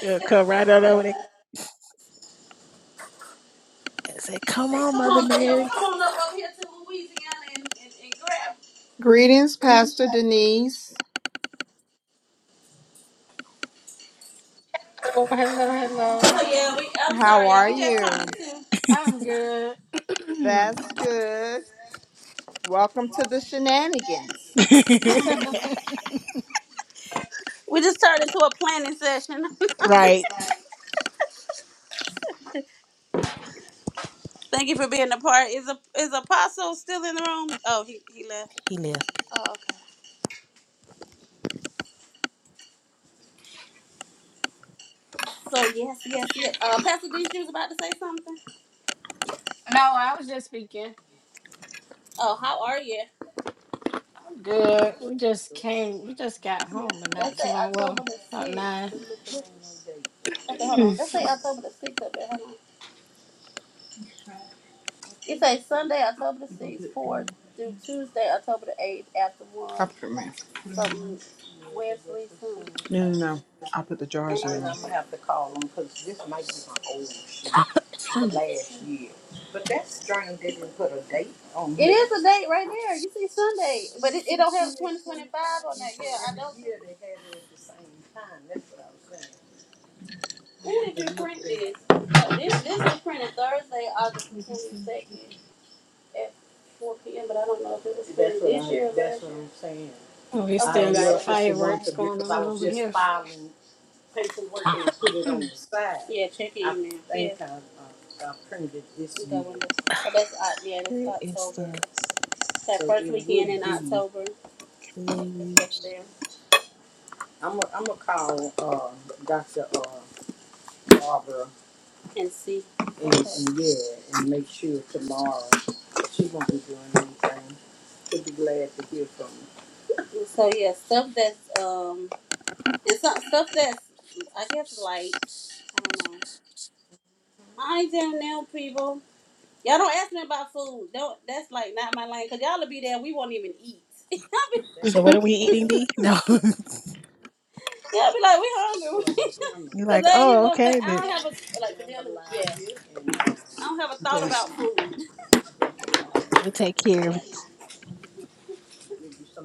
Speaker 2: Uh, come right on over there and say, Come
Speaker 4: Like,
Speaker 2: on,
Speaker 4: come
Speaker 2: Mother
Speaker 4: on, yo,
Speaker 2: Mary.
Speaker 4: come on up over here to Louisiana and, and, and grab.
Speaker 5: greetings, Pastor Denise.
Speaker 7: Hello, hello, hello.
Speaker 4: Oh yeah, we, I'm
Speaker 5: How
Speaker 4: sorry, yeah,
Speaker 5: are
Speaker 4: we just turned
Speaker 5: you?
Speaker 4: into
Speaker 7: I'm good. no,
Speaker 5: That's good. Welcome to the shenanigans.
Speaker 4: we just turned into a planning session.
Speaker 2: right.
Speaker 4: Thank you for being a part. Is a is Apostle still in the room? Oh, he he left.
Speaker 2: He left.
Speaker 4: Oh okay. So yes, yes, yes. Uh, Pastor D, she was about to say something.
Speaker 7: I was just speaking.
Speaker 4: Oh, how are you?
Speaker 7: I'm good. We just came, we just got home and
Speaker 4: Let's
Speaker 7: not too
Speaker 4: say
Speaker 7: long.
Speaker 4: October
Speaker 7: Well,
Speaker 4: the
Speaker 7: about
Speaker 4: sixth.
Speaker 7: nine.
Speaker 4: Okay, hold on. Let's say October the sixth up there. Hold on. It says Sunday, October the sixth, four through Tuesday, October the eighth, after
Speaker 5: I'll
Speaker 4: lunch,
Speaker 5: put them in.
Speaker 4: something Wesley soon.
Speaker 5: No, no, no. I'll put the jars
Speaker 4: And
Speaker 5: in the room.
Speaker 4: am it is a date right there. You see Sunday, but it, it don't have twenty twenty five on that. Yeah, I don't Yeah, When did you print this? Th- This this was printed Thursday, August the twenty second. at four P M, but I don't know if it was this year or
Speaker 7: we
Speaker 4: Okay,
Speaker 7: still
Speaker 4: Okay, yeah,
Speaker 7: got fireworks going on over here.
Speaker 4: yeah, check it in now, yeah. yeah. it You go and But that's, Oc- yeah, that's
Speaker 2: Where is
Speaker 4: October.
Speaker 2: the
Speaker 4: That first weekend in October, let's
Speaker 2: clear?
Speaker 4: there and see. okay. And so yeah, stuff that's um and some stuff that's I guess light. I don't know. I ain't down now, people. Y'all don't ask me about food. Don't. That's like not my lane. Cause y'all'll be there. We won't even eat. y'all
Speaker 2: So what are we eating, D? No.
Speaker 4: be like, we hungry.
Speaker 2: You're
Speaker 4: Cause
Speaker 2: like,
Speaker 4: I ain't even
Speaker 2: oh,
Speaker 4: gonna think.
Speaker 2: okay,
Speaker 4: I
Speaker 2: that
Speaker 4: don't have a like. Yeah. I don't have a thought
Speaker 5: This.
Speaker 4: about food.
Speaker 2: we'll take care of it.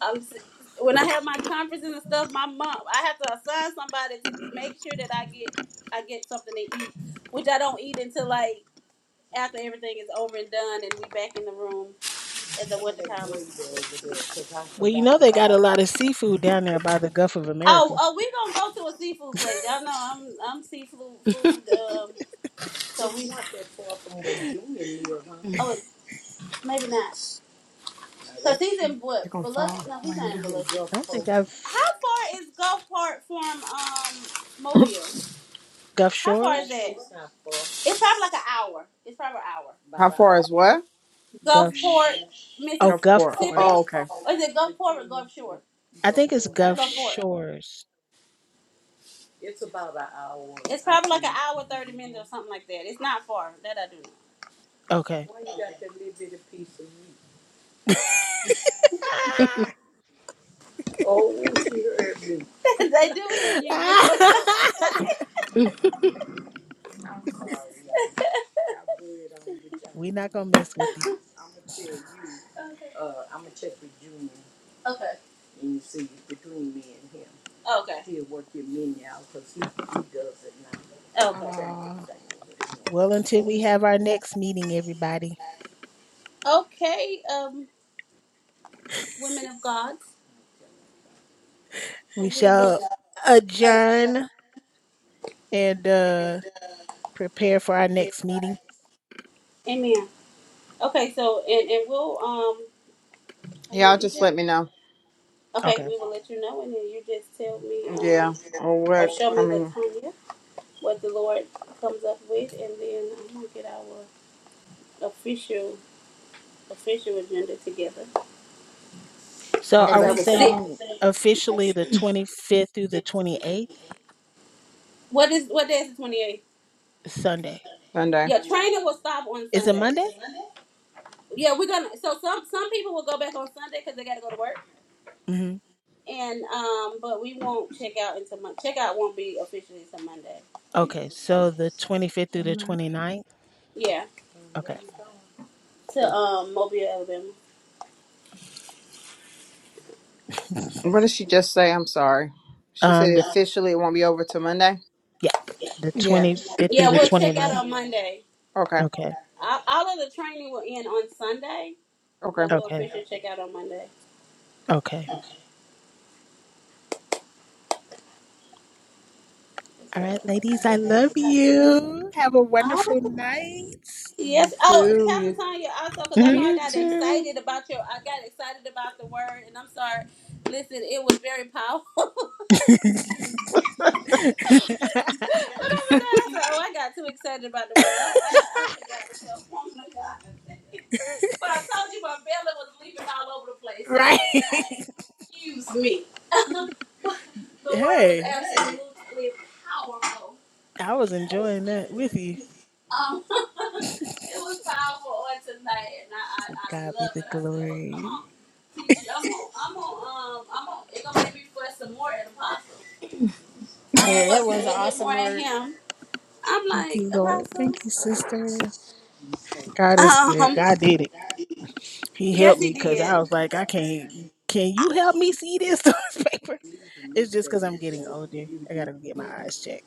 Speaker 4: I'm s- when I have my conferences and stuff, my mom, I have to assign somebody to make sure that I get I get something to eat, which I don't eat until like after everything is over and done and we back in the room at the winter
Speaker 2: Well, you know they got a
Speaker 4: college.
Speaker 2: lot of seafood down there by the Gulf of
Speaker 4: Oh,
Speaker 2: America.
Speaker 4: oh, we gonna go to a seafood place. Y'all know I'm I'm seafood food. Um, so we oh maybe not. No, Cause he's in
Speaker 5: They're
Speaker 4: what?
Speaker 5: going to
Speaker 4: Biloxi?
Speaker 5: fall.
Speaker 4: No, he's
Speaker 5: Lay them
Speaker 4: not in
Speaker 5: down.
Speaker 4: Biloxi.
Speaker 2: I don't think I've
Speaker 4: How far is Gulfport from um Mobile?
Speaker 2: Gulf
Speaker 4: How far is
Speaker 2: Shores,
Speaker 4: that? It's probably like an hour. It's probably an hour.
Speaker 5: How far is what?
Speaker 2: Gulf,
Speaker 4: Gulfport,
Speaker 2: sh- oh
Speaker 5: Go for it.
Speaker 4: Mississippi,
Speaker 2: Gulfport.
Speaker 5: Oh, okay.
Speaker 4: or is it Gulfport or Gulf Shore?
Speaker 2: I think it's Gulf
Speaker 4: Gulfport.
Speaker 2: Shores.
Speaker 4: It's probably like an think. hour, thirty minutes hmm or something like that. It's not far. That I do. know.
Speaker 2: Okay.
Speaker 4: I do hear you. you.
Speaker 2: we are not gonna mess with you.
Speaker 4: Okay. Okay. now. Okay.
Speaker 2: Aw. Well, until we have our next meeting, everybody,
Speaker 4: over. Okay, um, women of God,
Speaker 2: we
Speaker 4: we look.
Speaker 2: shall adjourn and uh prepare for our next meeting.
Speaker 4: Amen. Okay, so and and we'll um, I
Speaker 5: Yeah,
Speaker 4: mean,
Speaker 5: I'll
Speaker 4: you
Speaker 5: just
Speaker 4: just,
Speaker 5: let me know.
Speaker 2: Okay.
Speaker 4: okay, we will let you know, and then you just tell me um,
Speaker 5: Yeah. Or
Speaker 4: or
Speaker 5: what?
Speaker 4: show
Speaker 5: I
Speaker 4: me
Speaker 5: mean,
Speaker 4: Latonya what the Lord comes up with, and then I'm gonna get our official official agenda together.
Speaker 2: So
Speaker 5: okay,
Speaker 4: As
Speaker 2: are
Speaker 4: I
Speaker 5: that's
Speaker 2: we
Speaker 4: was
Speaker 2: saying
Speaker 4: saying.
Speaker 2: officially the 25th through the 28th?
Speaker 4: What is what day is the twenty eighth?
Speaker 2: Sunday.
Speaker 5: Sunday.
Speaker 4: Yeah, training will stop on
Speaker 2: Is it
Speaker 4: Sunday. Is
Speaker 2: Monday?
Speaker 4: it Monday? Yeah, we're gonna. So some some people will go back on Sunday because they got to go to work,
Speaker 2: Mhm.
Speaker 4: and um, but we won't check out until Monday. Check out won't be officially until Monday.
Speaker 2: Okay, so the 25th through the 29th?
Speaker 4: Yeah,
Speaker 2: Okay.
Speaker 4: to um Mobile, Alabama.
Speaker 5: What did she just say? I'm sorry. She said
Speaker 2: Um the
Speaker 5: officially it won't be over till Monday.
Speaker 2: yeah, the
Speaker 7: yeah.
Speaker 2: 25th through
Speaker 4: Yeah,
Speaker 2: the
Speaker 4: we'll check out
Speaker 2: 29th.
Speaker 4: on Monday.
Speaker 5: Okay.
Speaker 2: Okay.
Speaker 4: All all of the training will end on Sunday,
Speaker 5: Okay.
Speaker 4: but we'll
Speaker 2: Okay.
Speaker 4: officially check out on Monday.
Speaker 2: Okay. All right, ladies, I love you. Have a
Speaker 4: Oh
Speaker 2: wonderful night.
Speaker 5: You
Speaker 4: yes. Oh,
Speaker 5: too.
Speaker 4: Pastor
Speaker 5: You-
Speaker 4: Tanya, also because I
Speaker 2: Mhm.
Speaker 4: know I
Speaker 7: You
Speaker 4: got
Speaker 7: too.
Speaker 4: excited about your. I got excited about the word, and I'm sorry. Listen, it was very powerful. But I was that? I said, oh, I got too excited about the word. I, I, I forgot to tell woman of God. But I told you my belly was leaping all over the place,
Speaker 2: right.
Speaker 4: so excuse. but the word was
Speaker 2: hey,
Speaker 4: absolutely powerful.
Speaker 2: I was enjoying that with you.
Speaker 4: Um, it was powerful on tonight, and I, I,
Speaker 2: To
Speaker 4: I
Speaker 2: God be
Speaker 4: love
Speaker 2: the
Speaker 4: it. I said, well, come
Speaker 2: glory.
Speaker 4: on, teacher, I'm on, I'm on, um, I'm on. It's gonna make me fuss some more at Apostle. I'm gonna
Speaker 7: Yeah, that
Speaker 4: fuss a
Speaker 7: was an
Speaker 4: little bit
Speaker 7: awesome
Speaker 4: more at
Speaker 7: word.
Speaker 4: him. I'm
Speaker 2: Thank
Speaker 4: like
Speaker 2: you, Lord.
Speaker 4: Apostle.
Speaker 2: Thank you, sister. God is good.
Speaker 4: Um,
Speaker 2: God did it. He
Speaker 4: yes,
Speaker 2: helped
Speaker 4: he
Speaker 2: me because
Speaker 4: did.
Speaker 2: I was like, I can't. Can you help me see this newspaper? It's just because I'm getting older. I gotta get my eyes checked.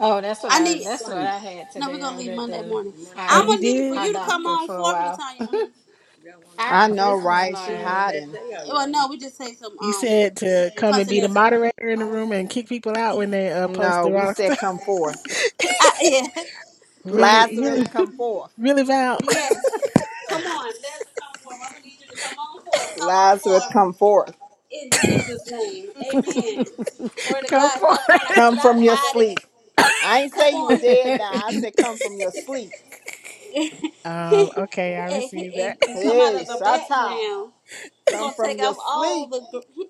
Speaker 7: Oh, that's what
Speaker 4: I
Speaker 7: I
Speaker 4: need
Speaker 7: that's what I had
Speaker 4: no. We're
Speaker 7: today.
Speaker 4: gonna
Speaker 7: I was
Speaker 4: leave
Speaker 7: at
Speaker 4: Monday
Speaker 7: the
Speaker 4: morning.
Speaker 2: Oh,
Speaker 4: I'm
Speaker 7: eye
Speaker 2: you
Speaker 4: gonna need for
Speaker 2: did?
Speaker 7: eye
Speaker 4: you to come
Speaker 7: doctor
Speaker 4: on
Speaker 7: for a
Speaker 4: fourth,
Speaker 7: while.
Speaker 4: Latanya. Mm-hmm. Y'all want me
Speaker 7: I
Speaker 5: I know,
Speaker 4: some
Speaker 7: this was
Speaker 4: uh,
Speaker 5: right? She
Speaker 4: food
Speaker 7: my
Speaker 4: that
Speaker 5: hiding.
Speaker 4: day? Or Well, no, we just take some
Speaker 2: You
Speaker 4: um
Speaker 2: said to come and be the
Speaker 4: continental.
Speaker 2: moderator in the room and kick people out when they uh, post
Speaker 5: No,
Speaker 2: the
Speaker 5: we
Speaker 2: wrong
Speaker 5: said
Speaker 2: stuff.
Speaker 5: come forth.
Speaker 4: I, yeah, I
Speaker 2: really,
Speaker 4: need.
Speaker 5: Lazarus,
Speaker 2: really,
Speaker 5: come forth.
Speaker 2: really, Val,
Speaker 4: Yes, come on. Let's come forth. I'm gonna need you to come on forth. Come on
Speaker 5: Lazarus,
Speaker 4: forth
Speaker 5: come forth.
Speaker 4: in Jesus' name. Amen. Glory to
Speaker 2: come
Speaker 4: God.
Speaker 2: for
Speaker 4: Stop
Speaker 2: it.
Speaker 4: trying to
Speaker 5: Come
Speaker 4: stop
Speaker 5: from your
Speaker 4: hiding.
Speaker 5: sleep. I ain't say
Speaker 4: Come
Speaker 5: you were
Speaker 4: on.
Speaker 5: dead now. I said come from your sleep.
Speaker 4: and,
Speaker 2: Um, okay, I received that.
Speaker 4: and- and come out
Speaker 5: Hey,
Speaker 4: of the
Speaker 5: Shata,
Speaker 4: background. He's
Speaker 5: come
Speaker 4: gonna
Speaker 5: from
Speaker 4: take
Speaker 5: your
Speaker 4: off all
Speaker 5: sleep.
Speaker 4: the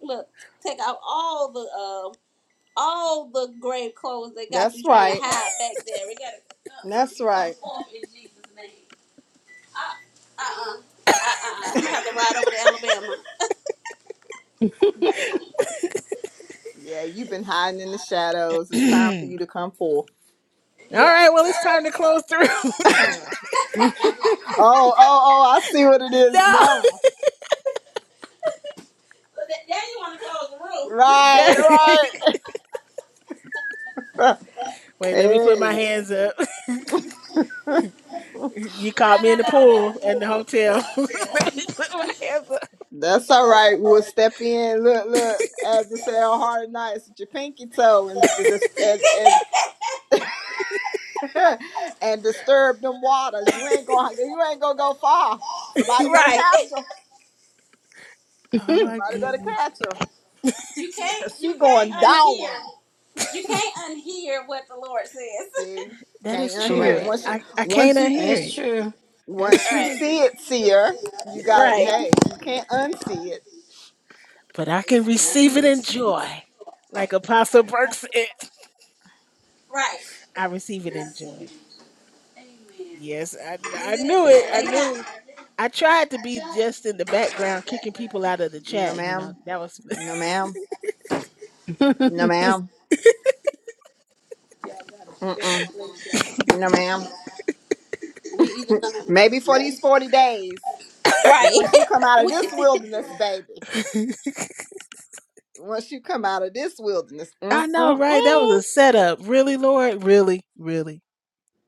Speaker 4: look, take off all the uh, all the grave clothes that got
Speaker 5: That's
Speaker 4: you trying to
Speaker 5: right.
Speaker 4: hide back there. We gotta, uh, uh
Speaker 5: That's
Speaker 4: you come
Speaker 5: right.
Speaker 4: forth in Jesus' name. Uh, uh, uh, uh, uh. I'm gonna have to ride over to Alabama.
Speaker 5: Yeah, you've been hiding in the shadows. It's time for you to come forth.
Speaker 2: All right, well, it's time to close the room.
Speaker 5: oh, oh, oh, I see what it is
Speaker 2: no,
Speaker 5: now.
Speaker 4: Yeah, you want
Speaker 2: That-
Speaker 5: Right, right.
Speaker 2: Wait, let me put my hands up.
Speaker 5: hey.
Speaker 2: You caught me in the pool in the hotel.
Speaker 4: to
Speaker 2: let me put my hands up.
Speaker 5: That's all right. We'll step in. Look, look. As they say on hard nights, with your pinky toe and dis- and and, and disturb them waters. You ain't gonna you ain't gonna go far. Somebody better
Speaker 4: Right.
Speaker 5: catch her.
Speaker 2: oh my
Speaker 5: Somebody better
Speaker 2: goodness.
Speaker 5: catch her,
Speaker 4: You can't,
Speaker 5: cause she
Speaker 4: you can't
Speaker 5: going
Speaker 4: unhear.
Speaker 5: down.
Speaker 4: You can't unhear what the Lord says.
Speaker 5: See,
Speaker 2: That
Speaker 5: can't
Speaker 2: is
Speaker 5: unhear it.
Speaker 2: true.
Speaker 7: right.
Speaker 5: Once you
Speaker 2: I, I
Speaker 5: once
Speaker 2: can't
Speaker 5: you
Speaker 2: unhear
Speaker 7: That's
Speaker 2: it.
Speaker 7: true. That's
Speaker 5: once you
Speaker 4: Right.
Speaker 7: true.
Speaker 5: see it, see her. You got to
Speaker 4: Right.
Speaker 5: Hey, you can't unsee it.
Speaker 2: But I can receive it in joy. Like Apostle Burke said.
Speaker 4: Right.
Speaker 2: I receive it in joy. Yes, I I knew it.
Speaker 4: Listen,
Speaker 2: I
Speaker 4: they got
Speaker 2: knew. I tried to be just in the background kicking people out of the
Speaker 5: No,
Speaker 2: chat, you know.
Speaker 5: ma'am.
Speaker 2: That was
Speaker 5: No, ma'am. No, ma'am. Mm-mm. No, ma'am.
Speaker 4: we even
Speaker 5: Maybe for these forty days.
Speaker 4: right.
Speaker 5: Once you come out of
Speaker 4: We-
Speaker 5: this wilderness, baby. Once you come out of this wilderness,
Speaker 2: I know, right? That was
Speaker 5: mm-mm-mm.
Speaker 2: a setup. Really, Lord? Really, really.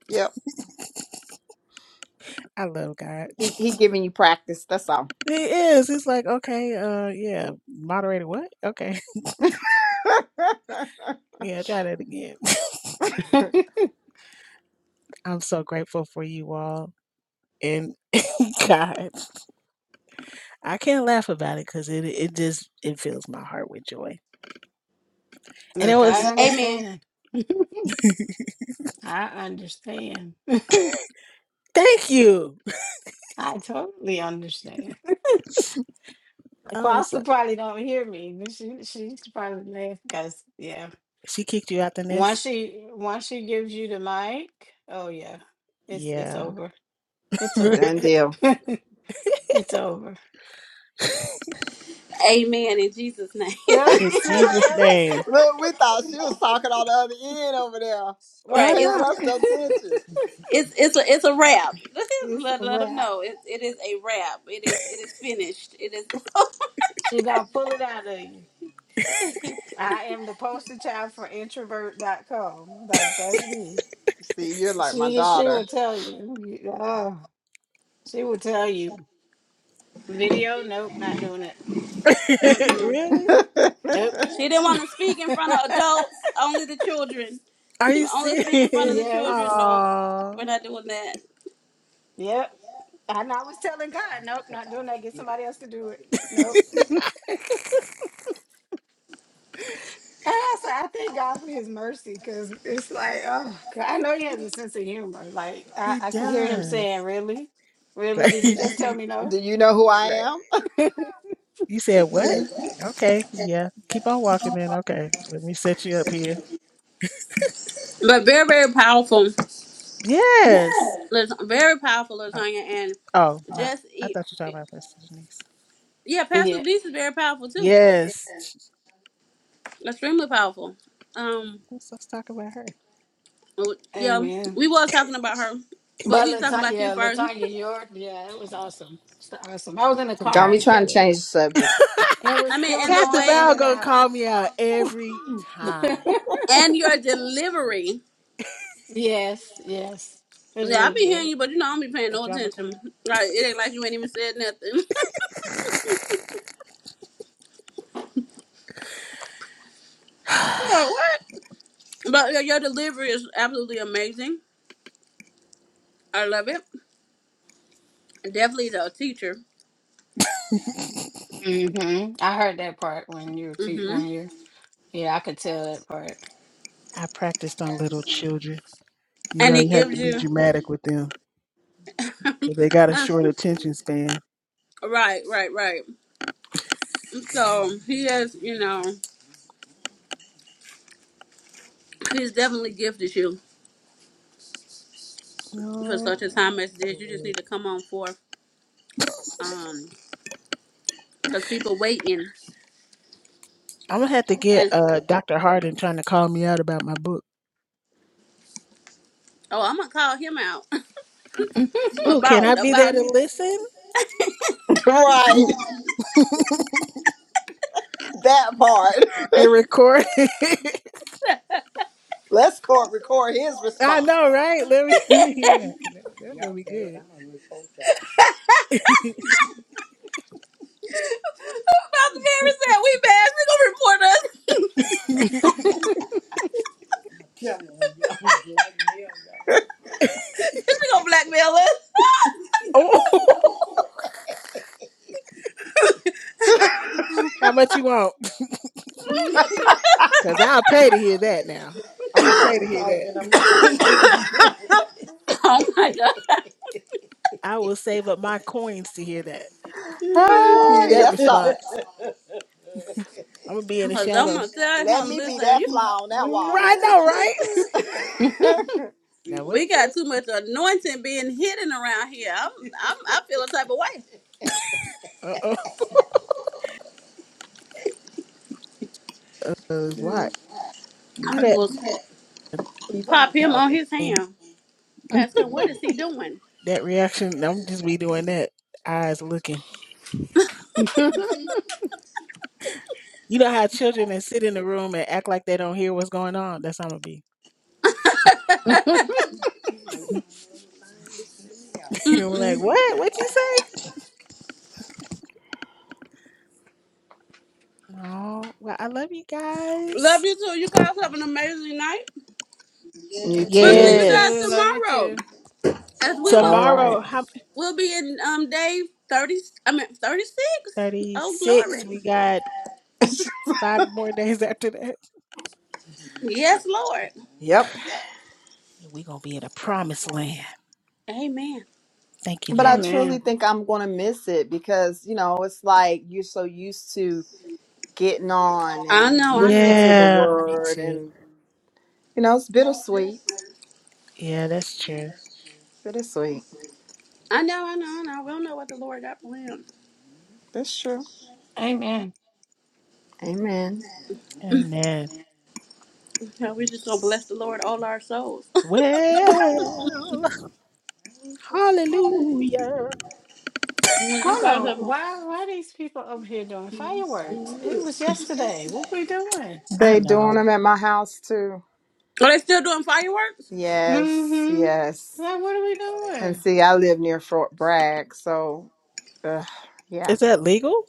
Speaker 5: Yep.
Speaker 2: I love God.
Speaker 5: He he giving you practice. That's all.
Speaker 2: He is. He's like, okay, uh, yeah, moderator, what? Okay, yeah, try that again. I'm so grateful for you all. And God, I can't laugh about it because it it just it fills my heart with joy. And it
Speaker 7: Look,
Speaker 2: was
Speaker 7: I
Speaker 4: Amen.
Speaker 7: understand. I understand.
Speaker 2: thank you.
Speaker 7: I totally understand.
Speaker 2: I was
Speaker 7: Apostle
Speaker 2: like,
Speaker 7: probably don't hear me, but she she's probably laugh because yeah.
Speaker 2: she kicked you out the
Speaker 7: Once
Speaker 2: nest.
Speaker 7: she once she gives you the mic, oh yeah, it's it's
Speaker 2: Yeah,
Speaker 7: over. It's over.
Speaker 5: Done
Speaker 2: in
Speaker 5: deal.
Speaker 7: it's over.
Speaker 4: Amen in Jesus' name.
Speaker 7: Yeah, see, I
Speaker 2: Jesus'
Speaker 7: told you.
Speaker 2: name.
Speaker 5: Look, we thought she was talking on the other end over there. Won't
Speaker 2: I
Speaker 4: right.
Speaker 5: paying
Speaker 4: It's
Speaker 2: know.
Speaker 5: us no attention.
Speaker 4: it's it's a it's a wrap.
Speaker 7: it's a
Speaker 4: let let them
Speaker 7: wrap.
Speaker 4: know it, it is a wrap. It is it is finished. It is.
Speaker 7: She gonna pull it out of you. I am the poster child for Introvert dot com. Like that's me.
Speaker 5: See, you're like my
Speaker 7: She she
Speaker 5: daughter.
Speaker 7: will tell you. you- Oh, she will tell you. Video, nope, not doing it.
Speaker 2: really?
Speaker 7: Nope.
Speaker 4: she didn't want to speak in front of adults, only the children.
Speaker 2: Are
Speaker 4: She
Speaker 2: you
Speaker 4: would only speak in front of
Speaker 2: serious?
Speaker 4: the children.
Speaker 7: yes.
Speaker 4: Nope,
Speaker 2: Aw,
Speaker 4: we're not doing that.
Speaker 7: Yep. And I was telling God, nope, not doing that. Get somebody else to do it. Nope. And I said, I thank God for his mercy because it's like, oh, God, I know he has a sense of humor. Like, I,
Speaker 2: he
Speaker 7: I could hear him saying,
Speaker 2: does.
Speaker 7: Really? Really?
Speaker 2: Like,
Speaker 7: Did you just tell me no?
Speaker 5: Do you know who I
Speaker 2: right.
Speaker 5: am?
Speaker 2: You said what? Okay, yeah. Keep on walking then. Okay, let me set you up here.
Speaker 4: But very very powerful.
Speaker 2: Yes.
Speaker 4: Lat- Very powerful
Speaker 2: Oh,
Speaker 4: Latanya, and
Speaker 2: oh not.
Speaker 4: just
Speaker 2: I
Speaker 4: eat.
Speaker 2: thought you were talking about Pastor Denise.
Speaker 4: Yeah, Pastor
Speaker 7: Yeah.
Speaker 4: Denise is very powerful too.
Speaker 2: Yes.
Speaker 4: Extremely powerful. Um.
Speaker 2: Let's, let's talk about her.
Speaker 4: Yeah,
Speaker 7: Amen.
Speaker 4: we was talking about her, but
Speaker 7: But
Speaker 4: we was talking
Speaker 7: Latanya,
Speaker 4: about you
Speaker 7: yeah,
Speaker 4: first.
Speaker 7: Latanya, your yeah, it was awesome. It's awesome. I was in the
Speaker 2: To God
Speaker 5: Don't
Speaker 7: car.
Speaker 5: be
Speaker 2: be
Speaker 7: It
Speaker 2: the
Speaker 5: trying
Speaker 7: kept.
Speaker 5: to
Speaker 2: glory.
Speaker 5: change the subject.
Speaker 7: It
Speaker 4: I
Speaker 7: was
Speaker 4: mean,
Speaker 7: it was
Speaker 4: and the
Speaker 2: Pastor
Speaker 7: going
Speaker 4: way
Speaker 7: in
Speaker 2: Val
Speaker 7: and
Speaker 2: gonna
Speaker 7: out.
Speaker 2: call me out every time.
Speaker 4: and your delivery.
Speaker 7: yes, yes, it was
Speaker 4: Yeah, I
Speaker 7: really
Speaker 4: be hearing
Speaker 7: good.
Speaker 4: you, but you know I don't be paying
Speaker 2: A
Speaker 4: no
Speaker 2: drama
Speaker 4: attention.
Speaker 2: queen.
Speaker 4: Like it ain't like you ain't even said nothing.
Speaker 2: I
Speaker 4: No, what? But your, your delivery is absolutely amazing. I love it. Definitely the teacher.
Speaker 7: hmm I heard that part when you were
Speaker 4: hmm
Speaker 7: te- when you. Yeah, I could tell that
Speaker 2: practiced on little children. You
Speaker 4: And
Speaker 2: know, you
Speaker 4: it
Speaker 2: had
Speaker 4: gives
Speaker 2: to be
Speaker 4: you
Speaker 2: dramatic with them because they got a
Speaker 4: uh,
Speaker 2: short attention span.
Speaker 4: right, right, right. So he has, you know, he's definitely gifted you for
Speaker 2: Oh,
Speaker 4: such a time as this. You
Speaker 2: Lord.
Speaker 4: just need to come on forth, um, because people waiting.
Speaker 2: I'm gonna have to get
Speaker 4: And
Speaker 2: uh Dr. Hardin trying to call me out about my book.
Speaker 4: oh, I'm gonna call him out
Speaker 2: Oh, can
Speaker 4: about
Speaker 2: I be there
Speaker 4: about
Speaker 2: to listen
Speaker 5: right. That part.
Speaker 2: and record? it?
Speaker 5: Let's court record his
Speaker 2: I
Speaker 5: response.
Speaker 2: know, right? Let me, let me hear that. That- That's gonna be good.
Speaker 4: Pastor Mary said we bad. She gonna report us. She gonna blackmail
Speaker 2: oh, how much you want?
Speaker 4: us.
Speaker 2: Cause I'll pay to hear that. Now I'm gonna pay to hear that.
Speaker 4: oh my god.
Speaker 2: I will save up my coins to hear that.
Speaker 5: Ah,
Speaker 2: Hear that
Speaker 5: yes, sir.
Speaker 2: response. I'm gonna be in
Speaker 4: Cause
Speaker 2: the
Speaker 4: I'm gonna
Speaker 2: shadows.
Speaker 4: tell
Speaker 5: Let
Speaker 4: him,
Speaker 5: me be
Speaker 4: listen,
Speaker 5: that
Speaker 4: you,
Speaker 5: fly on that wall.
Speaker 2: Right now, right?
Speaker 7: part.
Speaker 2: Now, what
Speaker 4: we
Speaker 2: did you?
Speaker 4: got too much anointing being hidden around here. I'm, I'm I feel a type of way.
Speaker 2: Uh oh. What?
Speaker 4: I'm
Speaker 2: What
Speaker 4: gonna pop him on his
Speaker 2: that?
Speaker 4: hand. Ask him what is he doing.
Speaker 2: That reaction, I'm just be doing that. Eyes looking. You know how children that sit in the room and act like they don't hear what's going on? That's how I'm gonna be. I'm
Speaker 4: Mm-mm.
Speaker 2: like, what? What you say? No. Well, I love you guys.
Speaker 4: Love you too. You guys have an amazing night.
Speaker 5: You
Speaker 4: We'll see
Speaker 7: You
Speaker 5: too.
Speaker 4: you guys
Speaker 7: too.
Speaker 2: Yes.
Speaker 7: Love you
Speaker 4: tomorrow.
Speaker 7: too.
Speaker 4: As we
Speaker 5: All
Speaker 4: will
Speaker 5: right.
Speaker 2: Tomorrow, how
Speaker 4: we'll be in um day thirty I mean thirty six. Oh
Speaker 2: 36.
Speaker 4: glory.
Speaker 2: We got five more days after that.
Speaker 4: Yes, Lord.
Speaker 5: Yep.
Speaker 2: We're gonna be in a promised land.
Speaker 4: Amen.
Speaker 2: Thank you,
Speaker 5: But I
Speaker 2: Lord.
Speaker 5: truly
Speaker 7: Amen.
Speaker 5: think I'm going to miss it because, you know, it's like you're so used to getting on
Speaker 4: I
Speaker 5: and
Speaker 4: know, I
Speaker 5: listening
Speaker 4: know.
Speaker 5: to the
Speaker 2: Yeah, me
Speaker 5: word
Speaker 2: too.
Speaker 5: and, you know, it's bittersweet.
Speaker 2: Yeah, that's true.
Speaker 5: Bittersweet.
Speaker 4: I know, I know, I know. We don't know what the Lord got planned.
Speaker 5: That's true.
Speaker 7: Amen.
Speaker 5: Amen.
Speaker 2: Amen.
Speaker 4: Yeah, we just gonna bless the Lord all our souls.
Speaker 2: Well, hallelujah.
Speaker 4: When
Speaker 7: I
Speaker 4: you
Speaker 7: don't
Speaker 4: guys
Speaker 7: know
Speaker 4: have- a- Are
Speaker 7: why why these people up here doing fireworks. It was yesterday. What we doing?
Speaker 2: I
Speaker 5: They doing
Speaker 2: know.
Speaker 5: them at my house too.
Speaker 4: they still doing fireworks?
Speaker 5: Yes,
Speaker 7: Mm-hmm.
Speaker 5: yes.
Speaker 7: Like what are we
Speaker 5: And
Speaker 7: doing?
Speaker 5: see, I live near Fort Bragg, so, ugh, yeah.
Speaker 2: Is that legal?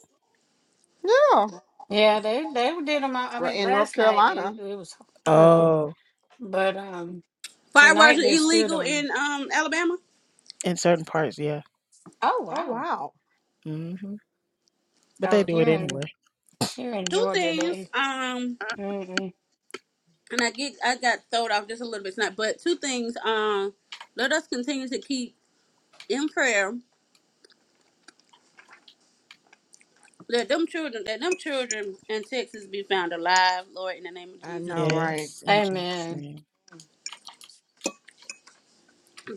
Speaker 5: Yeah.
Speaker 7: Yeah, they they did them. I
Speaker 5: We're
Speaker 7: mean,
Speaker 5: in North
Speaker 7: last night it,
Speaker 5: Carolina.
Speaker 7: it was horrible,
Speaker 2: Oh.
Speaker 7: but um,
Speaker 4: Fireworks
Speaker 7: tonight
Speaker 4: are
Speaker 7: they're still
Speaker 4: illegal
Speaker 7: doing them.
Speaker 4: in um Alabama.
Speaker 2: In certain parts, yeah.
Speaker 7: Oh
Speaker 5: Oh
Speaker 7: wow!
Speaker 5: wow.
Speaker 2: Mhm. But they
Speaker 7: Oh,
Speaker 2: do it
Speaker 7: here
Speaker 2: anyway.
Speaker 7: in here in
Speaker 4: Two
Speaker 7: Georgia,
Speaker 4: things.
Speaker 7: they.
Speaker 4: Um,
Speaker 7: Mm-mm.
Speaker 4: and I get I got thrown off just a little bit tonight, but two things. Um, let us continue to keep in prayer Let them children Let them children in Texas be found alive, Lord, in the name of
Speaker 5: I
Speaker 4: Jesus.
Speaker 5: know, right?
Speaker 2: Yes, in Jesus'
Speaker 7: Amen.
Speaker 2: name.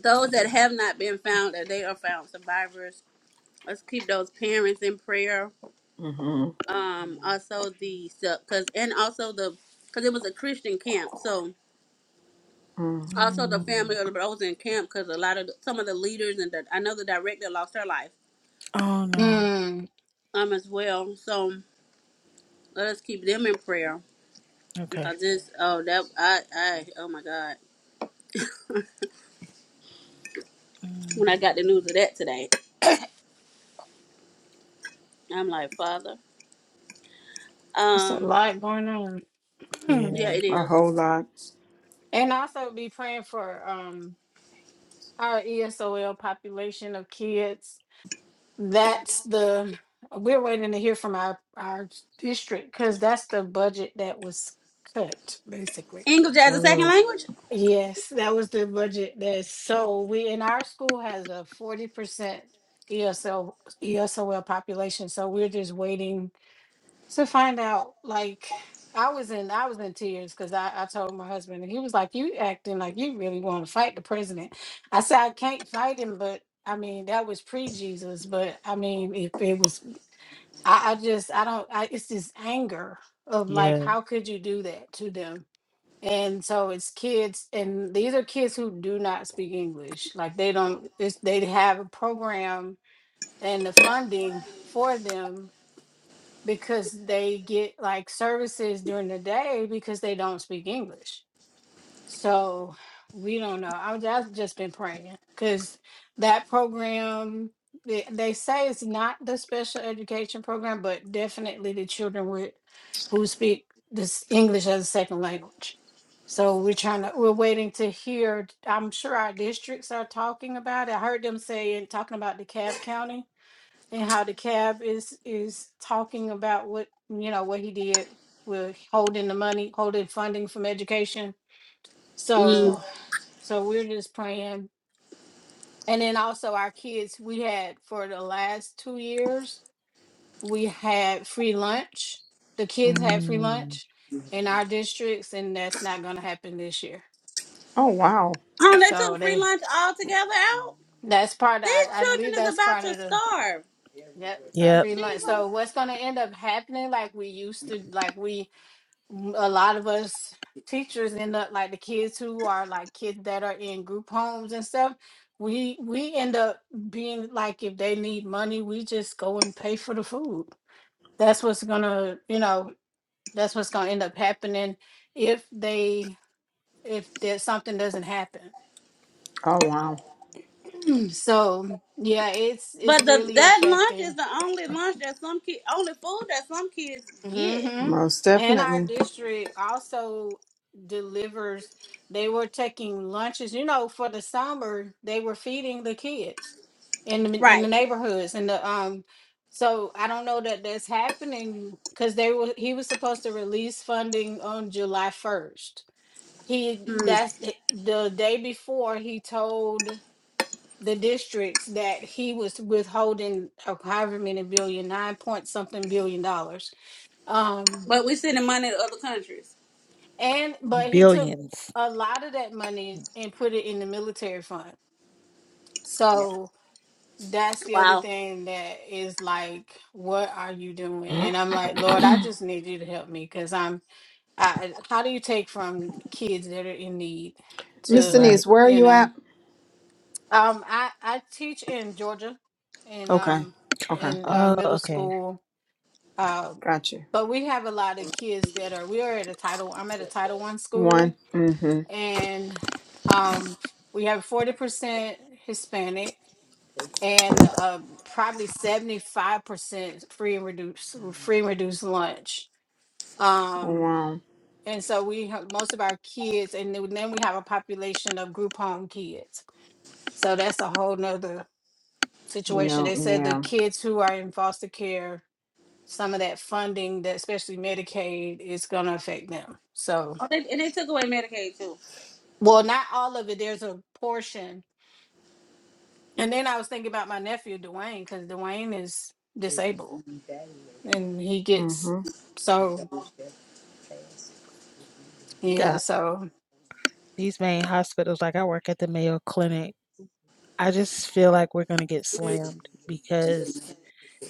Speaker 4: Those that have not been found, that they are found survivors Let's keep those parents in prayer.
Speaker 5: mm hmm
Speaker 4: Um, also the because and also the because it was a Christian camp, so
Speaker 5: Mm,
Speaker 4: also the
Speaker 2: Mm.
Speaker 4: family of the brothers in camp because a lot of the, some of the leaders and the, I know the director lost her life
Speaker 2: Oh, no.
Speaker 7: Mm,
Speaker 4: um as well. So let us keep them in prayer
Speaker 2: Okay.
Speaker 4: because this oh that I I oh my God
Speaker 2: Mm.
Speaker 4: when I got the news of that today I'm like Father
Speaker 7: it's a
Speaker 4: um
Speaker 7: lot going on,
Speaker 4: yeah
Speaker 2: Yeah.
Speaker 4: it
Speaker 5: a
Speaker 4: is
Speaker 5: whole lot.
Speaker 7: and also be praying for um our ESOL population of kids, that's the, we're waiting to hear from our, our district, because that's the budget that was cut, basically.
Speaker 4: English as a second
Speaker 2: Oh
Speaker 4: language.
Speaker 7: Yes, that was the budget that, so we, in our school has a forty percent ESL, ESOL population, so we're just waiting to find out like i was in i was in tears because I, I told my husband and he was like you acting like you really want to fight the president i said i can't fight him but i mean that was pre-jesus but i mean if it was i, I just i don't I, it's this anger of
Speaker 2: Yeah.
Speaker 7: like how could you do that to them and so it's kids and these are kids who do not speak english like they don't it's, they have a program and the funding for them because they get like services during the day because they don't speak English. So we don't know. I'm I've just been praying because that program they, they say it's not the special education program, but definitely the children with who speak this English as a second language. So we're trying to we're waiting to hear. I'm sure our districts are talking about it. I heard them saying talking about DeKalb County and how the cab is is talking about what you know what he did with holding the money holding funding from education
Speaker 4: Mm.
Speaker 7: so so we're just praying and then also our kids we had for the last two years we had free lunch the kids had free
Speaker 2: Mm.
Speaker 7: lunch in our districts and that's not going to happen this year
Speaker 5: Oh, wow.
Speaker 4: Oh, they
Speaker 7: so
Speaker 4: took free
Speaker 7: they
Speaker 4: lunch all together out.
Speaker 7: that's part of,
Speaker 4: These
Speaker 7: I, I believe
Speaker 4: children is
Speaker 7: that's
Speaker 4: about
Speaker 7: part
Speaker 4: to
Speaker 7: of the
Speaker 4: starve.
Speaker 7: yep
Speaker 2: Yep.
Speaker 7: free lunch so what's going to end up happening like we used to like we m- a lot of us teachers end up like the kids who are like kids that are in group homes and stuff we we end up being like if they need money we just go and pay for the food that's what's gonna you know that's what's gonna end up happening if they if there's something doesn't happen
Speaker 5: Oh, wow.
Speaker 7: so yeah it's it's
Speaker 4: But the
Speaker 7: really
Speaker 4: that lunch
Speaker 7: affecting
Speaker 4: is the only lunch that some kid, only food that some kids get.
Speaker 7: Mm-hmm.
Speaker 5: Most
Speaker 7: And our
Speaker 5: definitely.
Speaker 7: district also delivers, they were taking lunches, you know, for the summer, they were feeding the kids in the in the
Speaker 4: Right.
Speaker 7: neighborhoods and the um so I don't know that that's happening because they were he was supposed to release funding on July 1st. He
Speaker 4: Mm.
Speaker 7: that's it- the day before he told the districts that he was withholding uh, however many billion, nine point something billion dollars. Um
Speaker 4: But we sending money to other countries.
Speaker 7: And but he took
Speaker 2: Billions.
Speaker 7: a lot of that money
Speaker 2: Mm.
Speaker 7: and put it in the military fund. So that's the other
Speaker 4: Wow.
Speaker 7: thing that is like, what are you doing? And I'm like, Lord, I just need you to help me because I'm. I how do you take from kids that are in need
Speaker 5: Miss
Speaker 7: to
Speaker 2: Right.
Speaker 5: Denise, where are
Speaker 7: you
Speaker 5: you
Speaker 7: know?
Speaker 5: at?
Speaker 7: Um, I I teach in Georgia, in
Speaker 5: Okay.
Speaker 7: um
Speaker 5: Okay.
Speaker 7: in uh,
Speaker 2: Oh,
Speaker 7: middle
Speaker 2: okay.
Speaker 7: school. Um,
Speaker 5: Got you.
Speaker 7: but we have a lot of kids that are. We are at a title. I'm at a Title One school
Speaker 5: One. Mm-hmm.
Speaker 7: and um we have 40% Hispanic and uh, probably 75% free and reduced free and reduced lunch. Um
Speaker 5: Wow.
Speaker 7: and so we have most of our kids and then then we have a population of group home kids. So that's a whole nother situation.
Speaker 5: No,
Speaker 7: They said the
Speaker 5: yeah.
Speaker 7: kids who are in foster care, some of that funding that especially Medicaid is gonna affect them. So
Speaker 4: Oh, they, and they took away Medicaid too.
Speaker 7: well not all of it. There's a portion And then I was thinking about my nephew Dwayne because Dwayne is disabled and he gets
Speaker 5: Mm-hmm.
Speaker 7: so yeah
Speaker 2: Yeah.
Speaker 7: so
Speaker 2: These main hospitals, like I work at the Mayo Clinic, I just feel like we're going to get slammed because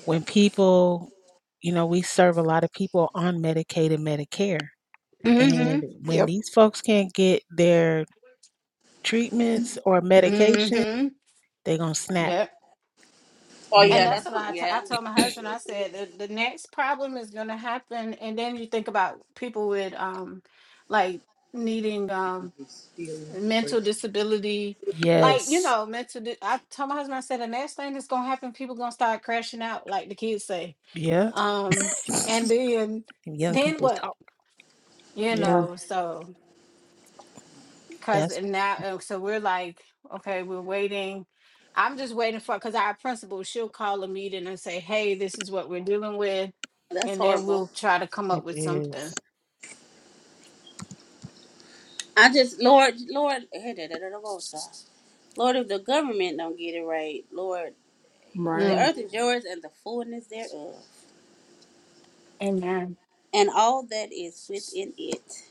Speaker 2: when people, you know, we serve a lot of people on Medicaid and Medicare.
Speaker 7: mm-hmm
Speaker 2: And when
Speaker 5: Yep.
Speaker 2: these folks can't get their treatments or medication,
Speaker 7: mm-hmm
Speaker 2: they're going to snap.
Speaker 7: yep.
Speaker 4: Oh
Speaker 7: And
Speaker 4: yeah,
Speaker 7: that's
Speaker 2: And
Speaker 4: that's
Speaker 7: what
Speaker 4: some,
Speaker 7: I, t- I
Speaker 4: yeah,
Speaker 7: told my husband. I said the, the next problem is going to happen, and then you think about people with um like needing um mental disability, like you
Speaker 2: yes,
Speaker 7: know mental. Di- I told my husband I said the next thing that's going to happen, people going to start crashing out, like the kids say.
Speaker 2: yeah,
Speaker 7: Um, and then
Speaker 2: and young
Speaker 7: then
Speaker 2: people's
Speaker 7: what?
Speaker 2: talk.
Speaker 7: you
Speaker 5: Yeah.
Speaker 7: know so because
Speaker 2: That's
Speaker 7: now uh, so we're like okay we're waiting i'm just waiting for because our principal she'll call a meeting and say hey this is what we're dealing with
Speaker 4: that's
Speaker 7: and then
Speaker 4: horrible.
Speaker 7: we'll try to come
Speaker 2: what
Speaker 7: up
Speaker 2: it
Speaker 7: with something
Speaker 2: is.
Speaker 4: I just Lord, Lord, hey, da, da, da, da, what's up? Lord, if the government don't get it right, Lord, the
Speaker 5: Right.
Speaker 7: Mm,
Speaker 4: earth is yours and the fullness thereof,
Speaker 7: amen
Speaker 4: and all that is within it.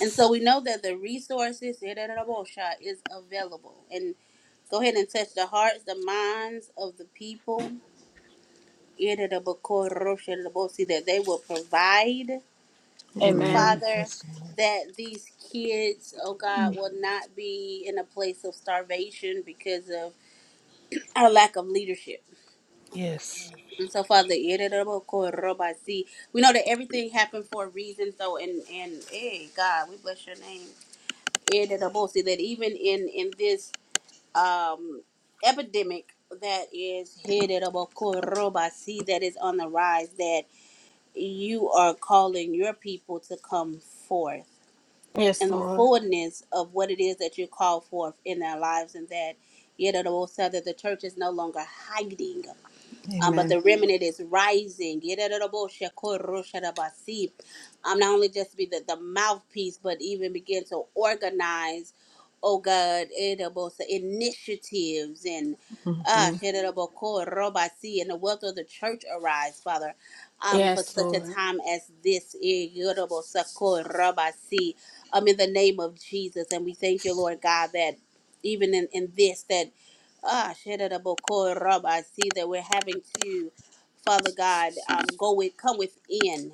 Speaker 4: And so we know that the resources da, da, da, da, bullshot, is available. And go ahead and touch the hearts, the minds of the people. da, da, da, bucor, rosh, da, da, that they will provide,
Speaker 5: Amen.
Speaker 7: amen
Speaker 4: Father,
Speaker 2: yes, Lord.
Speaker 4: that these kids, oh God,
Speaker 7: Mm.
Speaker 4: will not be in a place of starvation because of our lack of leadership.
Speaker 2: Yes,
Speaker 4: And so, Father, da, da, da, bucor, roba, see, we know that everything happened for a reason. So, and, and, hey, God, we bless your name. Da, da, da, bo- that even in, in this um, epidemic that is headed about Koroba sea that is on the rise that you are calling your people to come forth in
Speaker 7: yes
Speaker 4: the
Speaker 7: lord
Speaker 4: fullness of what it is that you call forth in their lives and that yet it will say that the church is no longer hiding um, but
Speaker 5: Amen.
Speaker 4: the remnant is rising. Yedadadaboshakorosharabasi. Um, not only just be the, the mouthpiece, but even begin to organize, oh God, edabosa, initiatives and uh,
Speaker 5: Mm-hmm.
Speaker 4: shedadabokorobasi, and the wealth of the church arise, Father, um, for
Speaker 7: yes
Speaker 4: such a
Speaker 7: lord
Speaker 4: time as this. Yedabosakorobasi. Um, in the name of Jesus, and we thank you,
Speaker 2: yes,
Speaker 4: Lord God, that even in, in this, that Ah, Shedaboko Rob, I see that we're having to, Father God, um, go with, come within,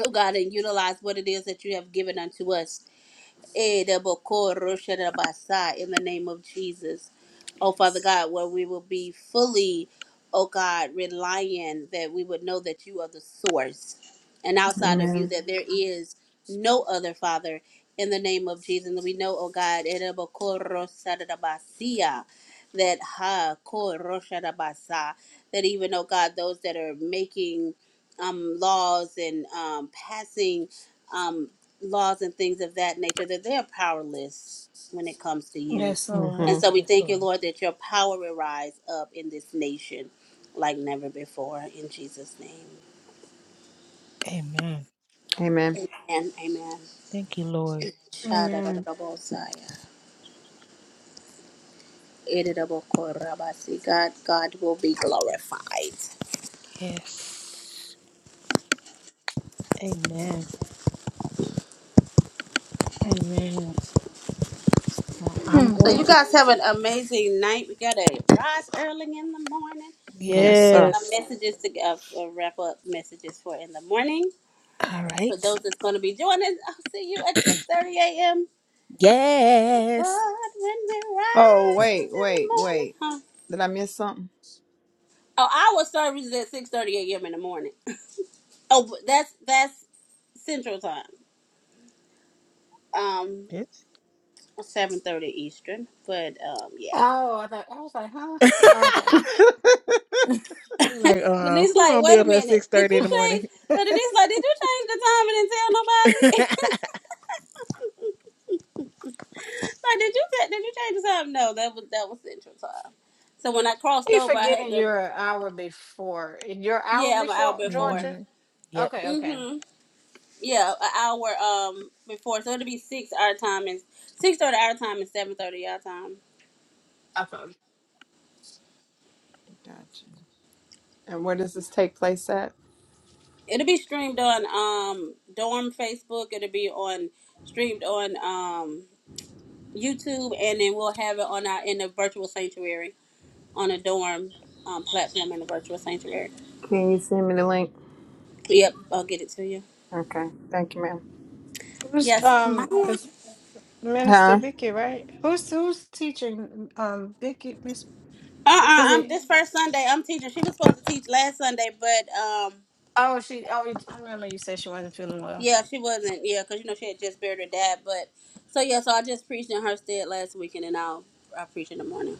Speaker 4: oh God, and utilize what it is that you have given unto us. Eh, da boko rosha da basa, in the name of Jesus. Oh, Father
Speaker 2: yes,
Speaker 4: God, where we will be fully, oh God, reliant that we would know that you are the source and outside of you
Speaker 5: Amen.
Speaker 4: that there is no other Father in the name of Jesus. And we know, oh God, eh, da boko rosha da basia, that ha ko rosha da basa, that even, oh God, those that are making um, laws and um, passing. um, laws and things of that nature that they are powerless when it comes to you.
Speaker 7: yes lord
Speaker 4: And
Speaker 5: Mm-hmm.
Speaker 4: so we
Speaker 2: yes,
Speaker 4: thank you,
Speaker 2: Lord.
Speaker 4: Lord, that your power will rise up in this nation like never before. In Jesus' name.
Speaker 2: Amen.
Speaker 5: Amen.
Speaker 4: Amen. Amen.
Speaker 2: Thank you, Lord.
Speaker 7: amen
Speaker 4: Shadadadadabosaya, edidabokorabasi. God, God will be glorified.
Speaker 2: Yes. Amen.
Speaker 7: amen
Speaker 2: Well, I'm
Speaker 7: oh
Speaker 4: So
Speaker 2: going
Speaker 4: you
Speaker 2: to,
Speaker 4: guys have an amazing night. We gotta rise early in the morning. So I need
Speaker 5: Yes,
Speaker 4: to get
Speaker 5: sir.
Speaker 4: my
Speaker 2: yes.
Speaker 4: messages to uh, uh, wrap up messages for in the morning.
Speaker 2: All
Speaker 4: For
Speaker 2: right.
Speaker 4: those that's going to be joining us, I'll see you at 6.30 a.m. But
Speaker 2: Yes.
Speaker 4: when we
Speaker 5: Oh,
Speaker 4: rise
Speaker 5: wait,
Speaker 4: in the
Speaker 5: wait,
Speaker 4: morning,
Speaker 5: wait.
Speaker 4: huh?
Speaker 5: Did I miss something?
Speaker 4: Oh, our service is at 6.30 a.m. in the morning. Oh, but that's, that's Central Time. Um,
Speaker 2: Bitch.
Speaker 4: 7.30 Eastern. But, um, yeah.
Speaker 7: i thought i was like huh Oh, okay
Speaker 2: They're like, uh,
Speaker 4: Lanice
Speaker 2: who
Speaker 4: like,
Speaker 2: gonna be
Speaker 4: wait a
Speaker 2: up at
Speaker 4: minute.
Speaker 2: six
Speaker 4: Did
Speaker 2: thirty in
Speaker 4: you
Speaker 2: the morning?
Speaker 4: change? But Lanice like, did you change the time and didn't tell nobody? like, did you, ta- did you change the time? No, that was, that was Central Time. So when I crossed
Speaker 7: you
Speaker 4: over, I had
Speaker 7: forgetting
Speaker 4: to,
Speaker 7: your hour before your hour
Speaker 4: yeah, I'm an hour
Speaker 7: before
Speaker 4: before.
Speaker 7: georgia
Speaker 2: hmm Yep.
Speaker 7: okay okay
Speaker 4: Mm-hmm. Yeah, an hour um before, so it'll be six our time and six thirty our time and seven thirty our time.
Speaker 7: okay
Speaker 5: Gotcha. And where does this take place at?
Speaker 4: It'll be streamed on um dorm Facebook. It'll be on streamed on um YouTube, and then we'll have it on our in the virtual sanctuary on a dorm um, platform in the virtual sanctuary.
Speaker 5: Can you send me the link?
Speaker 4: Yep, I'll get it to you.
Speaker 5: Okay. Thank you, ma'am.
Speaker 7: Who's
Speaker 4: Yes, ma'am.
Speaker 7: um
Speaker 4: Uh
Speaker 7: is Minister
Speaker 5: Huh?
Speaker 7: Vicky, right? Who's who's teaching um Vicky Miss
Speaker 4: uh-uh, uh,
Speaker 7: is
Speaker 4: i am
Speaker 7: it
Speaker 4: this first Sunday. I'm teaching. She was supposed to teach last Sunday, but um
Speaker 7: oh she oh you- I remember you said she wasn't feeling well.
Speaker 4: Yeah, she wasn't. Yeah, because you know she had just buried her dad. But so yeah, so I just preached in her stead last weekend, and I'll I preach in the morning.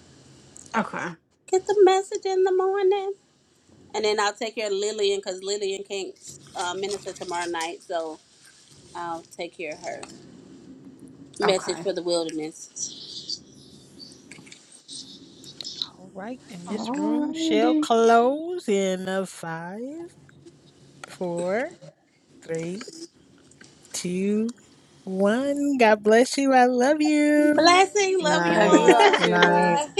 Speaker 7: Okay.
Speaker 4: Get the message in the morning, and then I'll take care of Lillian because Lillian can't uh, minister tomorrow night, so I'll take care of her message
Speaker 7: Okay.
Speaker 4: for the wilderness.
Speaker 2: All right, and this room shall
Speaker 7: Alrighty.
Speaker 2: close in a five, four, three, two, one. God bless you. I love you.
Speaker 4: Blessing,
Speaker 5: Good
Speaker 4: love you
Speaker 7: Love you
Speaker 5: night.
Speaker 7: all
Speaker 4: all.
Speaker 5: Good
Speaker 7: too.
Speaker 5: night.
Speaker 4: Bye.